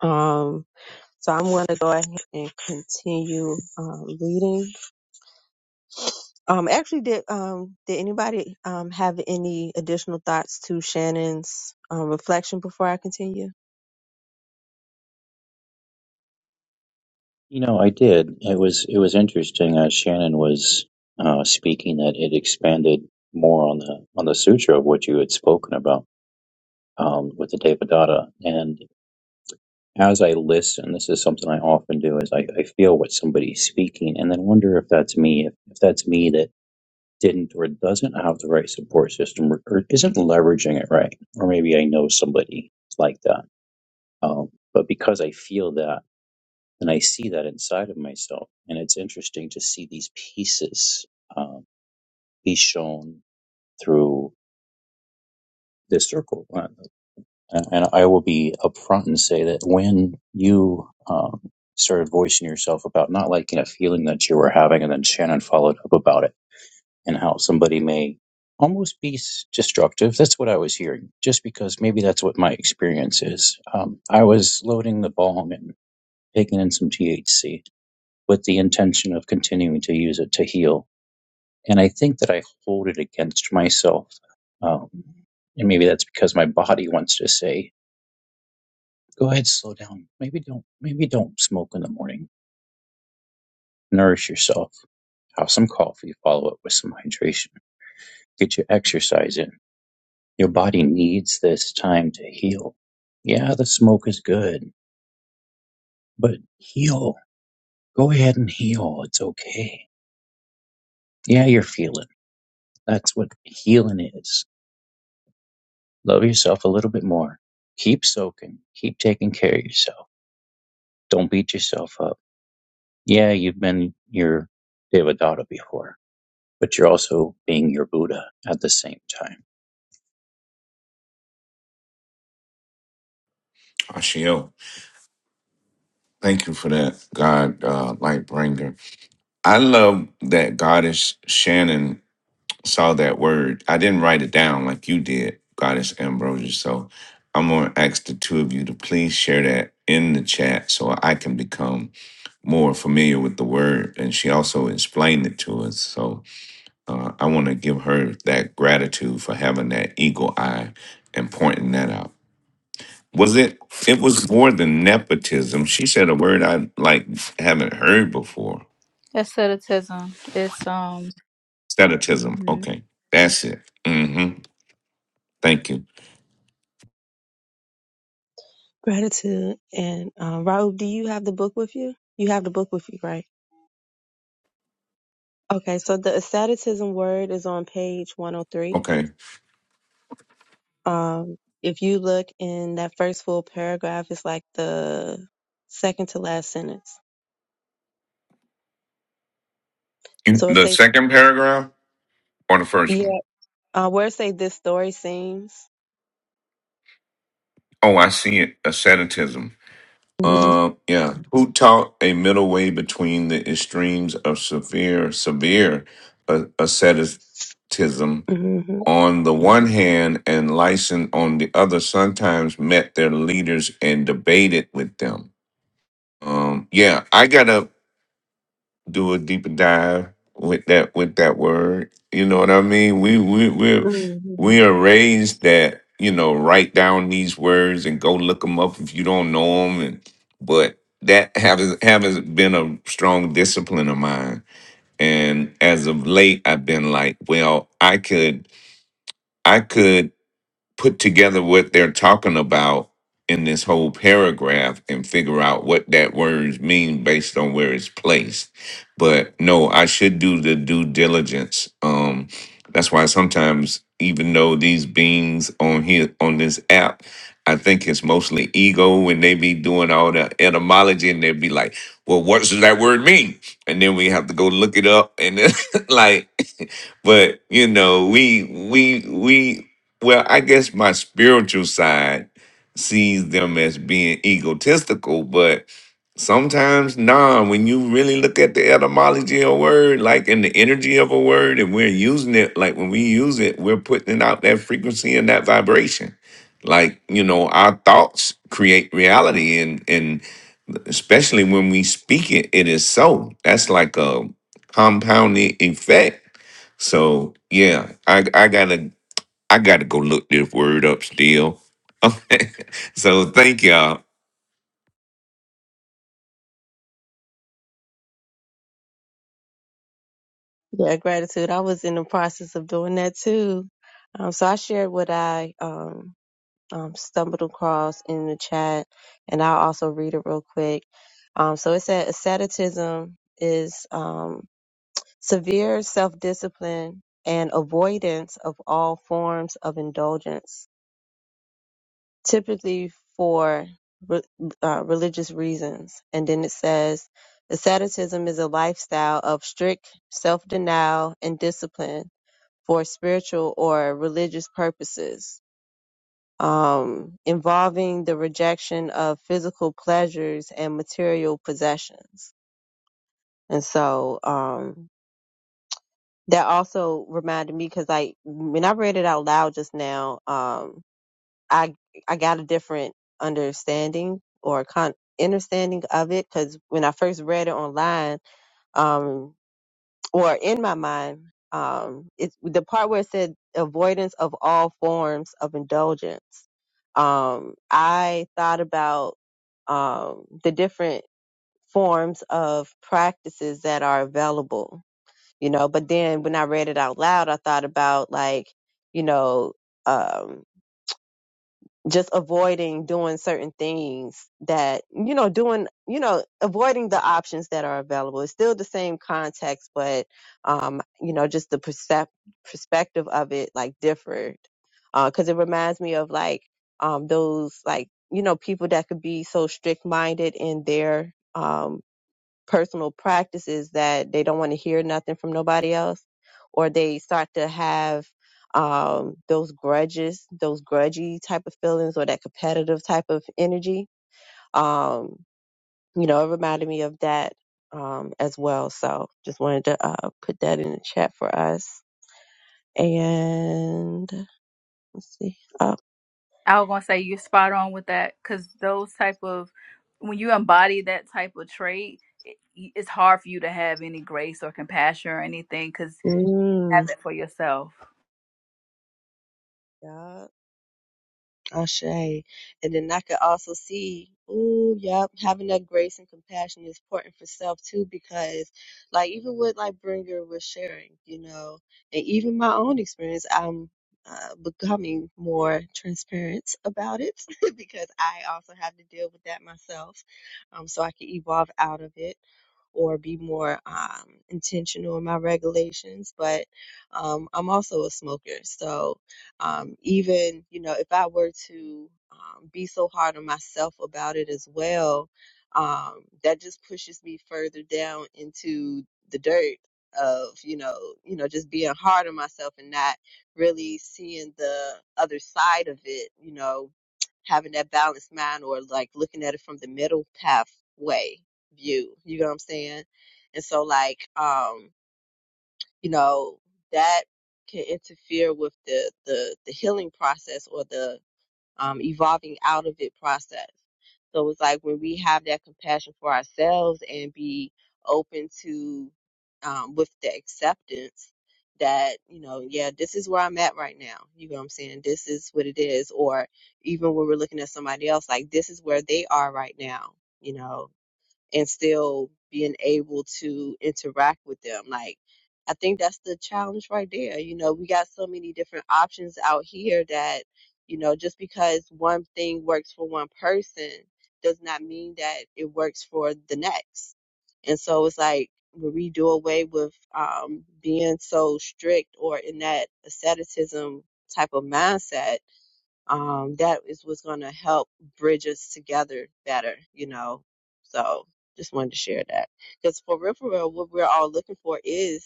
Speaker 3: Um, so I'm going to go ahead and continue um, reading. Um, actually, did um, did anybody um, have any additional thoughts to Shannon's um, reflection before I continue?
Speaker 5: You know, I did. It was it was interesting. Uh, Shannon was uh, speaking that it expanded more on the on the sutra of what you had spoken about um, with the Devadatta. And as I listen, this is something I often do: is I, I feel what somebody's speaking, and then wonder if that's me, if, if that's me that didn't or doesn't have the right support system, or, or isn't leveraging it right, or maybe I know somebody like that. Um, but because I feel that. and I see that inside of myself. And it's interesting to see these pieces um, be shown through this circle. Uh, And and I will be upfront and say that when you um, started voicing yourself about not liking a feeling that you were having, and then Shannon followed up about it and how somebody may almost be s- destructive. That's what I was hearing, just because maybe that's what my experience is. Um, I was loading the bong and taking in some THC with the intention of continuing to use it to heal. And I think that I hold it against myself. Um, and maybe that's because my body wants to say, go ahead, slow down. Maybe don't, maybe don't smoke in the morning. Nourish yourself. Have some coffee, follow up with some hydration. Get your exercise in. Your body needs this time to heal. Yeah, the smoke is good, but heal. Go ahead and heal. It's okay. Yeah, you're feeling. That's what healing is Love yourself a little bit more. Keep soaking. Keep taking care of yourself. Don't beat yourself up. Yeah, you've been your Devadatta before, but you're also being your Buddha at the same time.
Speaker 2: Ashiel. Thank you for that, God, uh, light bringer. I love that Goddess Shannon saw that word. I didn't write it down like you did, Goddess Ambrosia. So I'm going to ask the two of you to please share that in the chat so I can become more familiar with the word. And she also explained it to us. So uh, I want to give her that gratitude for having that eagle eye and pointing that out. Was it? It was more than nepotism. She said a word I like haven't heard before.
Speaker 8: Asceticism. It's um.
Speaker 2: Statism.
Speaker 8: mhm.
Speaker 2: Okay, that's it. Mm-hmm. Thank you.
Speaker 3: Gratitude. And um, Raoul, do you have the book with you? You have the book with you, right? Okay, so the asceticism word is on page 103.
Speaker 2: Okay,
Speaker 3: Um, if you look in that first full paragraph, it's like the second to last sentence.
Speaker 2: you,
Speaker 3: So it
Speaker 2: the
Speaker 3: say,
Speaker 2: second paragraph or the first one?
Speaker 3: yeah, uh, where it say this story seems.
Speaker 2: Oh, I see it. Asceticism.
Speaker 3: Mhm,
Speaker 2: Uh, yeah. Who taught a middle way between the extremes of severe, severe uh, asceticism
Speaker 3: mhm,
Speaker 2: on the one hand and license on the other? Sometimes met their leaders and debated with them Um, yeah, I gotta do a deeper dive with that with that word. You know what I mean? We we we we
Speaker 3: mhm.
Speaker 2: are raised that you know write down these words and go look them up if you don't know them. And but that haven't haven't been a strong discipline of mine. And as of late, I've been like, well, I could I could put together what they're talking about in this whole paragraph and figure out what that words mean based on where it's placed. But no, I should do the due diligence. Um, that's why sometimes, even though these beings on here on this app, I think it's mostly ego when they be doing all the etymology and they be like, "Well, what does that word mean?" And then we have to go look it up and then like but you know we we we well, I guess my spiritual side sees them as being egotistical, but sometimes, nah, when you really look at the etymology of a word, like in the energy of a word, and we're using it, like when we use it, we're putting out that frequency and that vibration. Like, you know, our thoughts create reality and and especially when we speak it, it is so. That's like a compounding effect. So yeah, I I gotta I got to go look this word up still. Okay. so thank y'all.
Speaker 3: Yeah, gratitude. I was in the process of doing that too. Um, so I shared what I um, um, stumbled across in the chat, and I'll also read it real quick. Um, so it said asceticism is um, severe self discipline and avoidance of all forms of indulgence, typically for re- uh, religious reasons. And then it says asceticism is a lifestyle of strict self denial and discipline for spiritual or religious purposes um, involving the rejection of physical pleasures and material possessions. And so um, that also reminded me because I, when I read it out loud just now, um, I I got a different understanding or con- understanding of it because when I first read it online, um. or in my mind, um, it's the part where it said avoidance of all forms of indulgence. Um, I thought about um, the different forms of practices that are available, you know, but then when I read it out loud, I thought about like, you know, um, just avoiding doing certain things that you know doing you know avoiding the options that are available it's still the same context but um you know just the percep- perspective of it like differed because it reminds me of like um those like you know people that could be so strict minded in their um personal practices that they don't want to hear nothing from nobody else, or they start to have um, those grudges, those grudgy type of feelings, or that competitive type of energy. Um, you know, it reminded me of that um, as well. So just wanted to uh, put that in the chat for us. And let's see. Uh,
Speaker 8: I was gonna say you're spot on with that because those type of when you embody that type of trait, it, it's hard for you to have any grace or compassion or anything because have
Speaker 3: mm,
Speaker 8: that for yourself.
Speaker 3: yeah. Ashay. And then I could also see, ooh, yep, having that grace and compassion is important for self too, because like even what like Bringer was sharing, you know, and even my own experience, I'm uh, becoming more transparent about it because I also have to deal with that myself. Um, so I can evolve out of it or be more um, intentional in my regulations. But um, I'm also a smoker. So um, even, you know, if I were to um, be so hard on myself about it as well, um, that just pushes me further down into the dirt of you know you know just being hard on myself and not really seeing the other side of it you know having that balanced mind or like looking at it from the middle pathway view. You know what I'm saying? And so like um, you know, that can interfere with the the the healing process or the um evolving out of it process. So it's like when we have that compassion for ourselves and be open to um with the acceptance that, you know, yeah, this is where I'm at right now. You know what I'm saying? This is what it is. Or even when we're looking at somebody else, like this is where they are right now, you know and still being able to interact with them. Like, I think that's the challenge right there. You know, we got so many different options out here that, you know, just because one thing works for one person does not mean that it works for the next. And so it's like, when we do away with um, being so strict or in that asceticism type of mindset, um, that is what's going to help bridge us together better, you know. So just wanted to share that because for real, for real, what we're all looking for is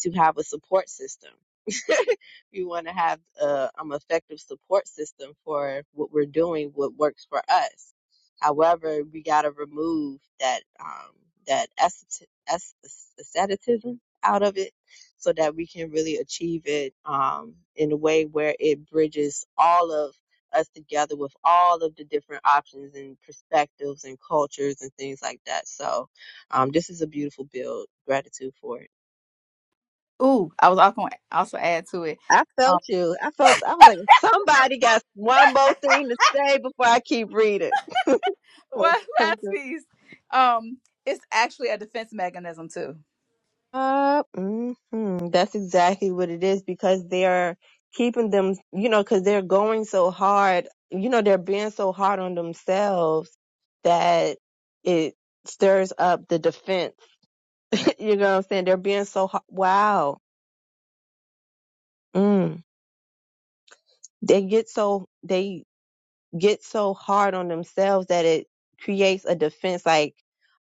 Speaker 3: to have a support system. we want to have uh, um effective support system for what we're doing, what works for us. However, we got to remove that um, that asceti- asc- asceticism out of it so that we can really achieve it um, in a way where it bridges all of us together with all of the different options and perspectives and cultures and things like that. So, um, this is a beautiful build. Gratitude for it.
Speaker 8: Ooh, I was also gonna also add to it.
Speaker 3: I
Speaker 8: Um,
Speaker 3: felt you. I felt. I was like, somebody got one more thing to say before I keep reading.
Speaker 8: what
Speaker 3: Let's come
Speaker 8: last
Speaker 3: to-
Speaker 8: piece? Um, it's actually a defense mechanism too.
Speaker 3: Uh, mhm. That's exactly what it is because they're keeping them, you know, because they're going so hard, you know, they're being so hard on themselves that it stirs up the defense. you know what I'm saying? They're being so hard. Wow. Mm. They get so they get so hard on themselves that it creates a defense like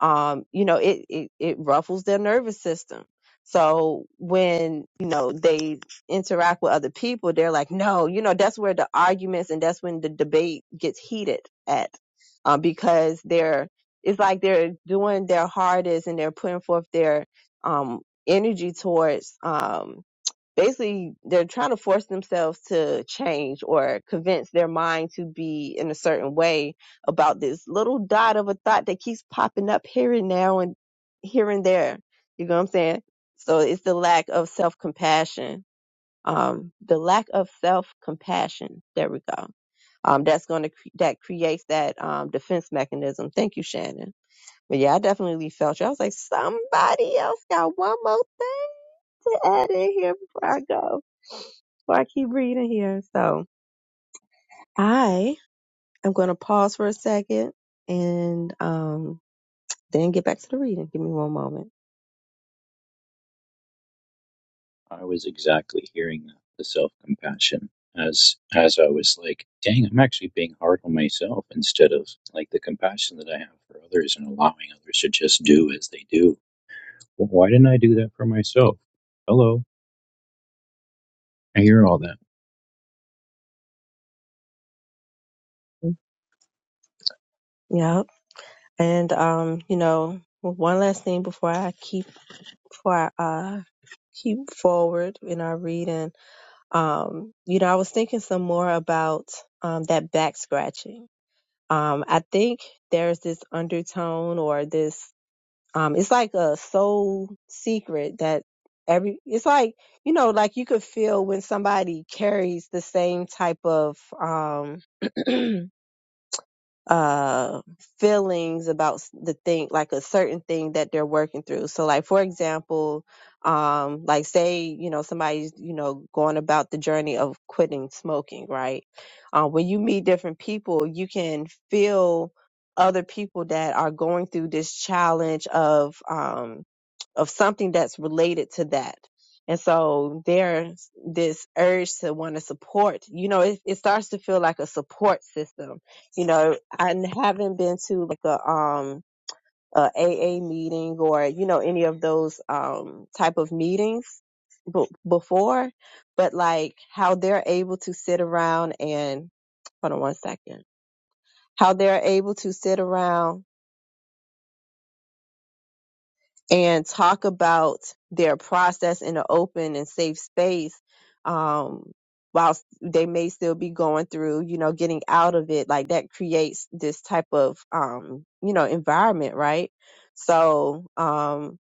Speaker 3: um you know it it, it ruffles their nervous system so when you know they interact with other people they're like no you know that's where the arguments and that's when the debate gets heated at um, because they're it's like they're doing their hardest and they're putting forth their um energy towards um basically they're trying to force themselves to change or convince their mind to be in a certain way about this little dot of a thought that keeps popping up here and now and here and there. You know what I'm saying? So it's the lack of self compassion. Um, the lack of self compassion. There we go. Um, that's going to cre- that creates that um defense mechanism. Thank you, Shannon. But yeah, I definitely felt you. I was like, somebody else got one more thing to add in here before I go, before I keep reading here. So I am going to pause for a second and um, then get back to the reading. Give me one moment.
Speaker 5: I was exactly hearing that, the self compassion as as I was like, dang, I'm actually being hard on myself instead of like the compassion that I have for others and allowing others to just do as they do. Well, why didn't I do that for myself? Hello. I hear all that.
Speaker 3: Mm, Yep. And um, you know, one last thing before I keep before I uh keep forward in our reading. Um, you know, I was thinking some more about um that back scratching. Um, I think there's this undertone or this um it's like a soul secret that every it's like, you know, like you could feel when somebody carries the same type of um uh feelings about s- the thing like a certain thing that they're working through so like for example um like say you know somebody's you know going about the journey of quitting smoking right uh, when you meet different people you can feel other people that are going through this challenge of um of something that's related to that. And so there's this urge to want to support, you know, it, it starts to feel like a support system. You know, I haven't been to like a, um, a AA meeting or, you know, any of those, um, type of meetings b- before, but like how they're able to sit around and hold on one second, how they're able to sit around and talk about their process in an open and safe space um whilst they may still be going through you know getting out of it like that creates this type of um you know environment right so um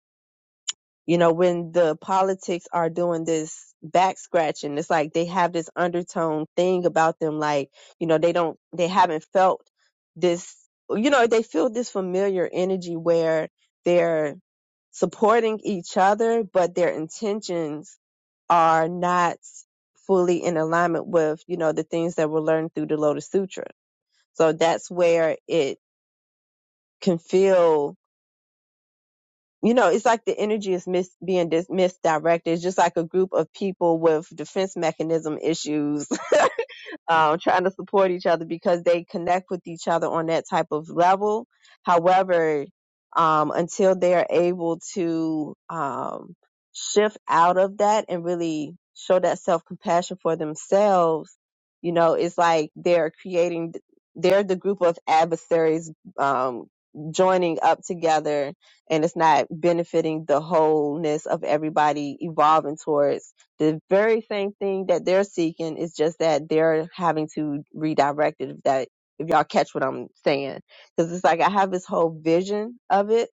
Speaker 3: you know, when the politics are doing this back scratching, it's like they have this undertone thing about them, like, you know, they don't, they haven't felt this, you know, they feel this familiar energy where they're supporting each other, but their intentions are not fully in alignment with, you know, the things that were learned through the Lotus Sutra. So that's where it can feel you know, it's like the energy is mis- being dis- misdirected. It's just like a group of people with defense mechanism issues um, trying to support each other because they connect with each other on that type of level. However, um, until they are able to um, shift out of that and really show that self compassion for themselves, you know, it's like they're creating, they're the group of adversaries um, joining up together and it's not benefiting the wholeness of everybody evolving towards the very same thing that they're seeking is just that they're having to redirect it if that if y'all catch what i'm saying because it's like i have this whole vision of it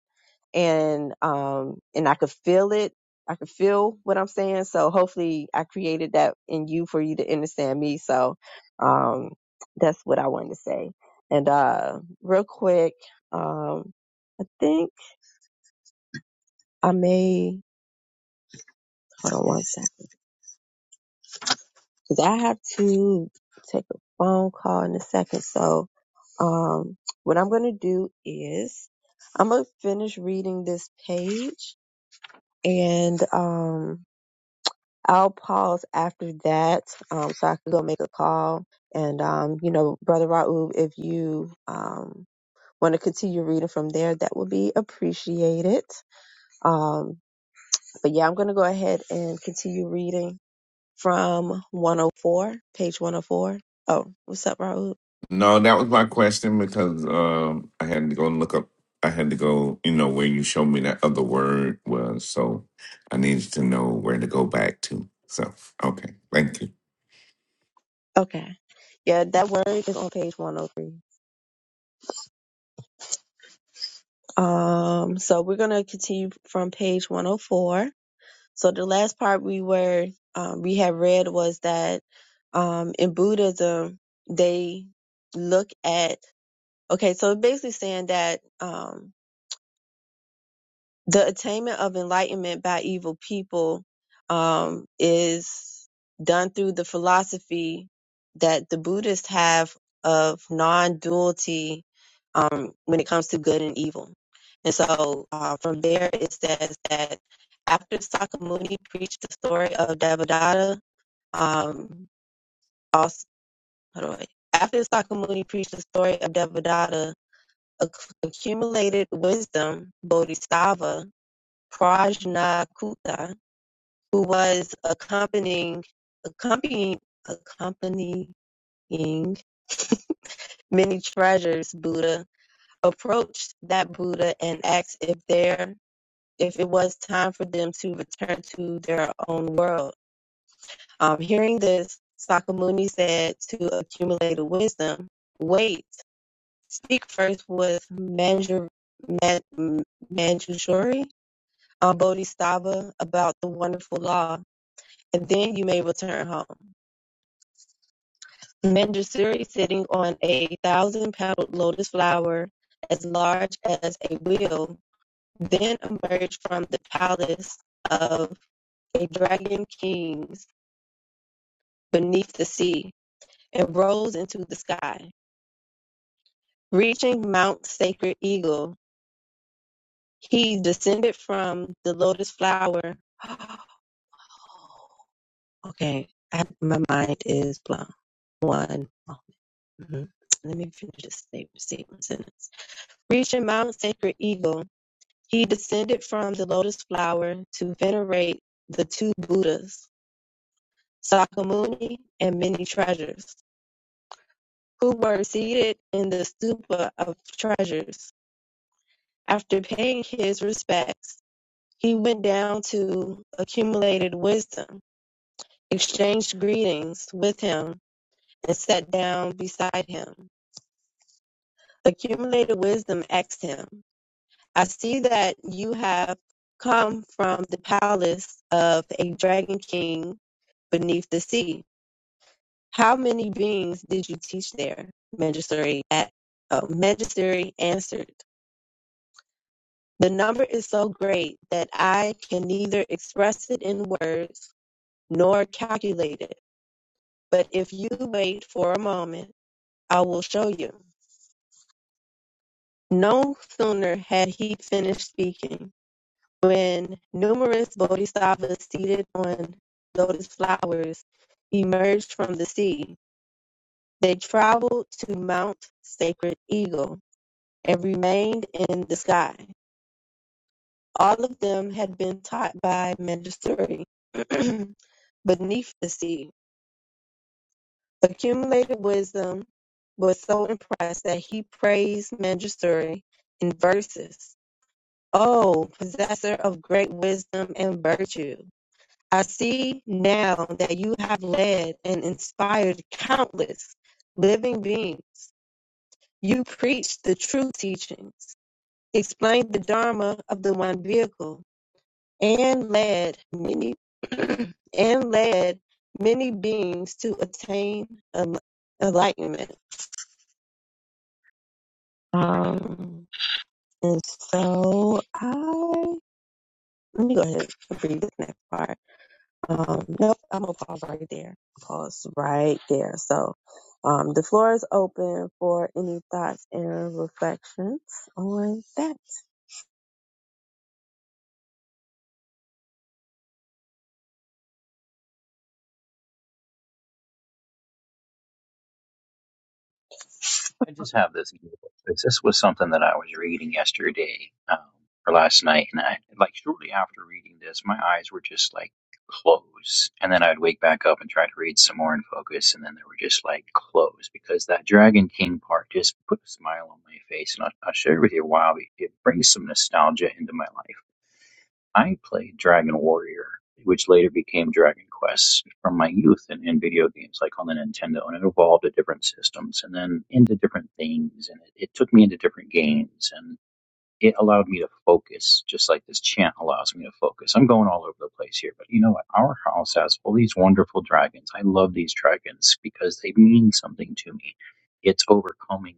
Speaker 3: and um and i could feel it i could feel what i'm saying so hopefully i created that in you for you to understand me so um that's what i wanted to say and uh real quick um i think i may hold on one second 'Cause I have to take a phone call in a second. So, um, what I'm going to do is I'm going to finish reading this page and, um, I'll pause after that. Um, so I can go make a call. And, um, you know, Brother Raoub, if you, um, want to continue reading from there, that would be appreciated. Um, but yeah, I'm going to go ahead and continue reading from 104, page 104. Oh, four. Oh, what's up, Raoub?
Speaker 2: No, that was my question because um, I had to go and look up. I had to go, you know, where you showed me that other word was. So I needed to know where to go back to. So okay, thank you,
Speaker 3: Okay. Yeah, that word is on page 103. Um, so we're going to continue from page 104. So the last part we were, um, we had read was that, um, in Buddhism, they look at, okay, so basically saying that, um, the attainment of enlightenment by evil people um, is done through the philosophy that the Buddhists have of non-duality um, when it comes to good and evil. And so uh, from there, it says that after Sakamuni preached the story of Devadatta, um, also, how do I, after Sakamuni preached the story of Devadatta, acc- accumulated wisdom, Bodhisattva, Prajna Prajnakuta, who was accompanying accompanying accompanying many treasures Buddha, approached that Buddha and asked if there if it was time for them to return to their own world. Um, hearing this, Sakamuni said to accumulate the wisdom, wait, speak first with Manjur, Man, Manjushri, um, Bodhisattva about the wonderful law and then you may return home. Mandrasuri sitting on a thousand petaled lotus flower as large as a wheel, then emerged from the palace of a dragon kings beneath the sea and rose into the sky. Reaching Mount Sacred Eagle, he descended from the lotus flower. okay, I, my mind is blown. One, moment. let me finish this statement sentence. Reaching Mount Sacred Eagle, he descended from the lotus flower to venerate the two Buddhas, Sakyamuni and many treasures, who were seated in the stupa of treasures. After paying his respects, he went down to accumulated wisdom, exchanged greetings with him, and sat down beside him. Accumulated wisdom asked him, I see that you have come from the palace of a dragon king beneath the sea. How many beings did you teach there? Magister? at, oh, Magistery answered, The number is so great that I can neither express it in words nor calculate it. But if you wait for a moment, I will show you. No sooner had he finished speaking When numerous bodhisattvas seated on lotus flowers emerged from the sea, they traveled to Mount Sacred Eagle and remained in the sky. All of them had been taught by Manjusri beneath the sea. Accumulated wisdom was so impressed that he praised Manjusri in verses. Oh, possessor of great wisdom and virtue! I see now that you have led and inspired countless living beings. You preached the true teachings, explained the Dharma of the one vehicle, and led many and led many beings to attain en- enlightenment. Um, and so I let me go ahead and read this next part. Um, nope, I'm gonna pause right there. Pause right there. So, um, the floor is open for any thoughts and reflections on that.
Speaker 5: I just have this. This this was something that I was reading yesterday um, or last night, and I like shortly after reading this, my eyes were just like closed, and then I'd wake back up and try to read some more and focus, and then they were just like closed because that Dragon King part just put a smile on my face, and I'll, I'll share with you why it brings some nostalgia into my life. I played Dragon Warrior, which later became Dragon Quest, from my youth in, in video games, like on the Nintendo, and it evolved to different systems and then into different things, and it, it took me into different games, and it allowed me to focus, just like this chant allows me to focus. I'm going all over the place here, but you know what? Our house has all these wonderful dragons. I love these dragons because they mean something to me. It's overcoming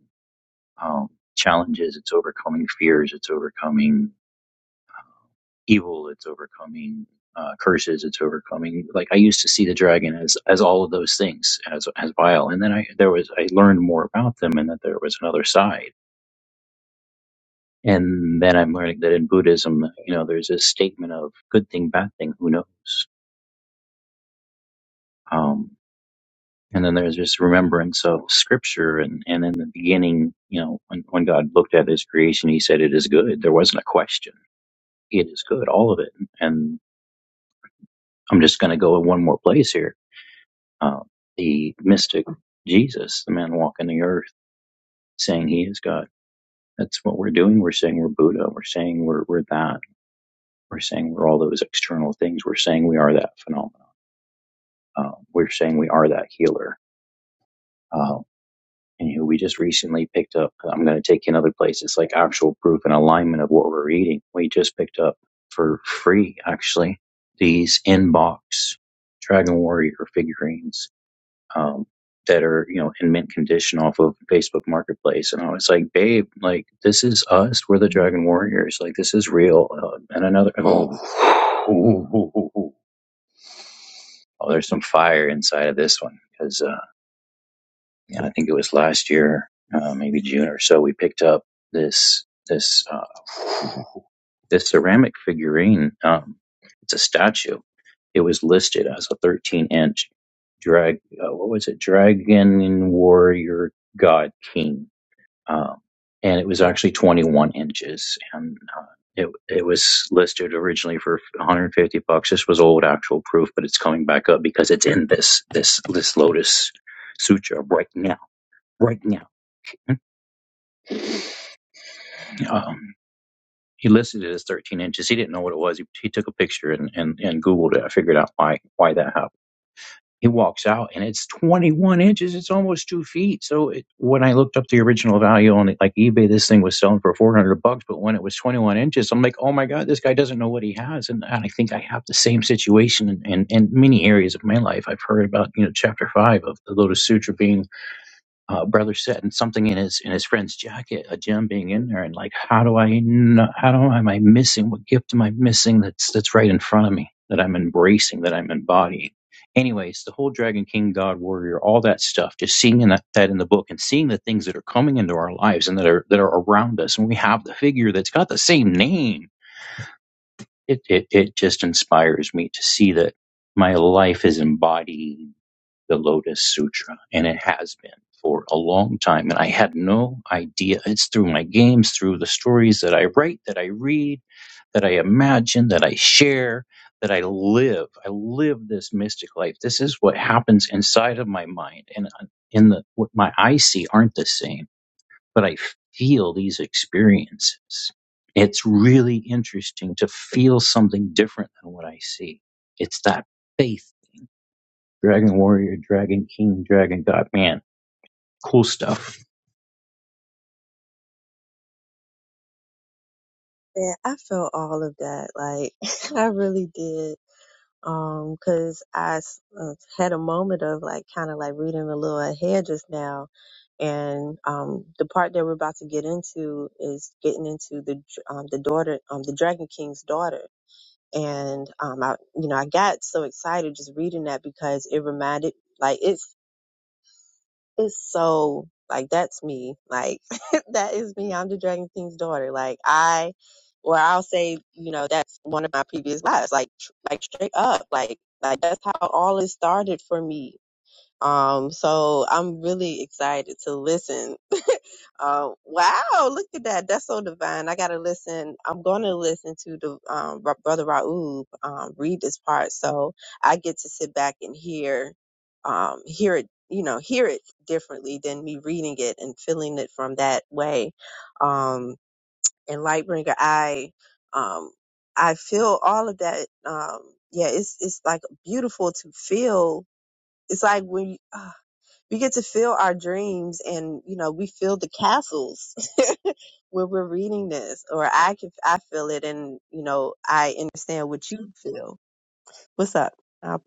Speaker 5: um, challenges, it's overcoming fears, it's overcoming evil it's overcoming uh, curses it's overcoming like i used to see the dragon as as all of those things as as vile and then i there was i learned more about them and that there was another side and then i'm learning that in buddhism you know there's this statement of good thing bad thing who knows um and then there's this remembrance of scripture and and in the beginning you know when, when god looked at his creation he said it is good there wasn't a question it is good all of it and i'm just going to go in one more place here uh, the mystic Jesus, the man walking the earth, saying he is God. That's what we're doing. We're saying we're Buddha. We're saying we're, we're that. We're saying we're all those external things. We're saying we are that phenomenon. Uh, we're saying we are that healer. Uh, and you know, we just recently picked up, I'm going to take you another place. It's like actual proof and alignment of what we're eating. We just picked up for free, actually, these inbox Dragon Warrior figurines um, that are you know in mint condition off of Facebook Marketplace, and I was like, babe, like this is us. We're the Dragon Warriors. Like this is real. Uh, and another, oh, oh, there's some fire inside of this one because uh, yeah, I think it was last year, uh, maybe June or so, we picked up this this. uh, The ceramic figurine, um, it's a statue. It was listed as a 13 inch drag, uh, what was it? Dragon warrior god king. Um, and it was actually 21 inches and, uh, it, it was listed originally for 150 bucks. This was old actual proof, but it's coming back up because it's in this this this Lotus Sutra right now, right now. Um, he listed it as 13 inches. He didn't know what it was. He, he took a picture and, and, and Googled it. I figured out why, why that happened. He walks out and it's 21 inches. It's almost two feet. So it, when I looked up the original value on like eBay, this thing was selling for 400 bucks. But when it was 21 inches, I'm like, oh my God, this guy doesn't know what he has. And I think I have the same situation in, in, in many areas of my life. I've heard about, you know, chapter five of the Lotus Sutra being uh, brother setting something in his in his friend's jacket, a gem being in there, and like, how do I know? How do am I missing? What gift am I missing? That's that's right in front of me that I'm embracing, that I'm embodying. Anyways, the whole Dragon King, God Warrior, all that stuff, just seeing in that, that in the book and seeing the things that are coming into our lives and that are that are around us, and we have the figure that's got the same name. It it, it just inspires me to see that my life is embodying the Lotus Sutra, and it has been for a long time. And I had no idea. It's through my games, through the stories that I write, that I read, that I imagine, that I share, that I live. I live this mystic life. This is what happens inside of my mind, and uh, in the what my eyes see aren't the same, but I feel these experiences. It's really interesting to feel something different than what I see. It's that faith Dragon Warrior, Dragon King, Dragon God. Man, cool stuff.
Speaker 3: And I felt all of that. Like, I really did. Um, cause I s- uh, had a moment of like kind of like reading a little ahead just now. And, um, the part that we're about to get into is getting into the, dr- um, the daughter, um, the Dragon King's daughter and um, I, you know, I got so excited just reading that because it reminded, like, it's it's so like that's me, like that is me. I'm the Dragon King's daughter. Like I, or I'll say, you know, that's one of my previous lives. Like, tr- like straight up, like like that's how all it started for me. Um, so I'm really excited to listen uh, wow, look at that. That's so divine. I gotta listen. I'm gonna listen to the um, Ra- brother Raoub um, read this part, so I get to sit back and hear, um, hear it. You know, hear it differently than me reading it and feeling it from that way. Um, and Lightbringer, I, um, I feel all of that. Um, yeah, it's it's like beautiful to feel. It's like when you, ah, we get to feel our dreams and you know we feel the castles when we're reading this, or I can I feel it, and you know I understand what you feel. What's up? Uh,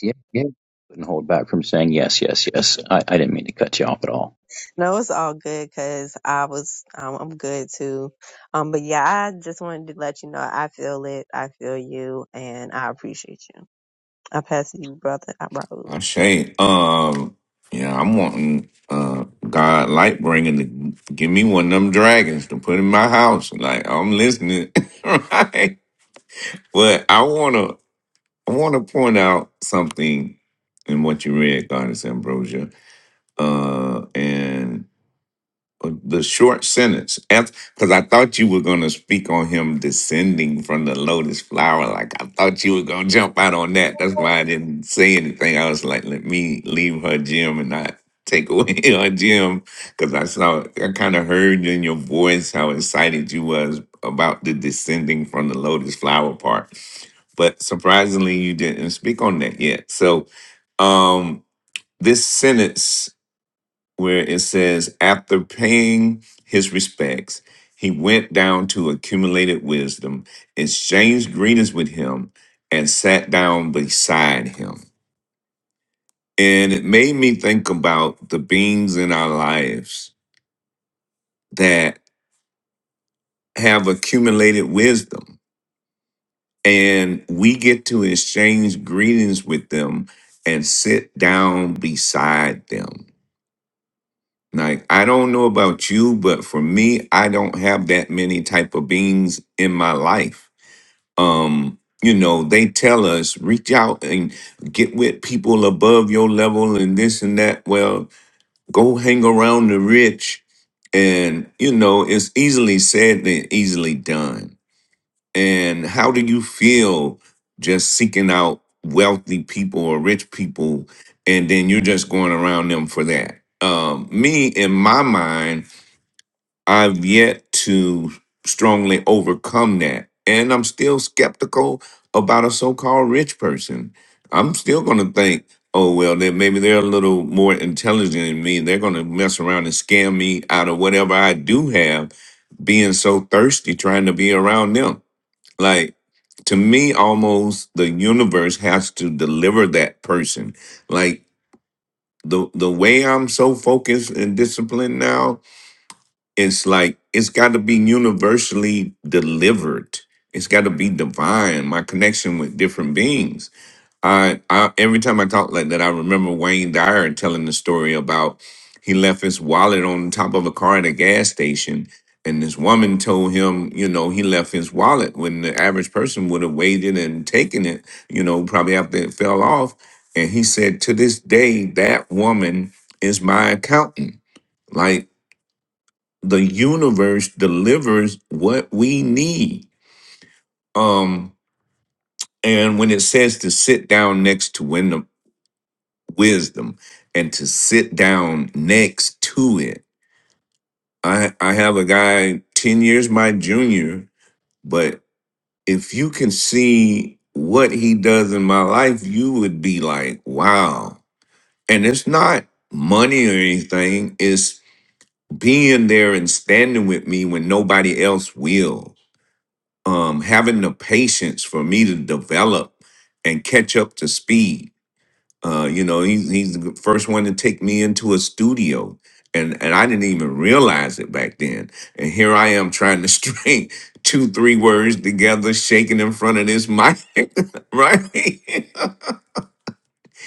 Speaker 5: Yeah, yeah. Couldn't hold back from saying yes, yes, yes. I, I didn't mean to cut you off at all.
Speaker 3: no, it's all good because I was um, I'm good too. Um, but yeah, I just wanted to let you know I feel it, I feel you, and I appreciate you. I pass to you, brother uh, Raoul.
Speaker 2: Ashay. Um, yeah, I'm wanting uh God light bringing to give me one of them dragons to put in my house. Like I'm listening, right? But I wanna. I want to point out something in what you read, Goddess Ambrosia, uh, and the short sentence because I thought you were going to speak on him descending from the lotus flower. Like I thought you were going to jump out on that. That's why I didn't say anything. I was like, let me leave her gym and not take away her gym because I saw I kind of heard in your voice how excited you was about the descending from the lotus flower part. But surprisingly, you didn't speak on that yet. So um this sentence where it says, after paying his respects, he went down to accumulated wisdom, exchanged greetings with him, and sat down beside him. And it made me think about the beings in our lives that have accumulated wisdom. And we get to exchange greetings with them and sit down beside them. Like I don't know about you, but for me, I don't have that many type of beings in my life. Um, you know, they tell us reach out and get with people above your level and this and that. Well, go hang around the rich and you know, it's easily said than easily done. And how do you feel just seeking out wealthy people or rich people and then you're just going around them for that? Um, me in my mind I've yet to strongly overcome that. And I'm still skeptical about a so called rich person. I'm still going to think, oh, well, then maybe they're a little more intelligent than me. They're going to mess around and scam me out of whatever I do have, being so thirsty trying to be around them. Like, to me, almost the universe has to deliver that person. Like, the, the way I'm so focused and disciplined now it's like it's got to be universally delivered it's got to be divine my connection with different beings I, I every time i talk like that i remember wayne dyer telling the story about he left his wallet on top of a car at a gas station and this woman told him you know he left his wallet when the average person would have waited and taken it you know probably after it fell off and he said to this day that woman is my accountant Like the universe delivers what we need. Um, and when it says to sit down next to win- wisdom and to sit down next to it, I, I have a guy 10 years my junior, but if you can see what he does in my life, you would be like, wow. And it's not money or anything, it's being there and standing with me when nobody else will um, having the patience for me to develop and catch up to speed. Uh, you know, he's, he's the first one to take me into a studio, and and I didn't even realize it back then. And here I am trying to string two, three words together, shaking in front of this mic, right?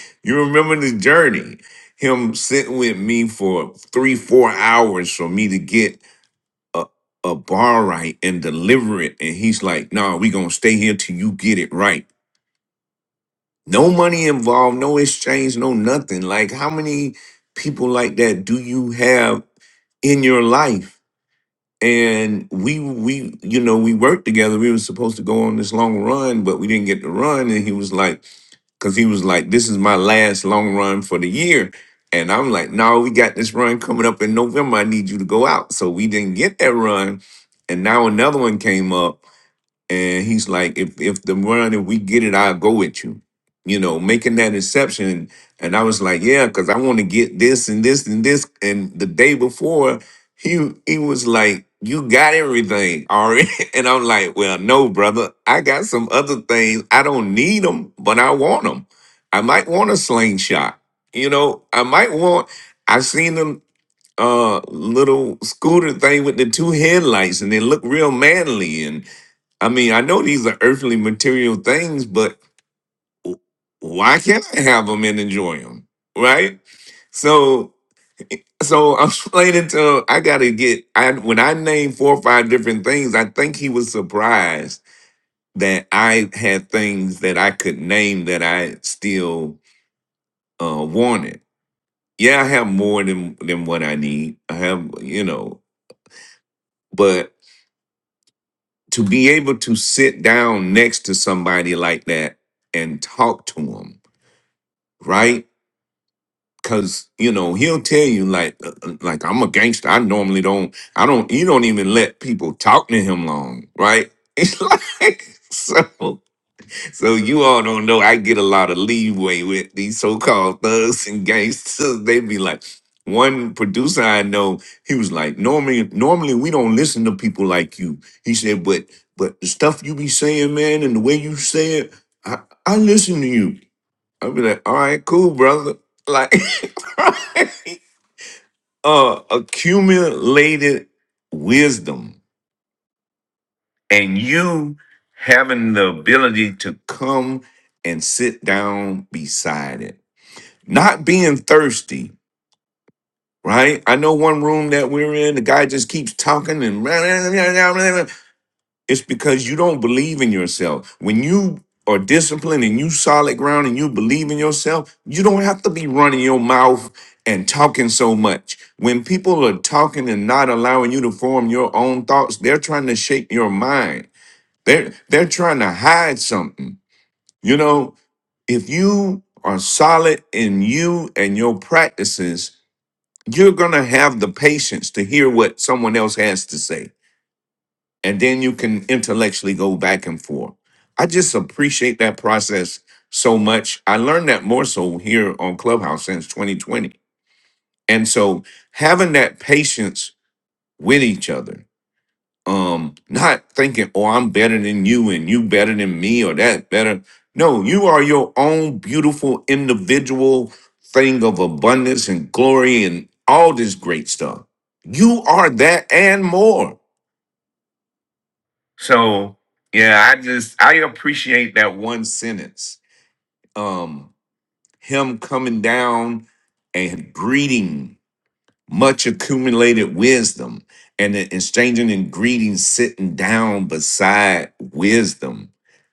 Speaker 2: you remember the journey? Him sitting with me for three, four hours for me to get a, a bar right and deliver it. And he's like, nah, we gonna stay here till you get it right. No money involved, no exchange, no nothing. Like how many people like that do you have in your life? And we we you know, we worked together. We were supposed to go on this long run, but we didn't get to run. And he was like, because he was like, "This is my last long run for the year," and I'm like, "No, we got this run coming up in November. I need you to go out." So we didn't get that run, and now another one came up and he's like, if if the run, if we get it, I'll go with you. You know, making that exception. And I was like, yeah, because I want to get this and this and this. And the day before, he he was like, You got everything already. And I'm like, Well, no, brother. I got some other things. I don't need them, but I want them. I might want a slingshot. You know, I might want I seen them uh little scooter thing with the two headlights and they look real manly I mean, I know these are earthly material things, but why can't I have them and enjoy them? Right? So, so I'm explaining to I gotta get. I when I named four or five different things, I think he was surprised that I had things that I could name that I still uh, wanted. Yeah, I have more than than what I need. I have, you know, but to be able to sit down next to somebody like that and talk to them, right? Cause you know he'll tell you like uh, uh, like I'm a gangster. I normally don't. I don't. You don't even let people talk to him long, right? It's like so. So you all don't know. I get a lot of leeway with these so-called thugs and gangsters. They be like one producer I know. He was like normally normally we don't listen to people like you. He said, but but the stuff you be saying, man, and the way you say it, I I listen to you. I'd be like, all right, cool, brother. Like, right? uh, accumulated wisdom and you having the ability to come and sit down beside it. Not being thirsty, right? I know one room that we're in, the guy just keeps talking and It's because you don't believe in yourself. When you are disciplined and you solid ground and you believe in yourself, you don't have to be running your mouth and talking so much. When people are talking and not allowing you to form your own thoughts, they're trying to shape your mind. They're they're trying to hide something. You know, if you are solid in you and your practices, you're gonna have the patience to hear what someone else has to say and then you can intellectually go back and forth. I just appreciate that process so much. I learned that more so here on Clubhouse since 2020. And so having that patience with each other, um, not thinking, oh, I'm better than you and you better than me or that better. No, you are your own beautiful individual thing of abundance and glory and all this great stuff. You are that and more. So yeah, I just I appreciate that one sentence. Um, him coming down and greeting much accumulated wisdom and then exchanging and greeting sitting down beside wisdom.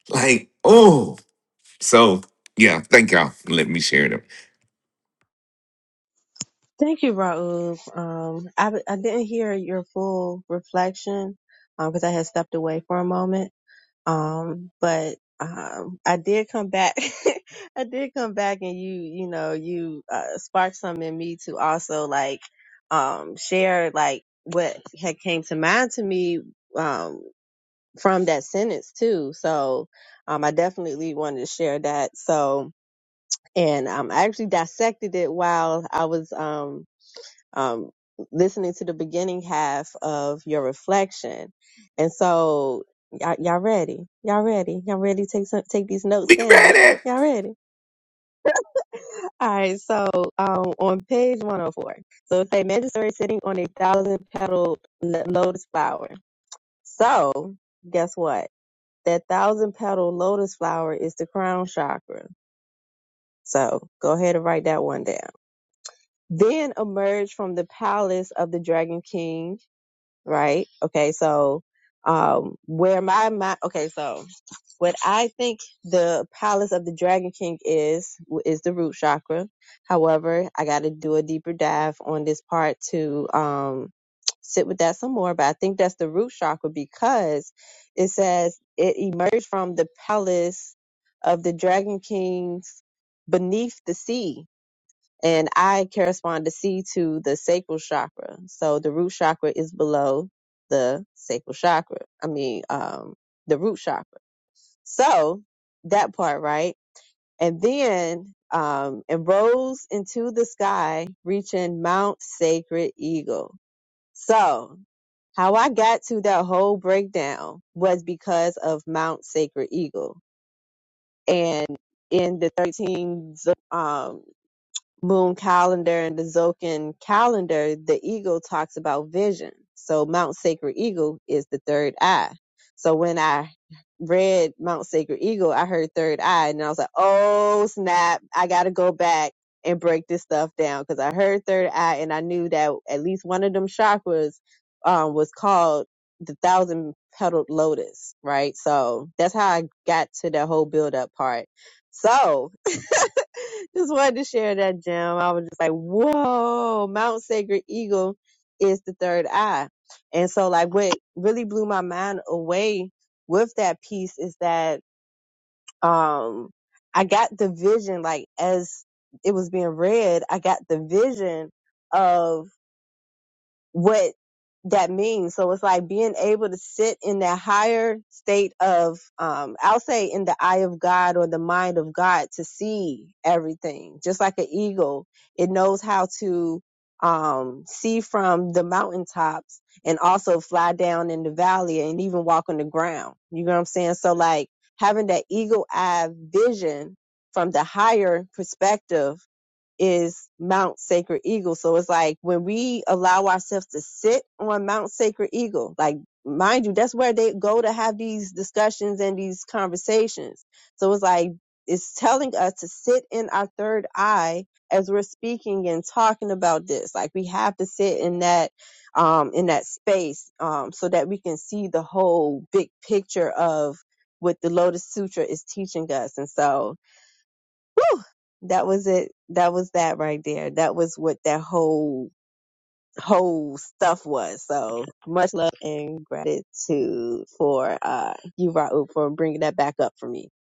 Speaker 2: Like, oh, so yeah, thank y'all for letting me share them.
Speaker 3: Thank you, Raúl. Um, I I didn't hear your full reflection because I had stepped away for a moment. Um, but um, I did come back. I did come back, and you, you know, you uh, sparked something in me to also like um, share like what had came to mind to me um, from that sentence too. So um, I definitely wanted to share that. So and um, I actually dissected it while I was um, um, listening to the beginning half of your reflection. And so, y'all, y'all ready? Y'all ready? Y'all ready? Take some, take these notes
Speaker 2: We read
Speaker 3: down.
Speaker 2: it.
Speaker 3: Y'all ready? All right. So, um, on page 104. So it say mandatory sitting on a thousand petal lo- lotus flower. So guess what? That thousand petal lotus flower is the crown chakra. So go ahead and write that one down. Then emerge from the palace of the dragon king right? Okay, so um where my mind okay, so what I think the palace of the Dragon King is is the root chakra. However, I got to do a deeper dive on this part to um sit with that some more, but I think that's the root chakra because it says it emerged from the palace of the Dragon Kings beneath the sea and I correspond to C to the sacral chakra. So the root chakra is below the sacral chakra. I mean, um, the root chakra. So that part, right? And then, um, and rose into the sky, reaching Mount Sacred Eagle. So how I got to that whole breakdown was because of Mount Sacred Eagle. And in the 13 zo- um, moon calendar and the Zocan calendar, the eagle talks about vision. So Mount Sacred Eagle is the third eye. So when I read Mount Sacred Eagle, I heard third eye and I was like, oh snap, I got to go back and break this stuff down because I heard third eye and I knew that at least one of them chakras um, was called the thousand petaled lotus, right? So that's how I got to the whole build up part. So just wanted to share that gem. I was just like, whoa, Mount Sacred Eagle is the third eye. And so like what really blew my mind away with that piece is that um I got the vision like as it was being read, I got the vision of what that means. So it's like being able to sit in that higher state of, um, I'll say in the eye of God or the mind of God to see everything. Just like an eagle, it knows how to, um, see from the mountaintops and also fly down in the valley and even walk on the ground. You know what I'm saying? So like having that eagle eye vision from the higher perspective is Mount Sacred Eagle. So it's like when we allow ourselves to sit on Mount Sacred Eagle, like mind you, that's where they go to have these discussions and these conversations. So it's like it's telling us to sit in our third eye as we're speaking and talking about this. Like we have to sit in that um in that space um so that we can see the whole big picture of what the Lotus Sutra is teaching us. And so whew, that was it. That was that right there. That was what that whole whole stuff was. So much love and gratitude for uh you Raul for bringing that back up for me.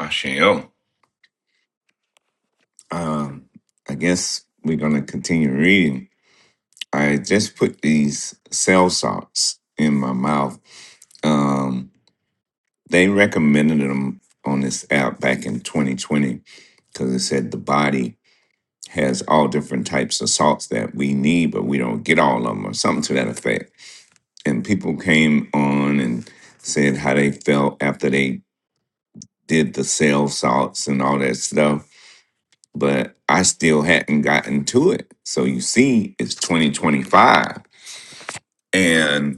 Speaker 2: Asheo. Um, I guess we're gonna continue reading. I just put these cell salts in my mouth. Um, they recommended them on this app back in 2020 because it said the body has all different types of salts that we need, but we don't get all of them or something to that effect. And people came on and said how they felt after they did the cell salts and all that stuff. But I still hadn't gotten to it. So you see, it's 2025. And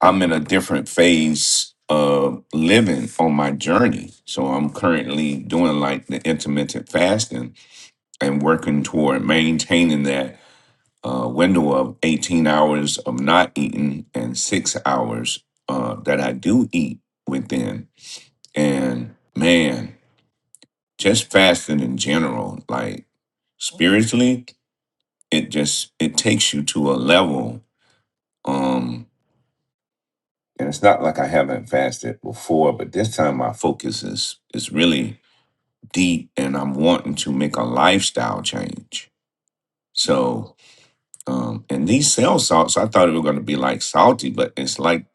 Speaker 2: I'm in a different phase of living on my journey. So I'm currently doing like the intermittent fasting and working toward maintaining that uh, window of 18 hours of not eating and six hours uh, that I do eat within. And man, just fasting in general, like spiritually, it just it takes you to a level. Um, and it's not like I haven't fasted before, but this time my focus is is really deep, and I'm wanting to make a lifestyle change. So, um, and these cell salts, I thought it were going to be like salty, but it's like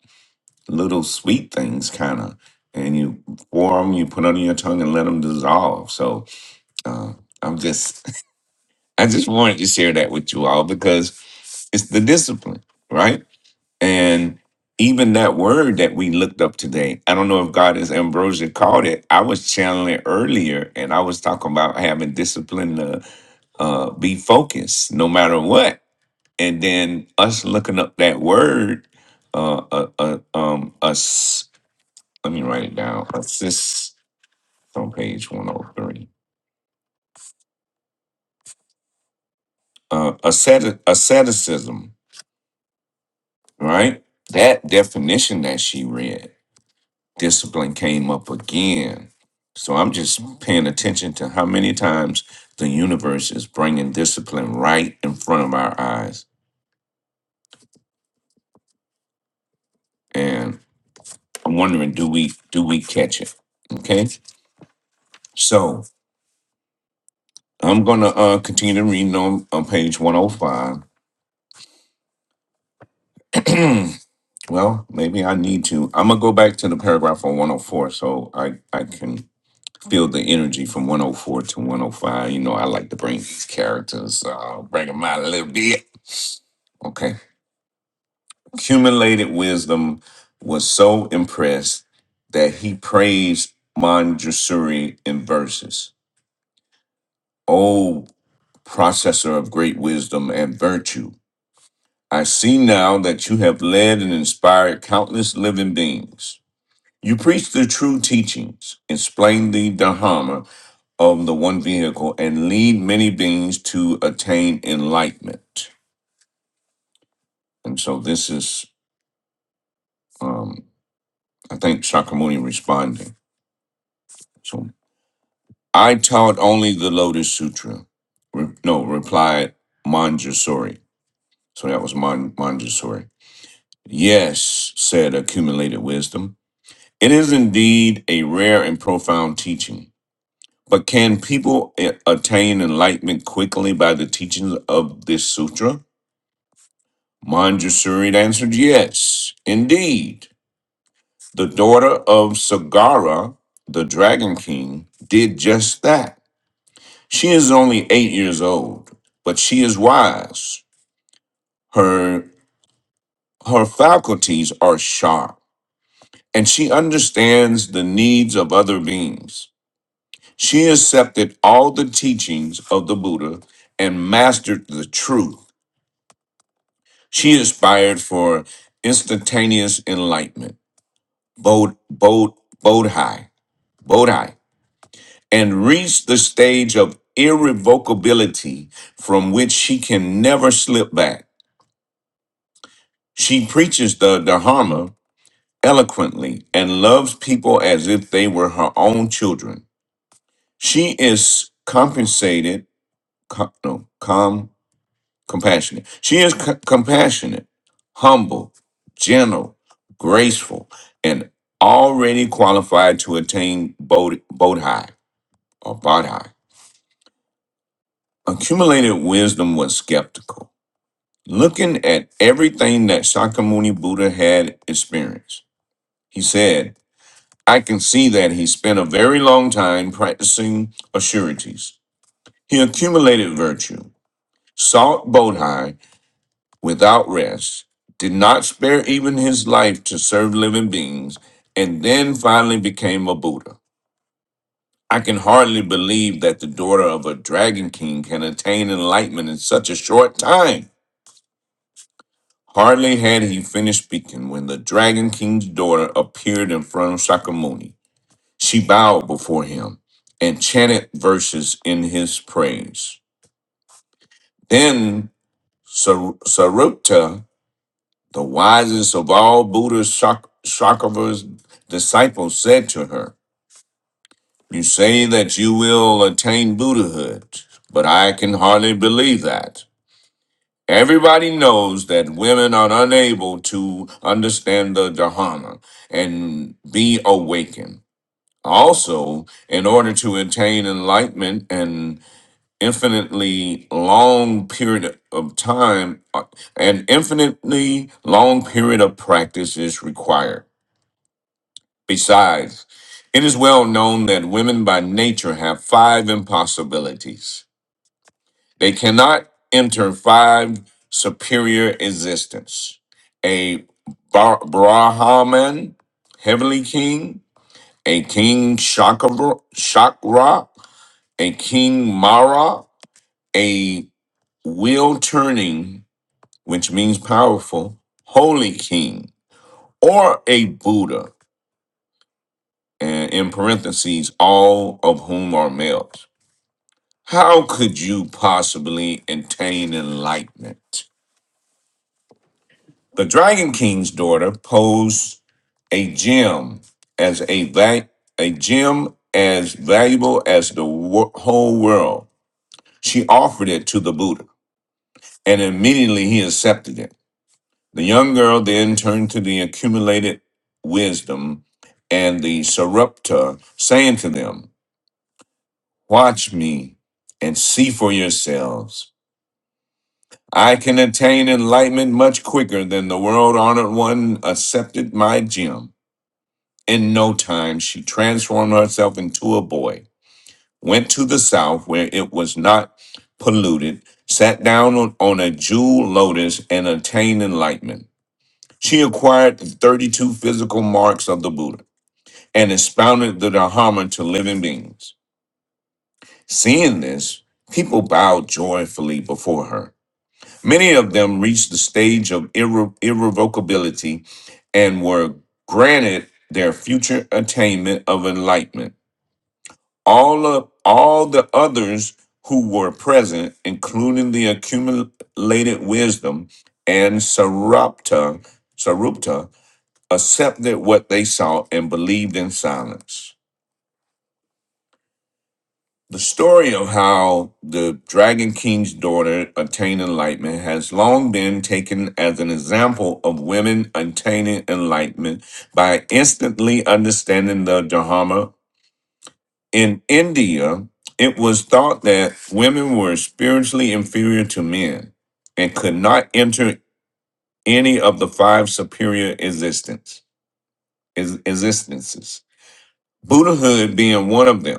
Speaker 2: little sweet things, kind of. And you pour them, you put under your tongue, and let them dissolve. So, uh, I'm just, I just wanted to share that with you all because it's the discipline, right? And even that word that we looked up today, I don't know if God is ambrosia called it. I was channeling it earlier and I was talking about having discipline to uh, be focused no matter what. And then us looking up that word, uh, uh, uh, um, us, let me write it down, assist on page 103. Uh, asceti- asceticism, right? That definition that she read discipline came up again. So I'm just paying attention to how many times the universe is bringing discipline right in front of our eyes, and I'm wondering, do we do we catch it? Okay, so I'm gonna uh, continue to read on, on page 105. well, maybe I need to. I'm gonna go back to the paragraph on 104, so I I can feel the energy from 104 to 105. You know, I like to bring these characters, uh, bring them out a little bit. Okay. accumulated wisdom was so impressed that he praised Manjusuri in verses. O processor of great wisdom and virtue, I see now that you have led and inspired countless living beings. You preach the true teachings, explain the Dharma of the one vehicle, and lead many beings to attain enlightenment. And so this is, um, I think, Shakyamuni responding. So. I taught only the Lotus Sutra. Re- no, replied Manjusori. So that was Man- Manjusori. Yes, said accumulated wisdom. It is indeed a rare and profound teaching. But can people a- attain enlightenment quickly by the teachings of this sutra? Manjusori answered, Yes, indeed. The daughter of Sagara, the Dragon King, did just that. She is only eight years old, but she is wise. Her her faculties are sharp, and she understands the needs of other beings. She accepted all the teachings of the Buddha and mastered the truth. She aspired for instantaneous enlightenment, bod, bod, bodhi, bodhi, and reached the stage of irrevocability from which she can never slip back. She preaches the Dharma eloquently and loves people as if they were her own children. She is compensated, com, no, com, compassionate. She is c- compassionate, humble, gentle, graceful, and already qualified to attain Bod- Bodhi or Bodhi. Accumulated wisdom was skeptical, looking at everything that Sakamuni Buddha had experienced. He said, I can see that he spent a very long time practicing assurities. He accumulated virtue, sought Bodhi without rest, did not spare even his life to serve living beings, and then finally became a Buddha. I can hardly believe that the daughter of a dragon king can attain enlightenment in such a short time. Hardly had he finished speaking when the dragon king's daughter appeared in front of Sakamuni. She bowed before him and chanted verses in his praise. Then Sar- Sarupta, the wisest of all Buddha Shak- Shakava's disciples, said to her, You say that you will attain Buddhahood, but I can hardly believe that. Everybody knows that women are unable to understand the Dharma and be awakened. Also, in order to attain enlightenment and infinitely long period of time uh, an infinitely long period of practice is required besides it is well known that women by nature have five impossibilities they cannot enter five superior existence a Bar- brahman heavenly king a king shakra, shakra a king mara a wheel turning, which means powerful, holy king, or a Buddha, and in parentheses, all of whom are males. How could you possibly attain enlightenment? The Dragon King's daughter posed a gem as a va- a gem as valuable as the wo- whole world. She offered it to the Buddha, and immediately he accepted it. The young girl then turned to the accumulated wisdom and the Sarepta, saying to them, Watch me and see for yourselves. I can attain enlightenment much quicker than the world honored one accepted my gem. In no time, she transformed herself into a boy, went to the south where it was not polluted, sat down on, on a jewel lotus, and attained enlightenment. She acquired the 32 physical marks of the Buddha and expounded the Dharma to living beings. Seeing this, people bowed joyfully before her. Many of them reached the stage of irre- irrevocability and were granted their future attainment of enlightenment. All of all the others who were present, including the accumulated wisdom and Sarupta, Sarupta accepted what they saw and believed in silence. The story of how the Dragon King's daughter attained enlightenment has long been taken as an example of women attaining enlightenment by instantly understanding the Dharma. In India, it was thought that women were spiritually inferior to men and could not enter any of the five superior existence, is, existences, Buddhahood being one of them.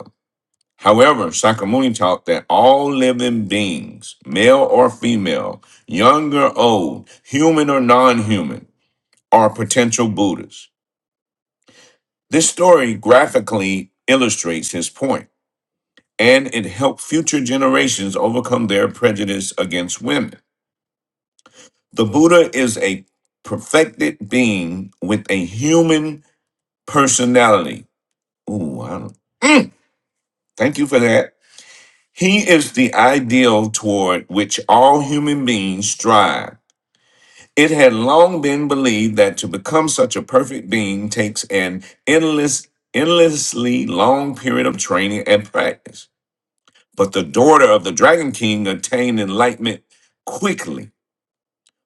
Speaker 2: However, Sakamuni taught that all living beings, male or female, young or old, human or non human, are potential Buddhas. This story graphically illustrates his point, and it helped future generations overcome their prejudice against women. The Buddha is a perfected being with a human personality. Ooh, I don't, Mm, thank you for that He is the ideal toward which all human beings strive. It had long been believed that to become such a perfect being takes an endless, endlessly long period of training and practice. But the daughter of the Dragon King attained enlightenment quickly.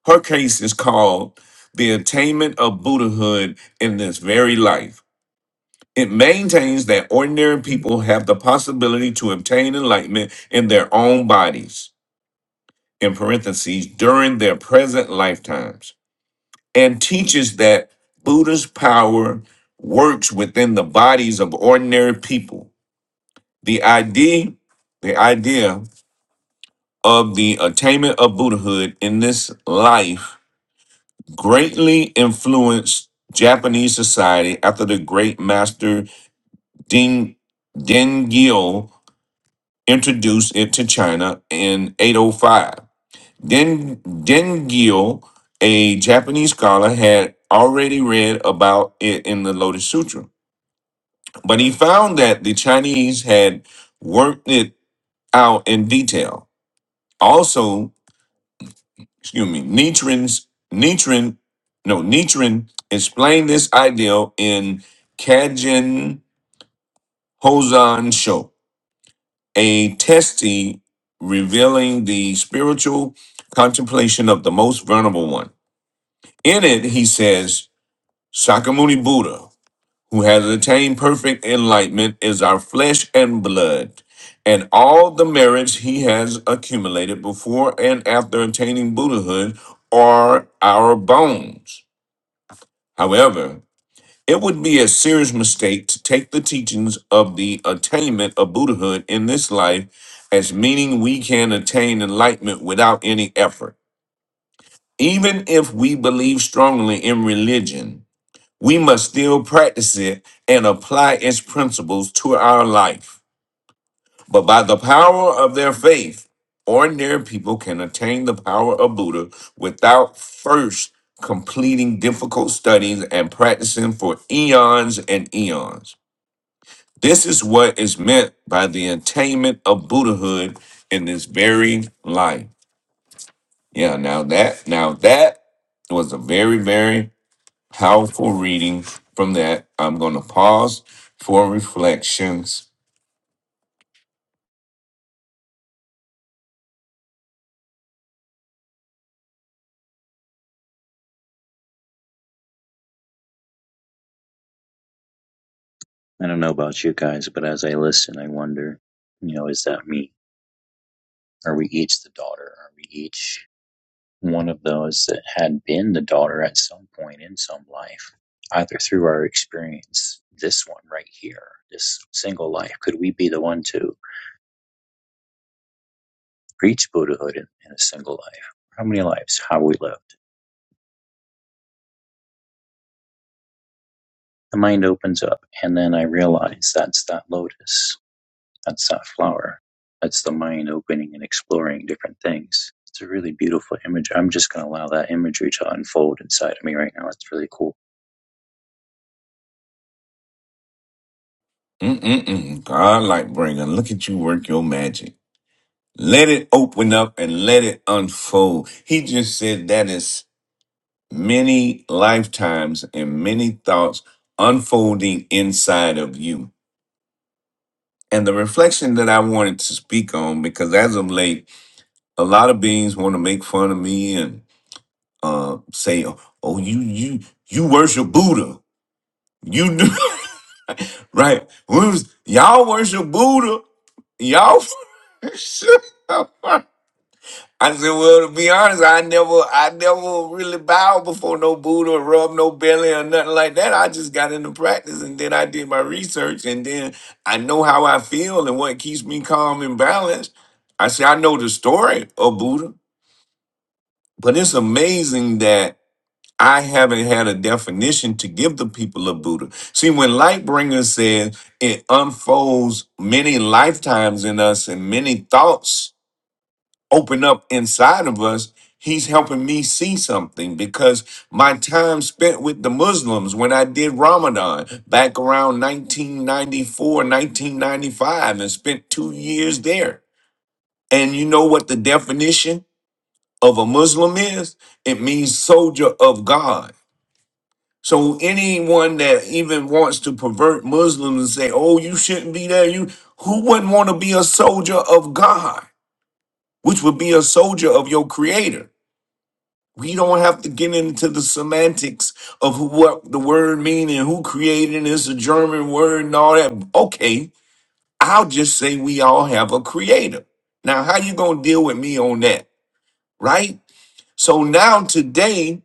Speaker 2: Her case is called the attainment of Buddhahood in this very life. It maintains that ordinary people have the possibility to obtain enlightenment in their own bodies. in parentheses during their present lifetimes and teaches that Buddha's power works within the bodies of ordinary people. The idea, the idea of the attainment of Buddhahood in this life greatly influenced Japanese society after the great master Ding Dengyo introduced it to China in 805. Den Dengyo, a Japanese scholar, had already read about it in the Lotus Sutra, but he found that the Chinese had worked it out in detail. Also, excuse me, Nichiren's Nichiren, no Nichiren explained this idea in Kajin Hosan Sho, a testy revealing the spiritual contemplation of the most vulnerable one. In it, he says. Shakyamuni Buddha, who has attained perfect enlightenment, is our flesh and blood, and all the merits he has accumulated before and after attaining Buddhahood are our bones. However, it would be a serious mistake to take the teachings of the attainment of Buddhahood in this life as meaning we can attain enlightenment without any effort. Even if we believe strongly in religion, we must still practice it and apply its principles to our life. But by the power of their faith, ordinary people can attain the power of Buddha without first completing difficult studies and practicing for eons and eons. This is what is meant by the attainment of Buddhahood in this very life. Yeah, now that now that was a very, very Powerful reading from that. I'm going to pause for reflections.
Speaker 5: I don't know about you guys, but as I listen, I wonder, you know, is that me? Are we each the daughter? Are we each one of those that had been the daughter at some point in some life, either through our experience, this one right here, this single life? Could we be the one to reach Buddhahood in, in a single life? How many lives have we lived? the mind opens up and then i realize that's that lotus that's that flower that's the mind opening and exploring different things it's a really beautiful image i'm just going to allow that imagery to unfold inside of me right now it's really cool
Speaker 2: Mm-mm-mm. God, like bringer, look at you work your magic. Let it open up and let it unfold. He just said that is many lifetimes and many thoughts unfolding inside of you. And the reflection that I wanted to speak on, because as of late, a lot of beings want to make fun of me and uh, say, "Oh, you you you worship Buddha." You do. Right? We was, y'all worship Buddha. Y'all. I said, well, to be honest, I never, I never really bowed before no Buddha, or rubbed no belly or nothing like that. I just got into practice, and then I did my research, and then I know how I feel and what keeps me calm and balanced. I said, I know the story of Buddha, but it's amazing that I haven't had a definition to give the people of Buddha. See, when Lightbringer says it unfolds many lifetimes in us and many thoughts open up inside of us, he's helping me see something because my time spent with the Muslims when I did Ramadan back around 1994, 1995, and spent two years there. And you know what the definition of a Muslim is? It means soldier of God. So anyone that even wants to pervert Muslims and say, "Oh, you shouldn't be there," you who wouldn't want to be a soldier of God, which would be a soldier of your Creator. We don't have to get into the semantics of who, what the word mean and who created it. It's a German word and all that. Okay, I'll just say we all have a Creator. Now, how you gonna deal with me on that, right? So now today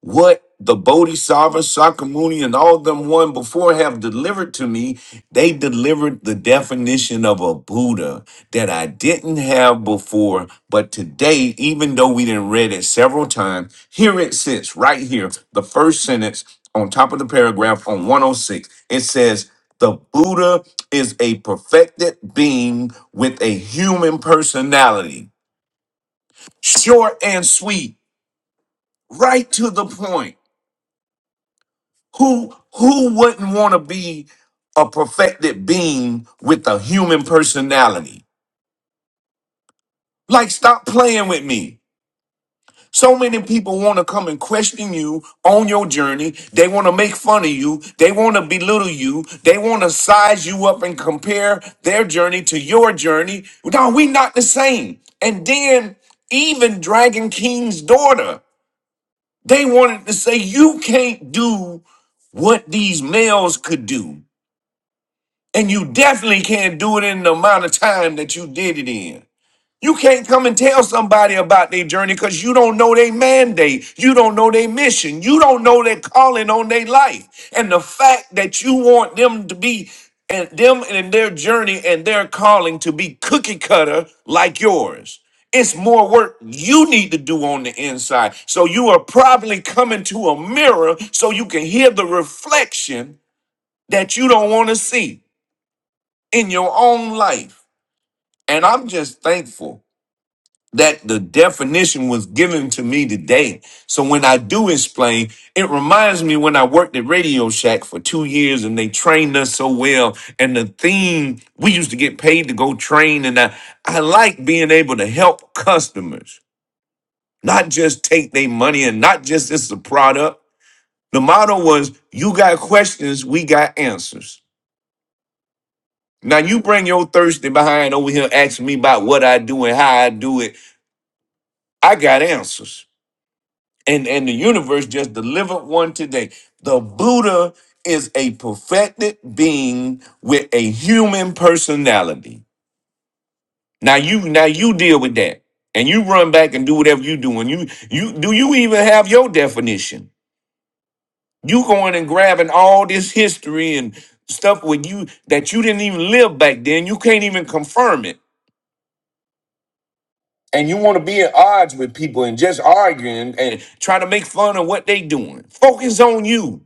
Speaker 2: what the Bodhisattva, Sakamuni, and all them one before have delivered to me, they delivered the definition of a Buddha that I didn't have before. But today, even though we didn't read it several times, here it sits right here, the first sentence on top of the paragraph on 106. It says, the Buddha is a perfected being with a human personality. Short and sweet, right to the point Who who wouldn't want to be a perfected being with a human personality? Like, stop playing with me. So many people want to come and question you on your journey. They want to make fun of you. They want to belittle you. They want to size you up and compare their journey to your journey. No, we not the same. And then even Dragon King's daughter, they wanted to say you can't do what these males could do. And you definitely can't do it in the amount of time that you did it in. You can't come and tell somebody about their journey because you don't know their mandate. You don't know their mission. You don't know their calling on their life. And the fact that you want them to be and them and their journey and their calling to be cookie cutter like yours. It's more work you need to do on the inside. So you are probably coming to a mirror so you can hear the reflection that you don't want to see in your own life. And I'm just thankful that the definition was given to me today. So when I do explain, it reminds me when I worked at Radio Shack for two years and they trained us so well. And the theme, we used to get paid to go train. And I, I like being able to help customers, not just take their money and not just it's a product. The motto was, you got questions, we got answers. Now you bring your thirsty behind over here asking me about what I do and how I do it. I got answers. And and the universe just delivered one today. The Buddha is a perfected being with a human personality. Now you now you deal with that. And you run back and do whatever you do. And you you do you even have your definition? You going and grabbing all this history and stuff with you that you didn't even live back then. You can't even confirm it and you want to be at odds with people and just arguing and try to make fun of what they doing. Focus on you.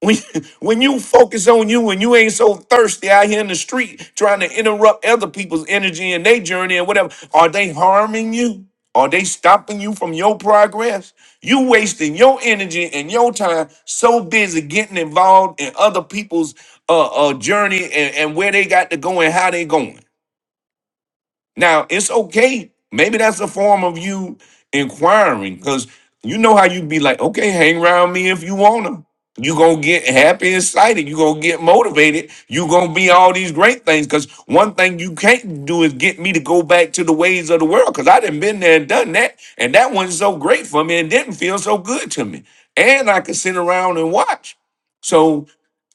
Speaker 2: When, when you focus on you when you ain't so thirsty out here in the street trying to interrupt other people's energy and their journey and whatever, are they harming you? Are they stopping you from your progress? You wasting your energy and your time so busy getting involved in other people's uh, uh journey and, and where they got to go and how they going. Now it's okay. Maybe that's a form of you inquiring because you know how you be like, okay, hang around me if you wanna. You gonna get happy and excited. You gonna get motivated. You gonna be all these great things. Cause one thing you can't do is get me to go back to the ways of the world. Cause I done been there and done that, and that wasn't so great for me and didn't feel so good to me. And I could sit around and watch. So.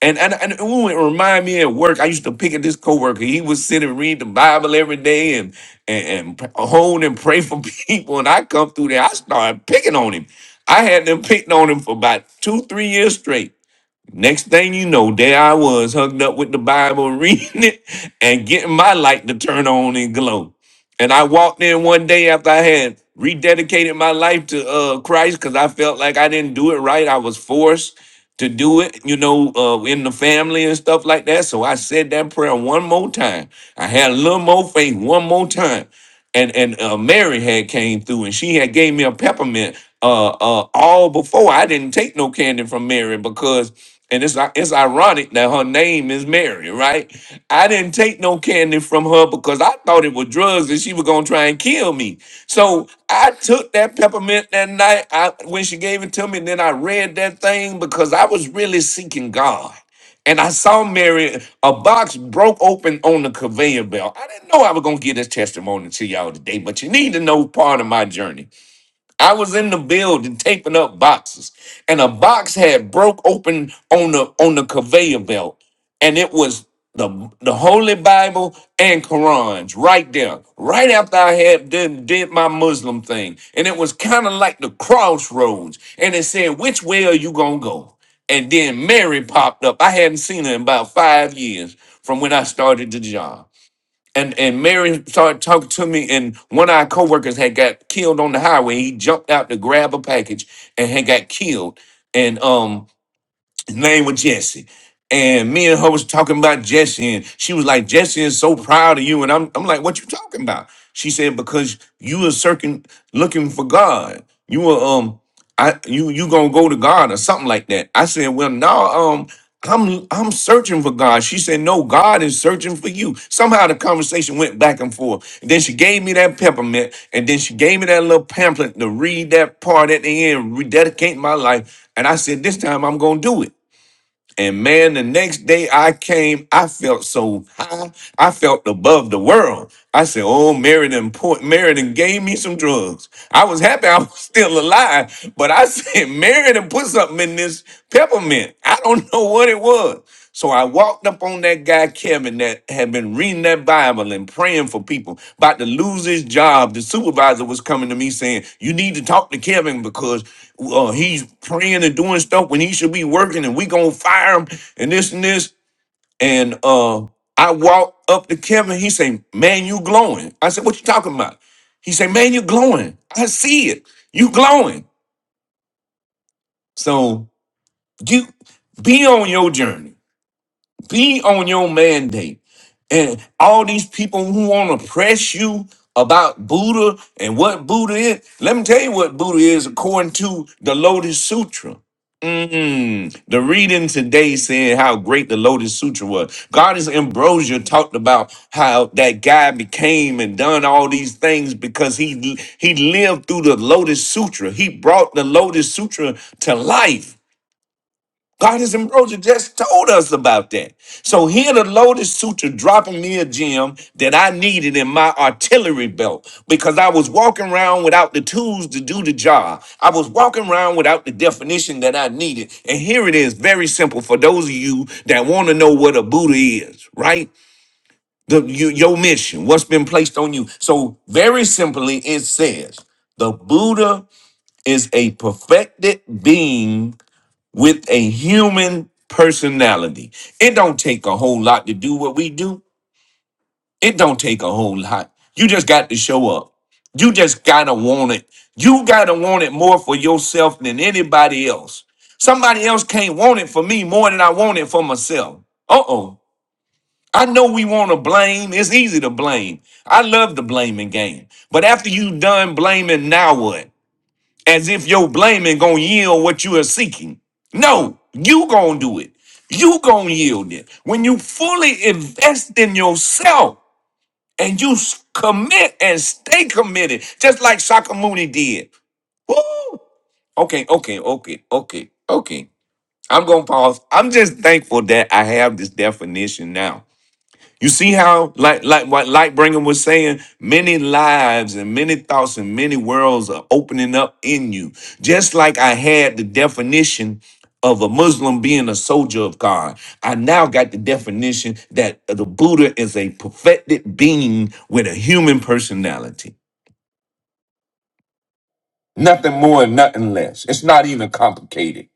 Speaker 2: And and, and ooh, it remind me at work. I used to pick at this coworker. He would sit and read the Bible every day and and, and hone and pray for people. And I come through there, I started picking on him. I had them picking on him for about two, three years straight. Next thing you know, there I was hugged up with the Bible, reading it and getting my light to turn on and glow. And I walked in one day after I had rededicated my life to uh, Christ because I felt like I didn't do it right. I was forced to do it, you know, uh, in the family and stuff like that. So I said that prayer one more time. I had a little more faith one more time and and uh, Mary had came through and she had gave me a peppermint uh uh all before I didn't take no candy from Mary because and it's it's ironic that her name is Mary, right? I didn't take no candy from her because I thought it was drugs and she was gonna try and kill me. So I took that peppermint that night I, when she gave it to me. And then I read that thing because I was really seeking God and I saw Mary, a box broke open on the conveyor belt. I didn't know I was going to get this testimony to y'all today, but you need to know part of my journey. I was in the building taping up boxes, and a box had broke open on the on the conveyor belt, and it was the the Holy Bible and Qurans right there, right after I had did, did my Muslim thing, and it was kind of like the crossroads, and it said, "Which way are you gonna go?" And then Mary popped up. I hadn't seen her in about five years from when I started the job and and Mary started talking to me, and one of our coworkers had got killed on the highway. He jumped out to grab a package and had got killed. And um, his name was Jesse. And me and her was talking about Jesse, and she was like, Jesse is so proud of you. And I'm, I'm like, what you talking about? She said, because you were searching, looking for God. You were, um, I, you, you gonna go to God or something like that. I said, well, no, um, I'm, I'm searching for God. She said, no, God is searching for you. Somehow the conversation went back and forth. And then she gave me that peppermint, and then she gave me that little pamphlet to read that part at the end, rededicate my life. And I said, this time I'm gonna do it. And man, the next day I came, I felt so high. I felt above the world. I said, Oh, Mary done, point, Mary gave me some drugs. I was happy I was still alive, but I said, Mary put something in this peppermint. I don't know what it was. So I walked up on that guy, Kevin, that had been reading that Bible and praying for people, about to lose his job. The supervisor was coming to me saying, You need to talk to Kevin because uh, he's praying and doing stuff when he should be working and we going to fire him and this and this. And uh, I walked up to Kevin. He said, Man, you glowing. I said, What you talking about? He said, Man, you glowing. I see it. You glowing. So you be on your journey be on your mandate. And all these people who want to press you about Buddha and what Buddha is, let me tell you what Buddha is according to the Lotus Sutra. Mm, the reading today saying how great the Lotus Sutra was. Goddess Ambrosia talked about how that guy became and done all these things because he he lived through the Lotus Sutra. He brought the Lotus Sutra to life. God has Ambrosia just told us about that. So here the Lotus Sutra dropping me a gem that I needed in my artillery belt because I was walking around without the tools to do the job. I was walking around without the definition that I needed. And here it is, very simple for those of you that want to know what a Buddha is, right? The, you, your mission, what's been placed on you. So very simply, it says the Buddha is a perfected being with a human personality. It don't take a whole lot to do what we do. It don't take a whole lot. You just got to show up. You just gotta want it. You gotta want it more for yourself than anybody else. Somebody else can't want it for me more than I want it for myself. Uh oh. I know we want to blame. It's easy to blame. I love the blaming game. But after you done blaming, now what? as if your blaming gonna yield what you are seeking. No, you gonna do it. You gonna yield it. When you fully invest in yourself and you s- commit and stay committed, just like Sakamuni did. Woo! Okay, okay, okay, okay, okay. I'm gonna pause. I'm just thankful that I have this definition now you see how, like, like what Lightbringer was saying, many lives and many thoughts and many worlds are opening up in you. Just like I had the definition of a Muslim being a soldier of God, I now got the definition that the Buddha is a perfected being with a human personality. Nothing more and nothing less. It's not even complicated.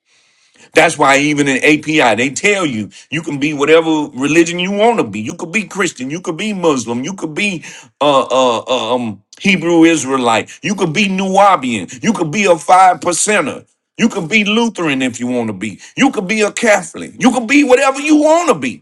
Speaker 2: That's why even in API, they tell you you can be whatever religion you want to be. You could be Christian, you could be Muslim, you could be uh, uh, uh, um, Hebrew Israelite, you could be Nubian, you could be a five percenter, you could be Lutheran if you want to be, you could be a Catholic, you could be whatever you want to be.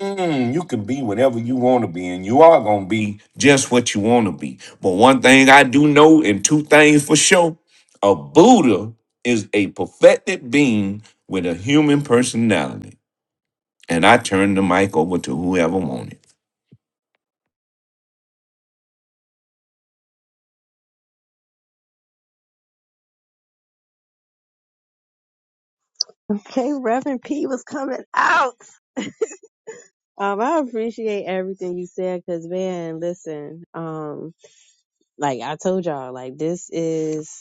Speaker 2: Mm, you can be whatever you want to be, and you are going to be just what you want to be. But one thing I do know, and two things for sure a Buddha is a perfected being with a human personality. And I turn the mic over to whoever wanted.
Speaker 3: Okay, Reverend P was coming out. Um I appreciate everything you said cuz man, listen, um like I told y'all like this is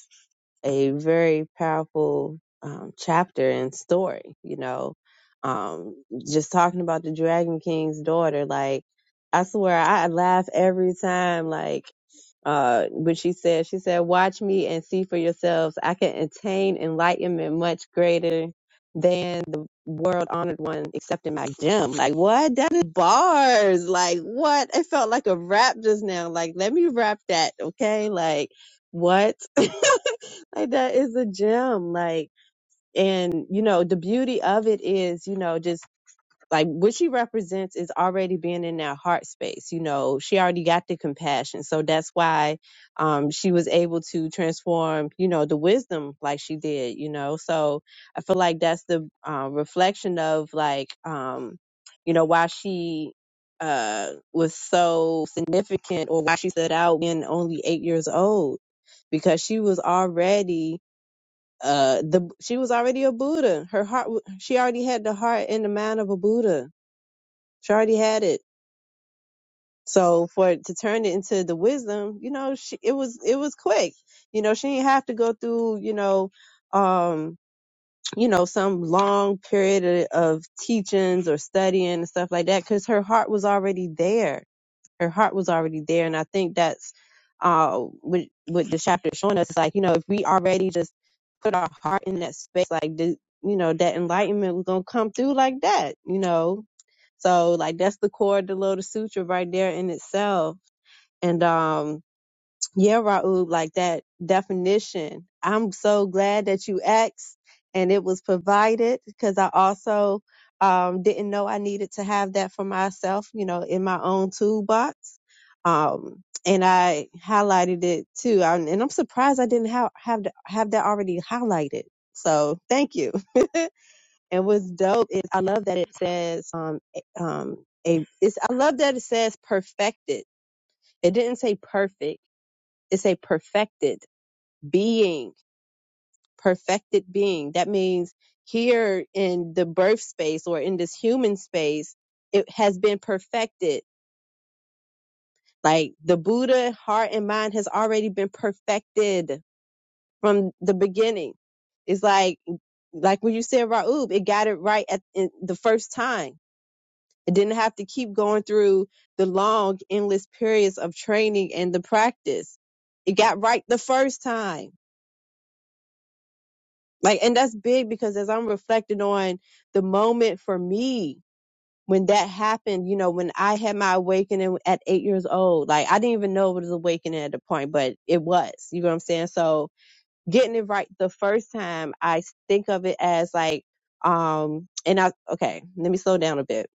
Speaker 3: a very powerful um, chapter and story. You know, um, just talking about the Dragon King's daughter, like I swear I laugh every time. Like uh, when she said, she said, "Watch me and see for yourselves. I can attain enlightenment much greater than the world honored one, except my gem." Like what? That is bars. Like what? It felt like a rap just now. Like let me rap that, okay? Like what? Like that is a gem. Like, and you know, the beauty of it is, you know, just like what she represents is already being in that heart space. You know, she already got the compassion. So that's why um she was able to transform, you know, the wisdom like she did, you know. So I feel like that's the uh, reflection of like um, you know, why she uh was so significant or why she stood out when only eight years old because she was already uh the she was already a buddha her heart w- she already had the heart and the mind of a buddha she already had it so for it to turn it into the wisdom you know she it was it was quick you know she didn't have to go through you know um you know some long period of of teachings or studying and stuff like that because her heart was already there her heart was already there. And I think that's uh what what the chapter is showing us is like, you know, if we already just put our heart in that space, like the you know, that enlightenment was gonna come through like that, you know. So like that's the core of the Lotus Sutra right there in itself. And um yeah, Raoub, like that definition. I'm so glad that you asked and it was provided because I also um, didn't know I needed to have that for myself, you know, in my own toolbox. Um, and I highlighted it too. i and I'm surprised I didn't have have, th- have that already highlighted. So thank you. And what's dope is I love that it says, um, a- um, a, it's, I love that it says perfected. It didn't say perfect. It say perfected being, perfected being. That means here in the birth space or in this human space, it has been perfected. Like the Buddha heart and mind has already been perfected from the beginning. It's like, like when you said Raub, it got it right at in the first time. It didn't have to keep going through the long, endless periods of training and the practice. It got right the first time Like, and that's big because as I'm reflecting on the moment for me when that happened, you know, when I had my awakening at eight years old, like I didn't even know it was awakening at the point, but it was, you know what I'm saying? So getting it right the first time, I think of it as like, um, and I, okay, let me slow down a bit.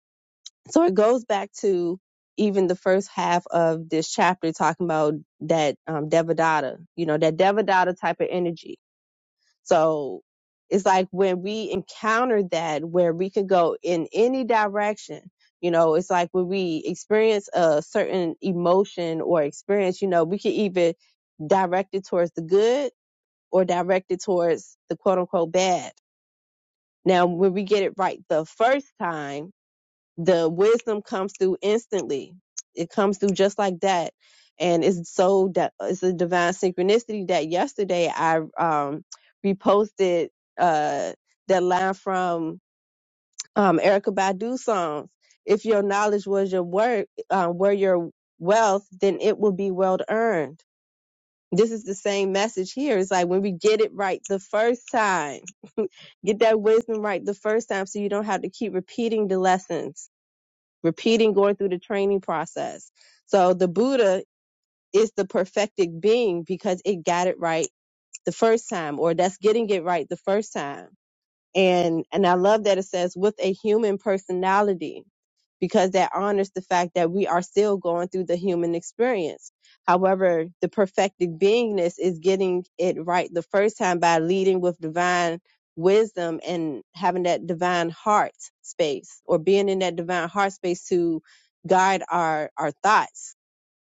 Speaker 3: So it goes back to even the first half of this chapter talking about that, um, Devadatta, you know, that Devadatta type of energy so it's like when we encounter that where we can go in any direction, you know, it's like when we experience a certain emotion or experience, you know, we can either direct it towards the good or direct it towards the quote unquote bad. Now, when we get it right the first time, the wisdom comes through instantly. It comes through just like that. And it's so that it's a divine synchronicity that yesterday I um reposted uh that line from um Erica Badu's songs. If your knowledge was your work, uh, were your wealth, then it will be well earned. This is the same message here. It's like when we get it right the first time, get that wisdom right the first time so you don't have to keep repeating the lessons repeating going through the training process. So the Buddha is the perfected being because it got it right the first time, or that's getting it right the first time. And and I love that it says with a human personality because that honors the fact that we are still going through the human experience. However, the perfected beingness is getting it right the first time by leading with divine wisdom and having that divine heart space or being in that divine heart space to guide our our thoughts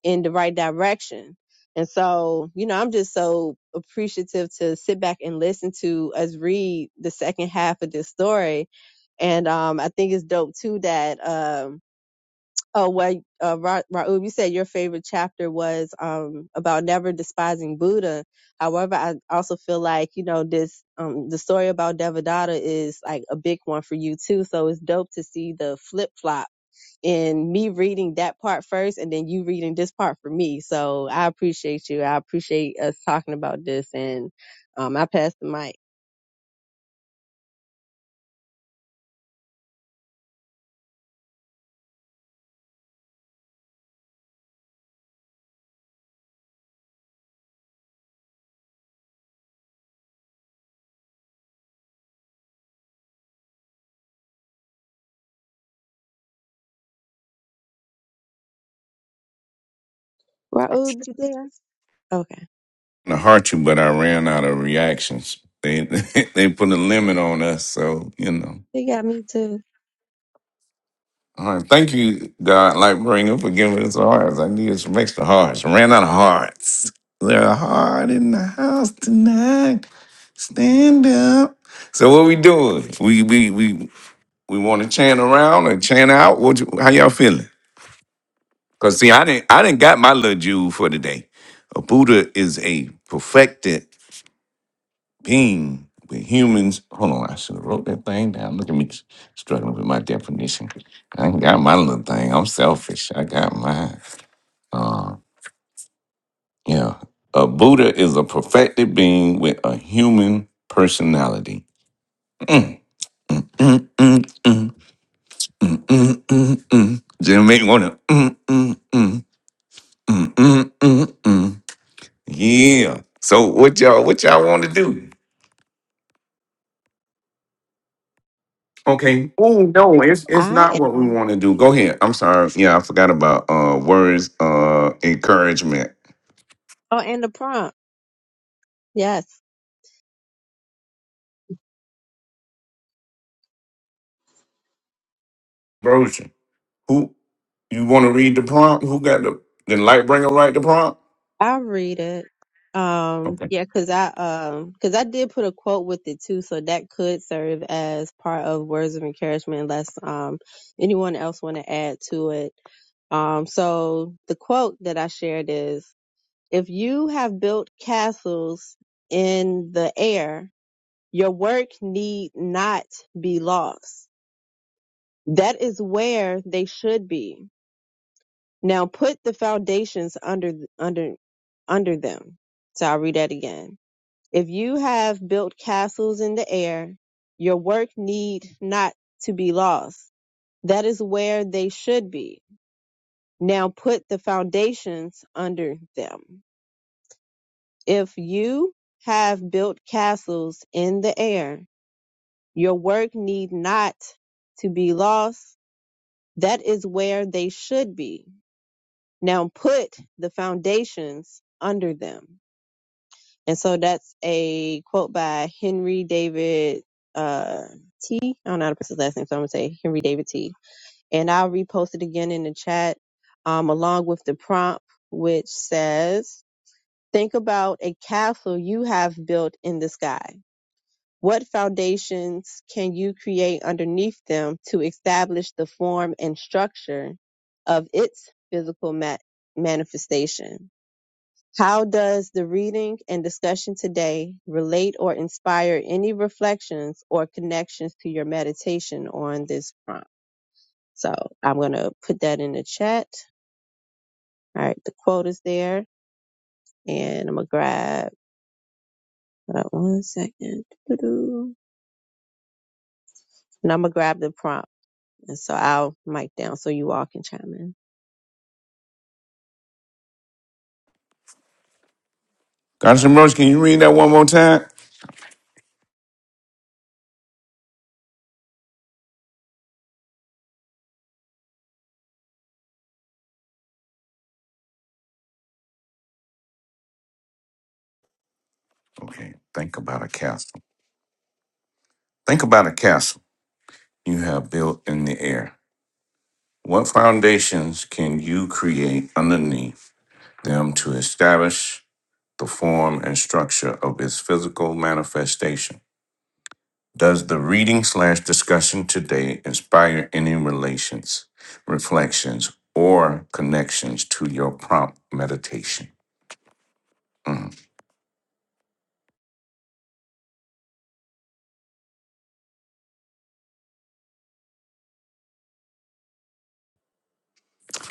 Speaker 3: in the right direction and so, you know, I'm just so appreciative to sit back and listen to us read the second half of this story. And um, I think it's dope too that um, oh well, uh, Ra- Raoub, you said your favorite chapter was um about never despising Buddha. However, I also feel like you know this um the story about Devadatta is like a big one for you too. So it's dope to see the flip flop in me reading that part first and then you reading this part for me. So I appreciate you. I appreciate us talking about this and um I passed the mic. Raul, you there? Okay.
Speaker 2: to hurt you, but I ran out of reactions. They they put a limit on us, so you know.
Speaker 3: You got me too.
Speaker 2: All right, thank you, God, like bringer, for giving us hearts. I need some extra hearts. I ran out of hearts. There are heart in the house tonight. Stand up. So what we doing? We we we we want to chant around and chant out. What? You, how y'all feeling? Cause see, I didn't I didn't got my little jewel for today. A Buddha is a perfected being with humans. Hold on, I should have wrote that thing down. Look at me struggling with my definition. I ain't got my little thing. I'm selfish. I got mine. Uh, yeah. A Buddha is a perfected being with a human personality. Mm, mm, mm, mm. Just make wanna. Mm, mm, mm, mm, mm, mm, mm. Yeah. So what y'all what y'all want to do? Okay. Oh no, it's it's
Speaker 3: I
Speaker 2: not what we
Speaker 3: am.
Speaker 2: want to do. Go ahead. I'm sorry. Yeah, I forgot about uh words uh encouragement.
Speaker 3: Oh, and the prompt. Yes.
Speaker 2: Brosia. Who you want to read the prompt? Who got the the light bringer write the prompt?
Speaker 3: I'll read it. Um,
Speaker 2: Okay.
Speaker 3: yeah, cause I, um, cause I did put a quote with it too. So that could serve as part of words of encouragement unless, um, anyone else want to add to it. Um, so the quote that I shared is, If you have built castles in the air, your work need not be lost. That is where they should be. Now put the foundations under, under, under them. So I'll read that again. If you have built castles in the air, your work need not to be lost. That is where they should be. Now put the foundations under them. If you have built castles in the air, your work need not to be lost. That is where they should be. Now put the foundations under them. And so that's a quote by Henry David uh, T. I don't know how to pronounce his last name, so I'm going to say Henry David T. And I'll repost it again in the chat um, along with the prompt, which says, Think about a castle you have built in the sky. What foundations can you create underneath them to establish the form and structure of its physical ma- manifestation? How does the reading and discussion today relate or inspire any reflections or connections to your meditation on this prompt? So I'm going to put that in the chat. All right, the quote is there. And I'm going to grab, hold on one second. Doo-doo. And I'm going to grab the prompt. And so I'll mic down so you all can chime in.
Speaker 2: Gotcha Brosia, can you read that one more time? Okay. Think about a castle. Think about a castle you have built in the air. What foundations can you create underneath them to establish the form and structure of its physical manifestation? Does the reading slash discussion today inspire any relations, reflections, or connections to your prompt meditation? Mm,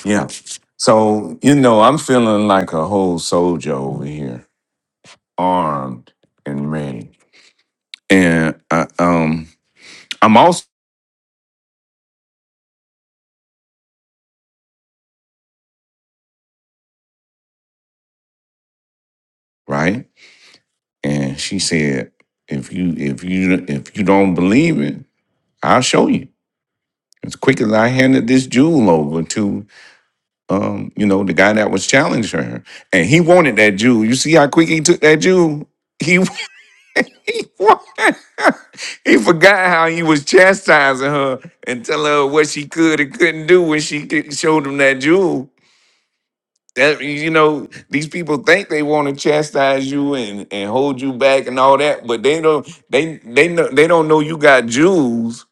Speaker 2: Yeah. So, you know, I'm feeling like a whole soldier over here, armed and ready. And I, um, I'm also right. And she said, if you if you if you don't believe it, I'll show you. As quick as I handed this jewel over to um, you know, the guy that was challenging her. And he wanted that jewel. You see how quick he took that jewel? He he, wa- he forgot how he was chastising her and telling her what she could and couldn't do when she could- showed him that jewel. That you know, these people think they want to chastise you and, and hold you back and all that, but they don't they they know they don't know you got jewels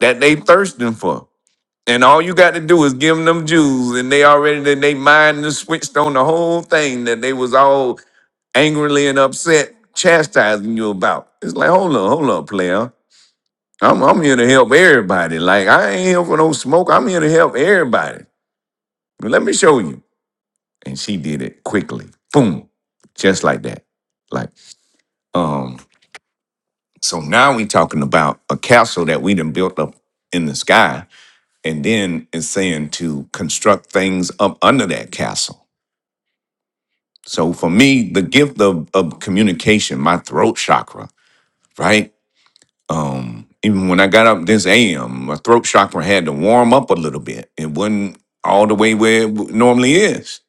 Speaker 2: that they thirsting for. And all you got to do is give them them Jews, and they already then they mind and switched on the whole thing that they was all angrily and upset chastising you about. It's like, hold on, hold on, player. I'm I'm here to help everybody. Like I ain't here for no smoke. I'm here to help everybody. Well, Let me show you. And she did it quickly. Boom. Just like that. Like, um, so now we talking about a castle that we done built up in the sky, and then it's saying to construct things up under that castle. So for me, the gift of, of communication, my throat chakra, right? Um, even when I got up this AM, my throat chakra had to warm up a little bit. It wasn't all the way where it w- normally is,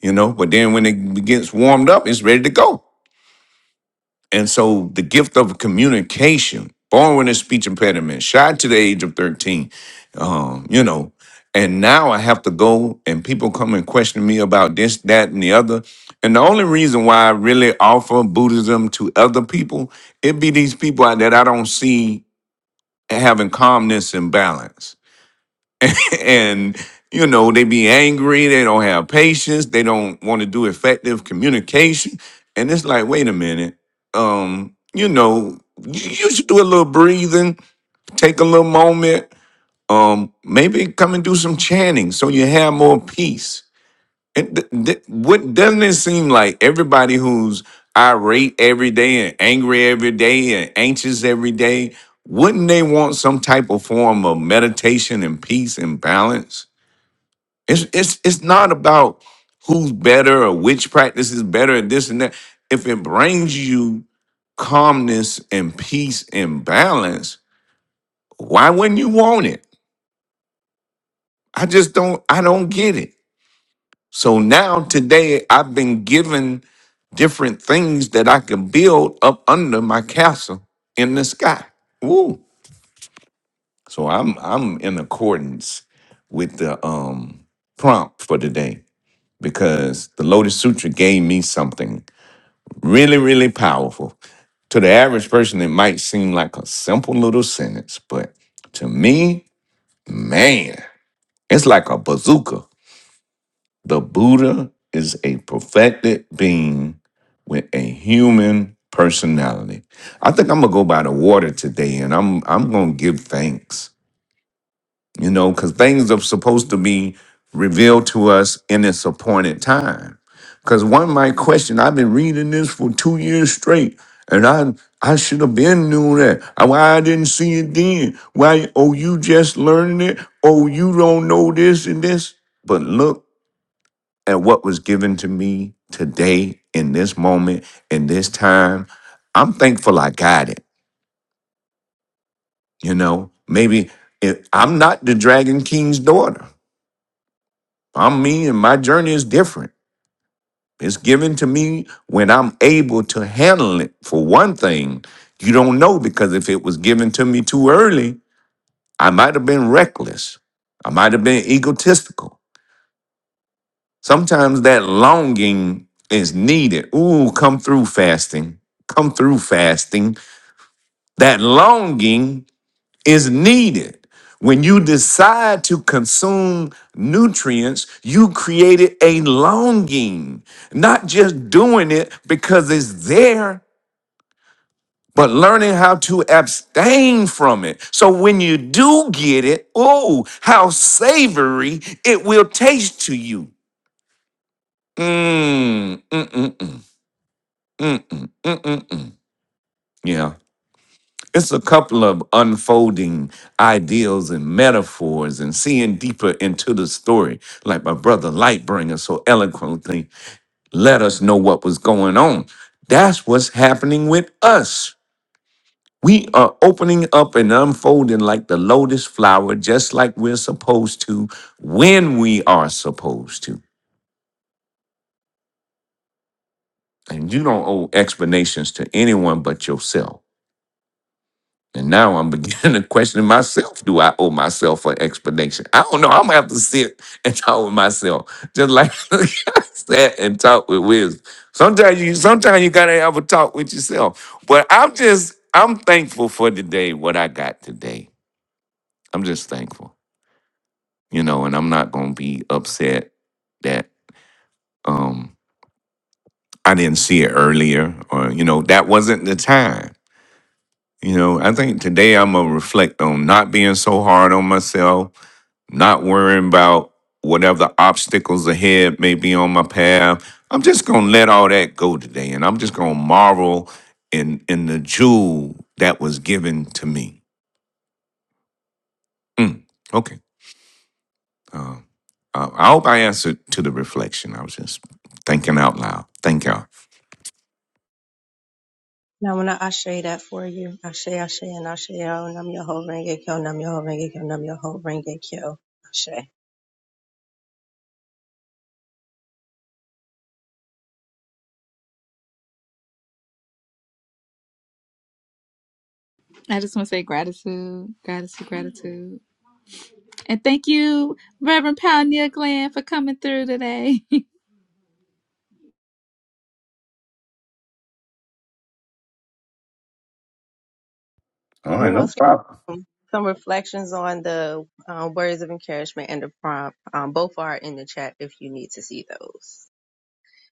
Speaker 2: you know. But then when it gets warmed up, it's ready to go. And so the gift of communication, born with a speech impediment, shy to the age of 13, um, you know, and now I have to go and people come and question me about this, that, and the other. And the only reason why I really offer Buddhism to other people, it be these people out that I don't see having calmness and balance and you know they be angry they don't have patience they don't want to do effective communication and it's like wait a minute um you know you you should do a little breathing take a little moment um maybe come and do some chanting so you have more peace and th- th- what doesn't it seem like everybody who's irate every day and angry every day and anxious every day wouldn't they want some type of form of meditation and peace and balance it's it's it's not about who's better or which practice is better and this and that. If it brings you calmness and peace and balance, why wouldn't you want it? I just don't I don't get it. So now today I've been given different things that I can build up under my castle in the sky. Woo. So I'm I'm in accordance with the um prompt for today because the Lotus Sutra gave me something Really, really powerful. To the average person, it might seem like a simple little sentence, but to me, man, it's like a bazooka. The Buddha is a perfected being with a human personality. I think I'm gonna go by the water today and I'm I'm gonna give thanks. you know, because things are supposed to be revealed to us in its appointed time. Because one might question, I've been reading this for two years straight, and I I should have been knew that. Uh, Why I didn't see it then? Why? Oh, you just learning it? Oh, you don't know this and this. But look at what was given to me today in this moment in this time. I'm thankful I got it. You know, maybe if, I'm not the Dragon King's daughter. I'm me and my journey is different. It's given to me when I'm able to handle it. For one thing, you don't know because if it was given to me too early, I might have been reckless. I might have been egotistical. Sometimes that longing is needed. Ooh, come through fasting. Come through fasting. That longing is needed. When you decide to consume nutrients, you created a longing, not just doing it because it's there, but learning how to abstain from it. So when you do get it, oh, how savory it will taste to you. Mm, mm, mm, mm, mm, mm, mm, mm, mm. Yeah. It's a couple of unfolding ideals and metaphors and seeing deeper into the story, like my brother Lightbringer so eloquently let us know what was going on. That's what's happening with us. We are opening up and unfolding like the lotus flower, just like we're supposed to when we are supposed to. And you don't owe explanations to anyone but yourself. And now I'm beginning to question myself. Do I owe myself an explanation? I don't know. I'm gonna have to sit and talk with myself, just like I sat and talk with Wiz. Sometimes you, sometimes you gotta have a talk with yourself. But I'm just, I'm thankful for today. What I got today, I'm just thankful, you know. And I'm not gonna be upset that um I didn't see it earlier, or you know, that wasn't the time. You know, I think today I'm gonna reflect on not being so hard on myself not worrying about whatever obstacles ahead may be on my path. I'm just gonna let all that go today, and I'm just gonna marvel in in the jewel that was given to me. Mm, okay, uh, I I hope I answered to the reflection. I was just thinking out loud. Thank y'all.
Speaker 3: Now, when I ashe that for you, ashe, ashe, and ashe, yo, nam yo ho, renge kyo, nam yo ho, renge kyo, nam yo ho, renge kyo, ashe.
Speaker 8: I just want to say gratitude, gratitude, gratitude, and thank you, Reverend Pioneer Glenn, for coming through today.
Speaker 2: All right,
Speaker 3: Who
Speaker 2: no
Speaker 3: else?
Speaker 2: problem.
Speaker 3: Um, Some reflections on the uh, words of encouragement and the prompt. Um, both are in the chat if you need to see those.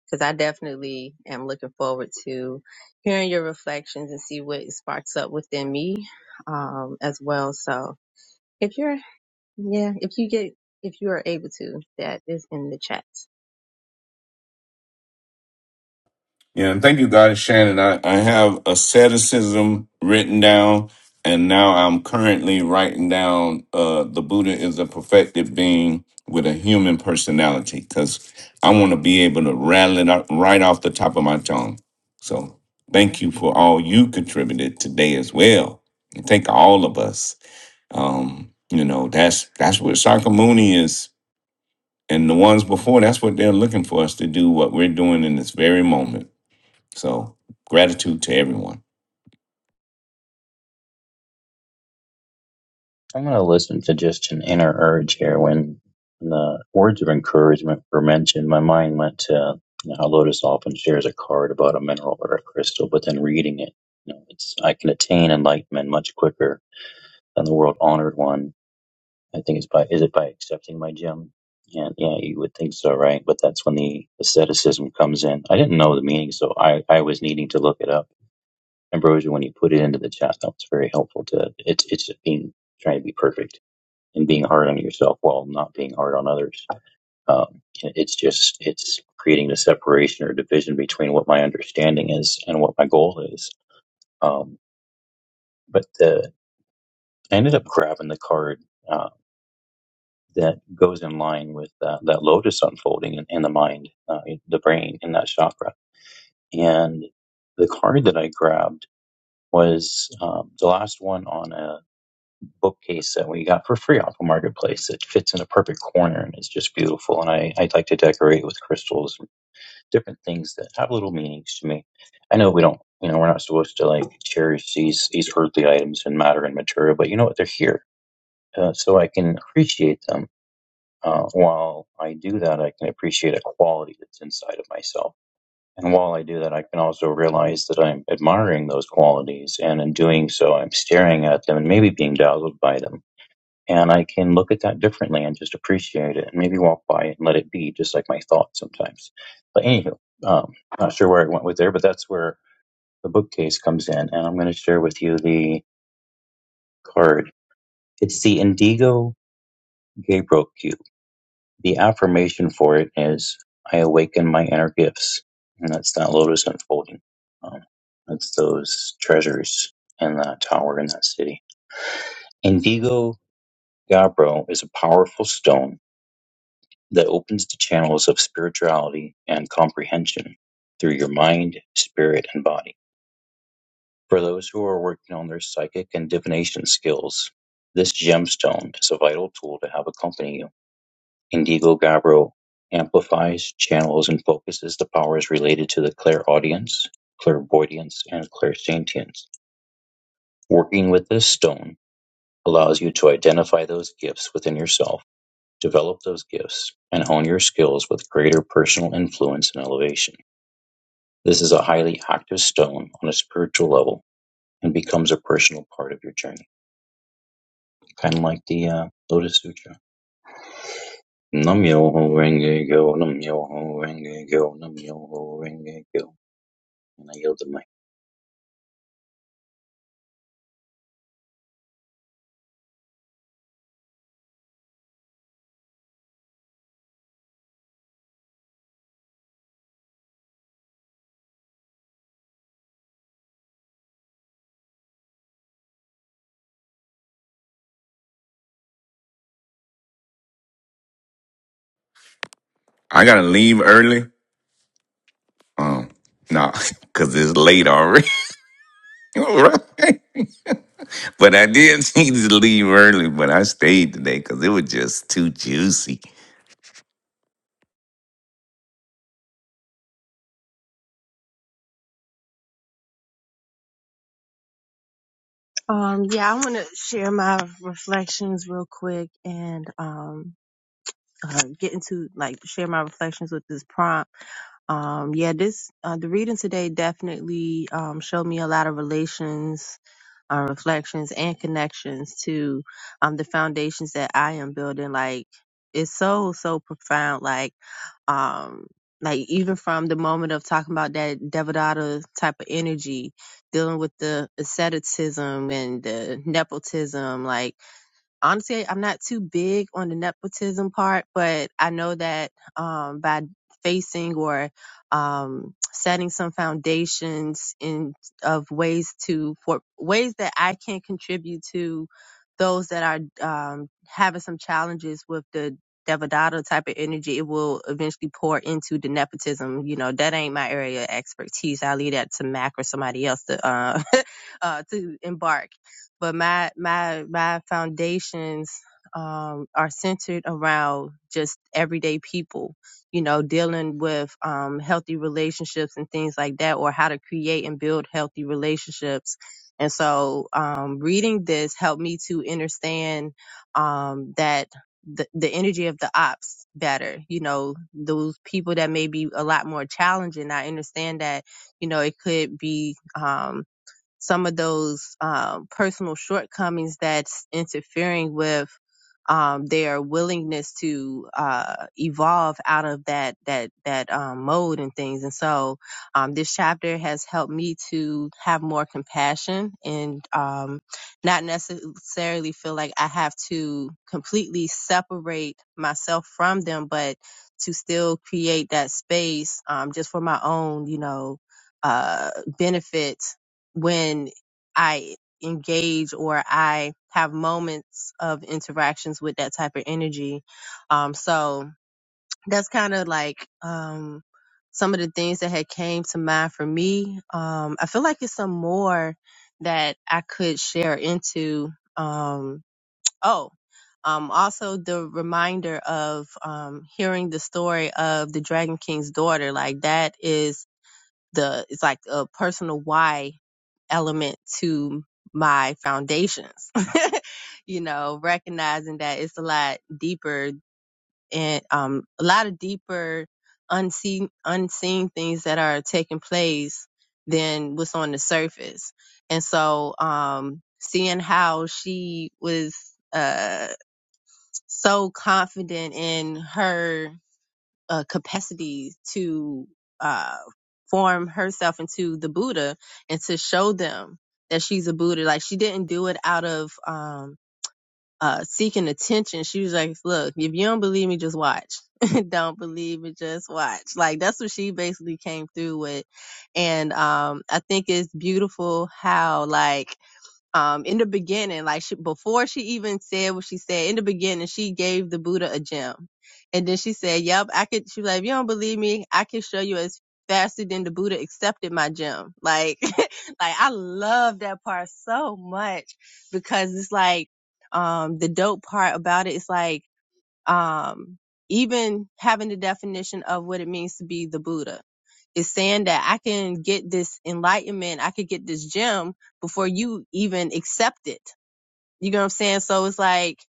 Speaker 3: because I definitely am looking forward to hearing your reflections and see what sparks up within me um, as well. So if you're, yeah, if you get, if you are able to, that is in the chat.
Speaker 2: Yeah, and thank you, God, Shannon. I, I have asceticism written down, and now I'm currently writing down uh, the Buddha is a perfected being with a human personality because I want to be able to rattle it up right off the top of my tongue. So thank you for all you contributed today as well. And thank all of us. Um, you know, that's that's what Sakamuni is, and the ones before. That's what they're looking for us to do. What we're doing in this very moment. So gratitude to everyone.
Speaker 5: i'm going to listen to just an inner urge here when the words of encouragement were mentioned my mind went to you know, how lotus often shares a card about a mineral or a crystal but then reading it you know it's i can attain enlightenment much quicker than the world honored one I think it's by is it by accepting my gem? Yeah, yeah, you would think so, right? But that's when the asceticism comes in. I didn't know the meaning, so I I was needing to look it up. Ambrosia, when you put it into the chat, that was very helpful. To it's it's just being trying to be perfect and being hard on yourself while not being hard on others. Um, it's just it's creating the separation or division between what my understanding is and what my goal is. Um, but the I ended up grabbing the card. uh, that goes in line with that, that lotus unfolding in, in the mind, uh, in the brain, in that chakra. And the card that I grabbed was um, the last one on a bookcase that we got for free off a marketplace. It fits in a perfect corner and it's just beautiful. And I, I like to decorate with crystals, and different things that have little meanings to me. I know we don't, you know, we're not supposed to like cherish these, these earthly items and matter and material, but you know what? They're here. Uh, so I can appreciate them uh, while I do that, I can appreciate a quality that's inside of myself. And while I do that, I can also realize that I'm admiring those qualities. And in doing so, I'm staring at them and maybe being dazzled by them. And I can look at that differently and just appreciate it and maybe walk by it and let it be, just like my thoughts sometimes. But anywho, um, not sure where I went with there, but that's where the bookcase comes in. And I'm going to share with you the card. It's the Indigo Gabriel The affirmation for it is I awaken my inner gifts. And that's that lotus unfolding. Um, that's those treasures in that tower in that city. Indigo Gabbro is a powerful stone that opens the channels of spirituality and comprehension through your mind, spirit, and body. For those who are working on their psychic and divination skills, this gemstone is a vital tool to have accompany Indigo-Gabbro amplifies, channels and focuses the powers related to the clairaudience, clairvoyance, and clairsentience. Working with this stone allows you to identify those gifts within yourself, develop those gifts, and hone your skills with greater personal influence and elevation. This is a highly active stone on a spiritual level and becomes a personal part of your journey, kind of like the uh, Lotus Sutra. Nam yo ho renge go, nam yo ho renge go, nam yo ho renge go. and I yielded my
Speaker 2: I gotta leave early. Um, nah, cause it's late already. right? But I did need to leave early, but I stayed today because it was just too juicy.
Speaker 3: Um, yeah, I want to share my reflections real quick and, um, uh, getting to like share my reflections with this prompt. Um, yeah, this uh, the reading today definitely um, showed me a lot of relations, uh, reflections, and connections to um, the foundations that I am building. Like it's so so profound. Like um like even from the moment of talking about that devadatta type of energy dealing with the asceticism and the nepotism like honestly, I'm not too big on the nepotism part, but I know that um, by facing or um, setting some foundations in of ways to for ways that I can contribute to those that are um, having some challenges with the Devadatta type of energy, it will eventually pour into the nepotism. You know, that ain't my area of expertise. I leave that to Mac or somebody else to uh, uh, to embark. But my my my foundations um, are centered around just everyday people, you know, dealing with um, healthy relationships and things like that, or how to create and build healthy relationships. And so, um, reading this helped me to understand um, that the, the energy of the ops better. You know, those people that may be a lot more challenging. I understand that, you know, it could be, um, some of those um, personal shortcomings that's interfering with um, their willingness to uh, evolve out of that that that um, mode and things. And so, um, this chapter has helped me to have more compassion and um, not necessarily feel like I have to completely separate myself from them, but to still create that space um, just for my own, you know, uh, benefit when I engage or I have moments of interactions with that type of energy. Um, so that's kind of like, um, some of the things that had came to mind for me. Um, I feel like it's some more that I could share into, um, oh, um, also the reminder of, um, hearing the story of the Dragon King's daughter, like that is the, it's like a personal why element to my foundations. you know, recognizing that it's a lot deeper and um, a lot of deeper unseen unseen things that are taking place than what's on the surface. And so, um, seeing how she was uh so confident in her a capacity to uh, form herself into the Buddha and to show them that she's a Buddha. Like she didn't do it out of um, uh, seeking attention. She was like, "Look, if you don't believe me, just watch. don't believe me, just watch." Like that's what she basically came through with, and um, I think it's beautiful how like um, in the beginning, like she, before she even said what she said, in the beginning, she gave the Buddha a gem. And then she said, yep, I could, she was like, if you don't believe me, I can show you as faster than the Buddha accepted my gem. Like, like I love that part so much because it's like, um, the dope part about it is like, um, even having the definition of what it means to be the Buddha is saying that I can get this enlightenment, I could get this gem before you even accept it. You know what I'm saying? So it's like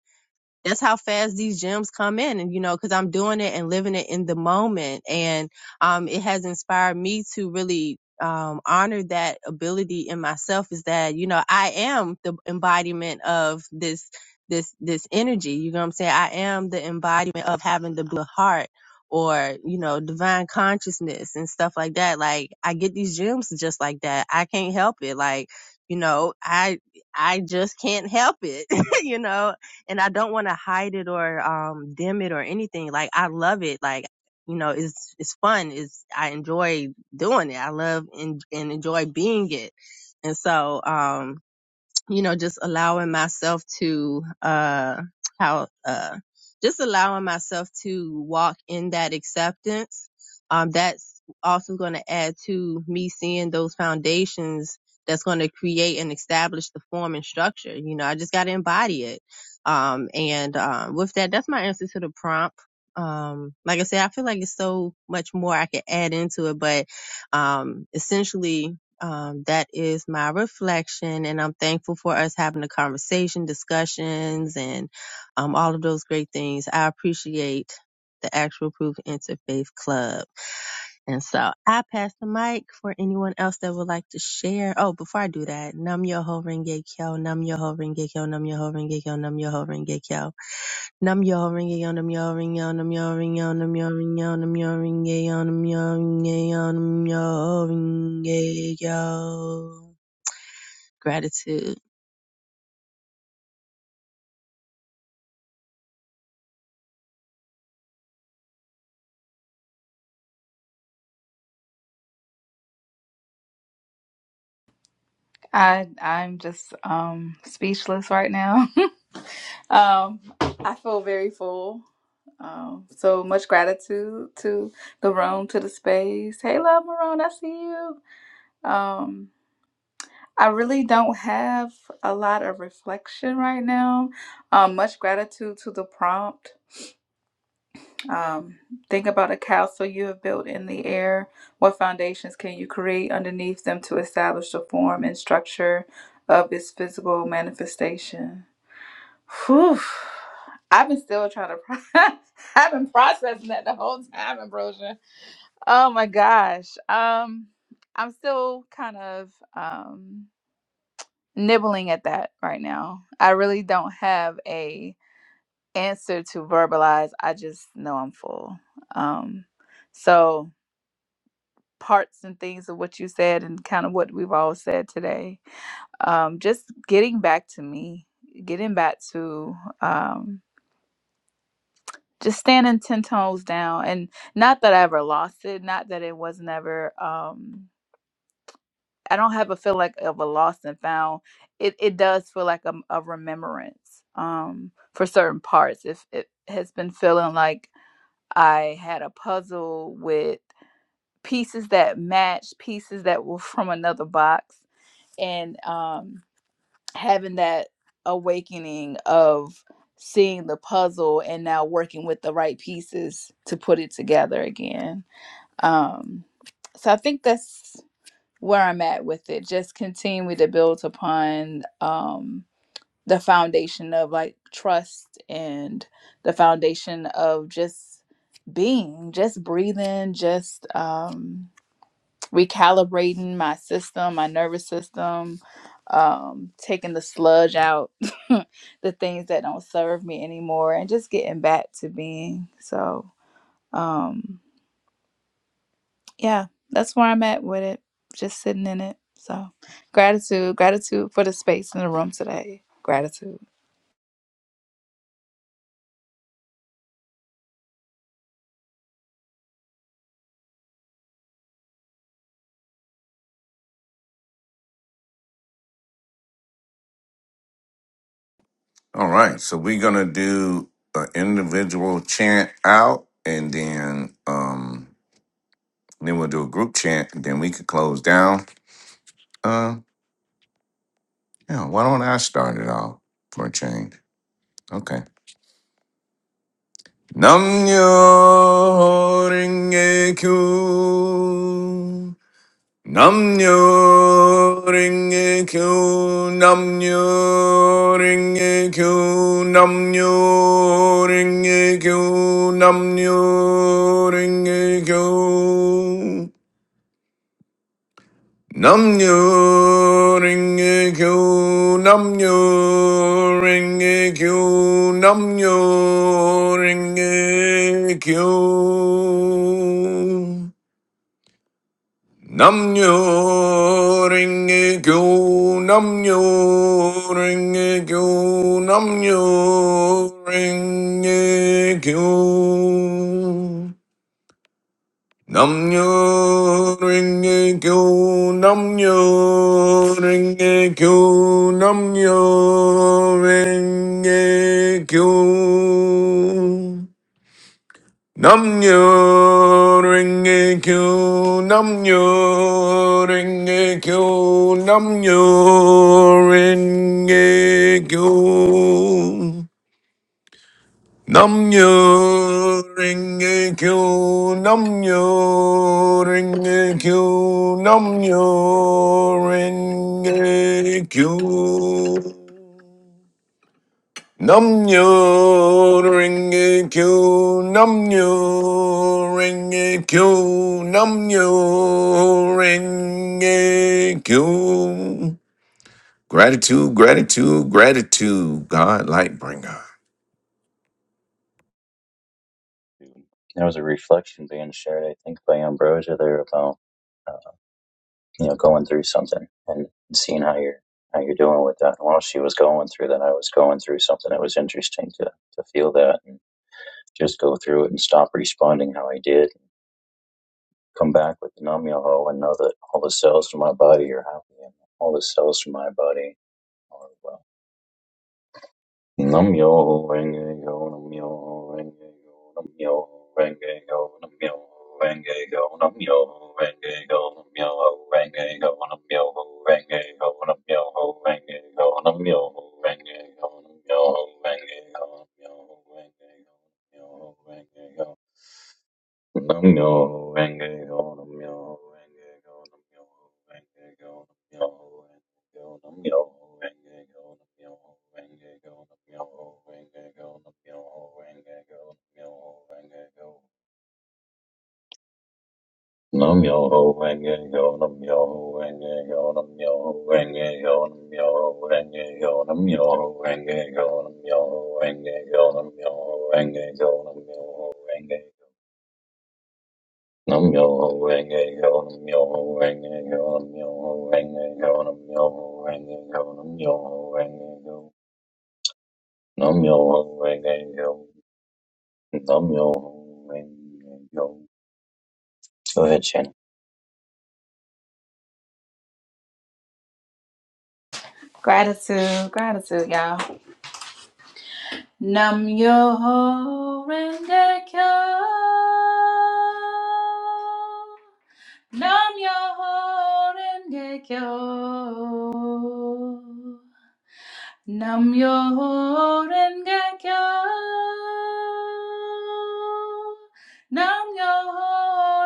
Speaker 3: that's how fast these gems come in and you know because i'm doing it and living it in the moment and um, it has inspired me to really um, honor that ability in myself is that you know i am the embodiment of this this this energy you know what i'm saying i am the embodiment of having the blue heart or you know divine consciousness and stuff like that like i get these gems just like that i can't help it like you know i i just can't help it you know and I don't want to hide it or um dim it or anything. Like I love it. Like you know, it's it's fun. It's I enjoy doing it. I love and, and enjoy being it. And so, um, you know, just allowing myself to, uh, how, uh, just allowing myself to walk in that acceptance. Um, that's also going to add to me seeing those foundations that's going to create and establish the form and structure. You know, I just got to embody it. Um, and, um, with that, that's my answer to the prompt. Um, like I said, I feel like it's so much more I could add into it, but, um, essentially um, that is my reflection, and I'm thankful for us having the conversation, discussions, and um, all of those great things. I appreciate the Actual Proof Interfaith Club. And so I pass the mic for anyone else that would like to share. Oh, before I do that, Nam Yoho Renge Kyo, Nam Yoho Renge Kyo, Nam Yoho Renge Kyo, Nam Yoho Renge Kyo. Nam yo ring yo nam yo ring yo nam yo ring yo nam yo ring yo nam yo ring yo nam yo ring yo nam yo ring a yo. Gratitude.
Speaker 8: I I'm just um speechless right now. um I feel very full. Um so much gratitude to the room, to the space. Hey love Marone, I see you. Um I really don't have a lot of reflection right now. Um much gratitude to the prompt. Um think about a castle you have built in the air. What foundations can you create underneath them to establish the form and structure of its physical manifestation? Whew. I've been still trying to. Pro- I've been processing that the whole time, Ambrosia. Oh my gosh. Um, I'm still kind of um nibbling at that right now. I really don't have a answer to verbalize. I just know I'm full. Um, so parts and things of what you said and kind of what we've all said today. Um, just getting back to me, getting back to um just standing 10 toes down and not that i ever lost it not that it was never um i don't have a feel like of a lost and found it it does feel like a, a remembrance um for certain parts if it has been feeling like i had a puzzle with pieces that matched pieces that were from another box and um having that awakening of seeing the puzzle and now working with the right pieces to put it together again. Um, so I think that's where I'm at with it. Just continue to build upon um, the foundation of like trust and the foundation of just being, just breathing, just. Um, recalibrating my system, my nervous system, um, taking the sludge out, the things that don't serve me anymore, and just getting back to being. So, um, yeah, that's where I'm at with it, just sitting in it. So, gratitude, gratitude for the space in the room today. Gratitude,
Speaker 2: All right, so we're gonna do an individual chant out, and then um, then we'll do a group chant, and then we could close down. Uh, yeah, why don't I start it off for a change? Okay. Nam yo ringe kyu. Namnyo ringe kyo, namnyo ringe kyo, namnyo ringe kyo, namnyo ringe kyo. Namnyo ringe kyo, namnyo ringe kyo, namnyo ringe kyo. Namnyo ringe kyo, namnyo ringe kyo, namnyo ringe kyo. Namnyo ringe kyo, namnyo ringe kyo, namnyo ringe kyo. Namnyo Renge Kyo, Namnyo Renge Kyo, Namnyo Renge Kyo. Namnyo Renge Kyo, Namnyo Renge Kyo, Namnyo Renge Kyo. Nam nyo ring a q nam nyo ring a q nam nyo ring a q Gratitude, gratitude, gratitude, God light bringer.
Speaker 5: food. There was a reflection being shared, I think, by Ambrosia there about uh, you know going through something and seeing how you're how you're doing with that. And while she was going through that, I was going through something. It was interesting to to feel that and just go through it and stop responding how I did. Come back with the Nam Myoho and know that all the cells in my body are happy and all the cells in my body are well. Nam-myoho Renge-kyo, Nam-myoho Renge-kyo, Nam-myoho Renge-kyo, Nam-myoho Renge-kyo, Nam-myoho Renge-kyo, Nam-myoho Renge-kyo, Nam-myoho Renge-kyo, Nam-myoho Renge-kyo, Nam-myoho Renge-kyo, Nam-myoho Renge-kyo, Nam-myoho Renge-kyo, Nam-myoho Renge-kyo. Nam yo renge go nam yo renge go nam yo renge go nam yo renge go nam yo renge go nam yo renge go nam yo ho renge go nam yo renge go nam yo ho renge go nam yo renge go nam yo ho renge go nam yo renge go nam yo ho renge go nam yo renge go nam yo ho renge go nam yo renge go nam yo ho renge go Nam yo ho renge yo nam yo ho renge yo nam yo ho renge yo nam yo ho renge yo nam yo ho renge yo nam yo ho renge yo nam yo ho renge yo go ahead Shannon.
Speaker 8: gratitude, gratitude, y'all. Nam yo ho renge kyo. Nam yo ho renge kyo. Nam yo renge kyo. Nam yo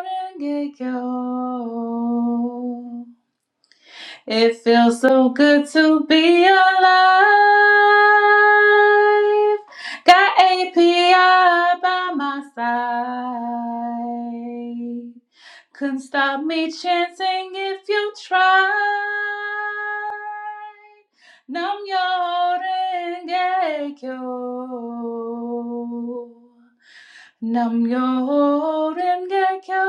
Speaker 8: renge kyo. It feels so good to be alive. Got API by my side. Couldn't stop me chanting if you tried. Nam yo renge kyo. Nam yo renge kyo.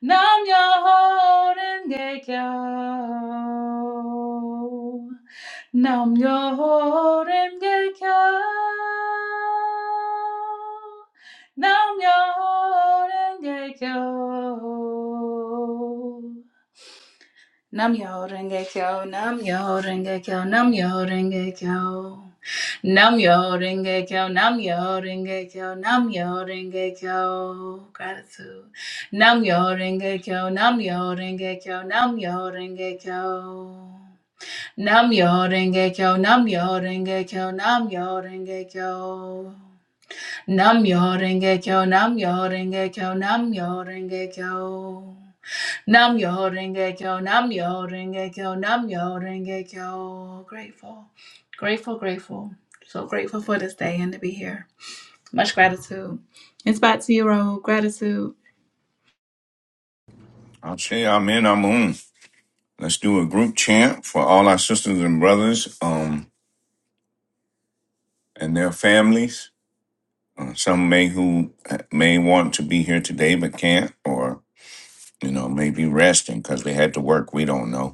Speaker 8: Nam yo renge kyo. Nam yo renge kyo, nam yo renge kyo, nam yo renge kyo. Nam yo renge kyo, nam yo renge kyo, nam yo renge kyo. Gratitude. Nam yo renge kyo, nam yo renge kyo, nam yo renge kyo. Nam yo renge kyo, nam yo renge kyo, nam yo renge kyo. Nam yo renge kyo, nam yo renge kyo, nam yo renge kyo. Nam Yoho Renge Kyo, Nam Yoho Renge Kyo, Nam Yoho Renge Kyo. Grateful, grateful, grateful. So grateful for this day and to be here. Much gratitude. It's back to you, Raoul. Gratitude.
Speaker 2: I'll say amen, amun. Let's do a group chant for all our sisters and brothers um, and their families. Uh, some may who uh, may want to be here today but can't, or you know, may be resting because they had to work. We don't know.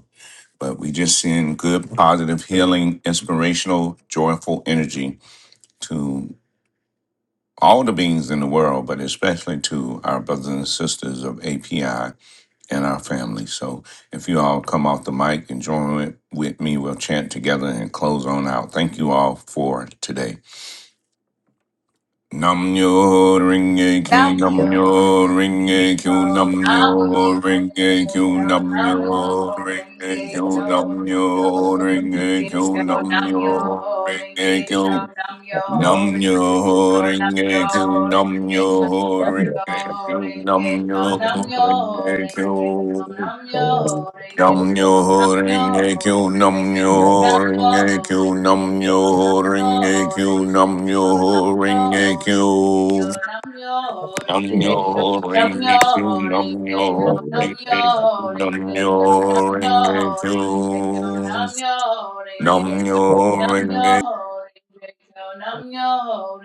Speaker 2: but we just send good, positive, healing, inspirational, joyful energy to all the beings in the world, but especially to our brothers and sisters of API and our family. So if you all come off the mic and join with with me, we'll chant together and close on out. Thank you all for today. Nam nyo ring a q
Speaker 8: Nam
Speaker 2: nam
Speaker 8: yo
Speaker 2: nyo
Speaker 8: renge
Speaker 2: ring a q
Speaker 8: kyo,
Speaker 2: nam
Speaker 8: nam yo
Speaker 2: nyo ring a
Speaker 8: renge
Speaker 2: q
Speaker 8: kyo,
Speaker 2: nam
Speaker 8: nam yo
Speaker 2: nyo ring
Speaker 8: renge
Speaker 2: a q
Speaker 8: kyo,
Speaker 2: nam nyo
Speaker 8: yo
Speaker 2: ring a
Speaker 8: renge
Speaker 2: q
Speaker 8: kyo,
Speaker 2: nam
Speaker 8: nam yo
Speaker 2: nyo ring
Speaker 8: renge
Speaker 2: a
Speaker 8: kyo,
Speaker 2: q
Speaker 8: nam yo
Speaker 2: nam
Speaker 8: renge
Speaker 2: nyo
Speaker 8: kyo, nam
Speaker 2: ring a q
Speaker 8: yo
Speaker 2: nam
Speaker 8: renge kyo,
Speaker 2: nyo
Speaker 5: Nam
Speaker 8: nam
Speaker 5: yo
Speaker 2: ring a
Speaker 8: yo
Speaker 2: q
Speaker 8: renge
Speaker 2: nam
Speaker 8: kyo,
Speaker 2: nyo
Speaker 8: nam yo
Speaker 2: ring a
Speaker 8: renge kyo,
Speaker 2: q
Speaker 8: nam
Speaker 5: ho
Speaker 8: yo
Speaker 5: renge yo
Speaker 8: renge
Speaker 2: Nam
Speaker 8: kyo,
Speaker 2: nyo
Speaker 8: nam yo
Speaker 2: ring a q
Speaker 8: renge
Speaker 2: nam
Speaker 8: kyo.
Speaker 5: nam
Speaker 2: nyo
Speaker 8: Nam
Speaker 2: ring
Speaker 8: yo
Speaker 2: a q
Speaker 8: renge
Speaker 2: nam
Speaker 8: kyo nam
Speaker 2: nyo ring a
Speaker 8: yo
Speaker 2: q
Speaker 8: renge
Speaker 2: nam
Speaker 8: kyo
Speaker 2: nyo ring a q
Speaker 8: nam yo
Speaker 2: Nam
Speaker 8: renge
Speaker 5: yo
Speaker 8: kyo
Speaker 5: ho
Speaker 2: yo
Speaker 8: nam
Speaker 2: ringe kyu nam yo
Speaker 5: renge yo
Speaker 2: ringe
Speaker 8: yo
Speaker 2: nam
Speaker 8: renge
Speaker 2: yo
Speaker 8: kyo
Speaker 2: ringe kyu
Speaker 8: nam yo
Speaker 2: nam
Speaker 8: renge kyo nam yo renge kyo nam yo renge kyo nam yo renge kyo nam
Speaker 2: yo
Speaker 8: yo renge kyo nam yo,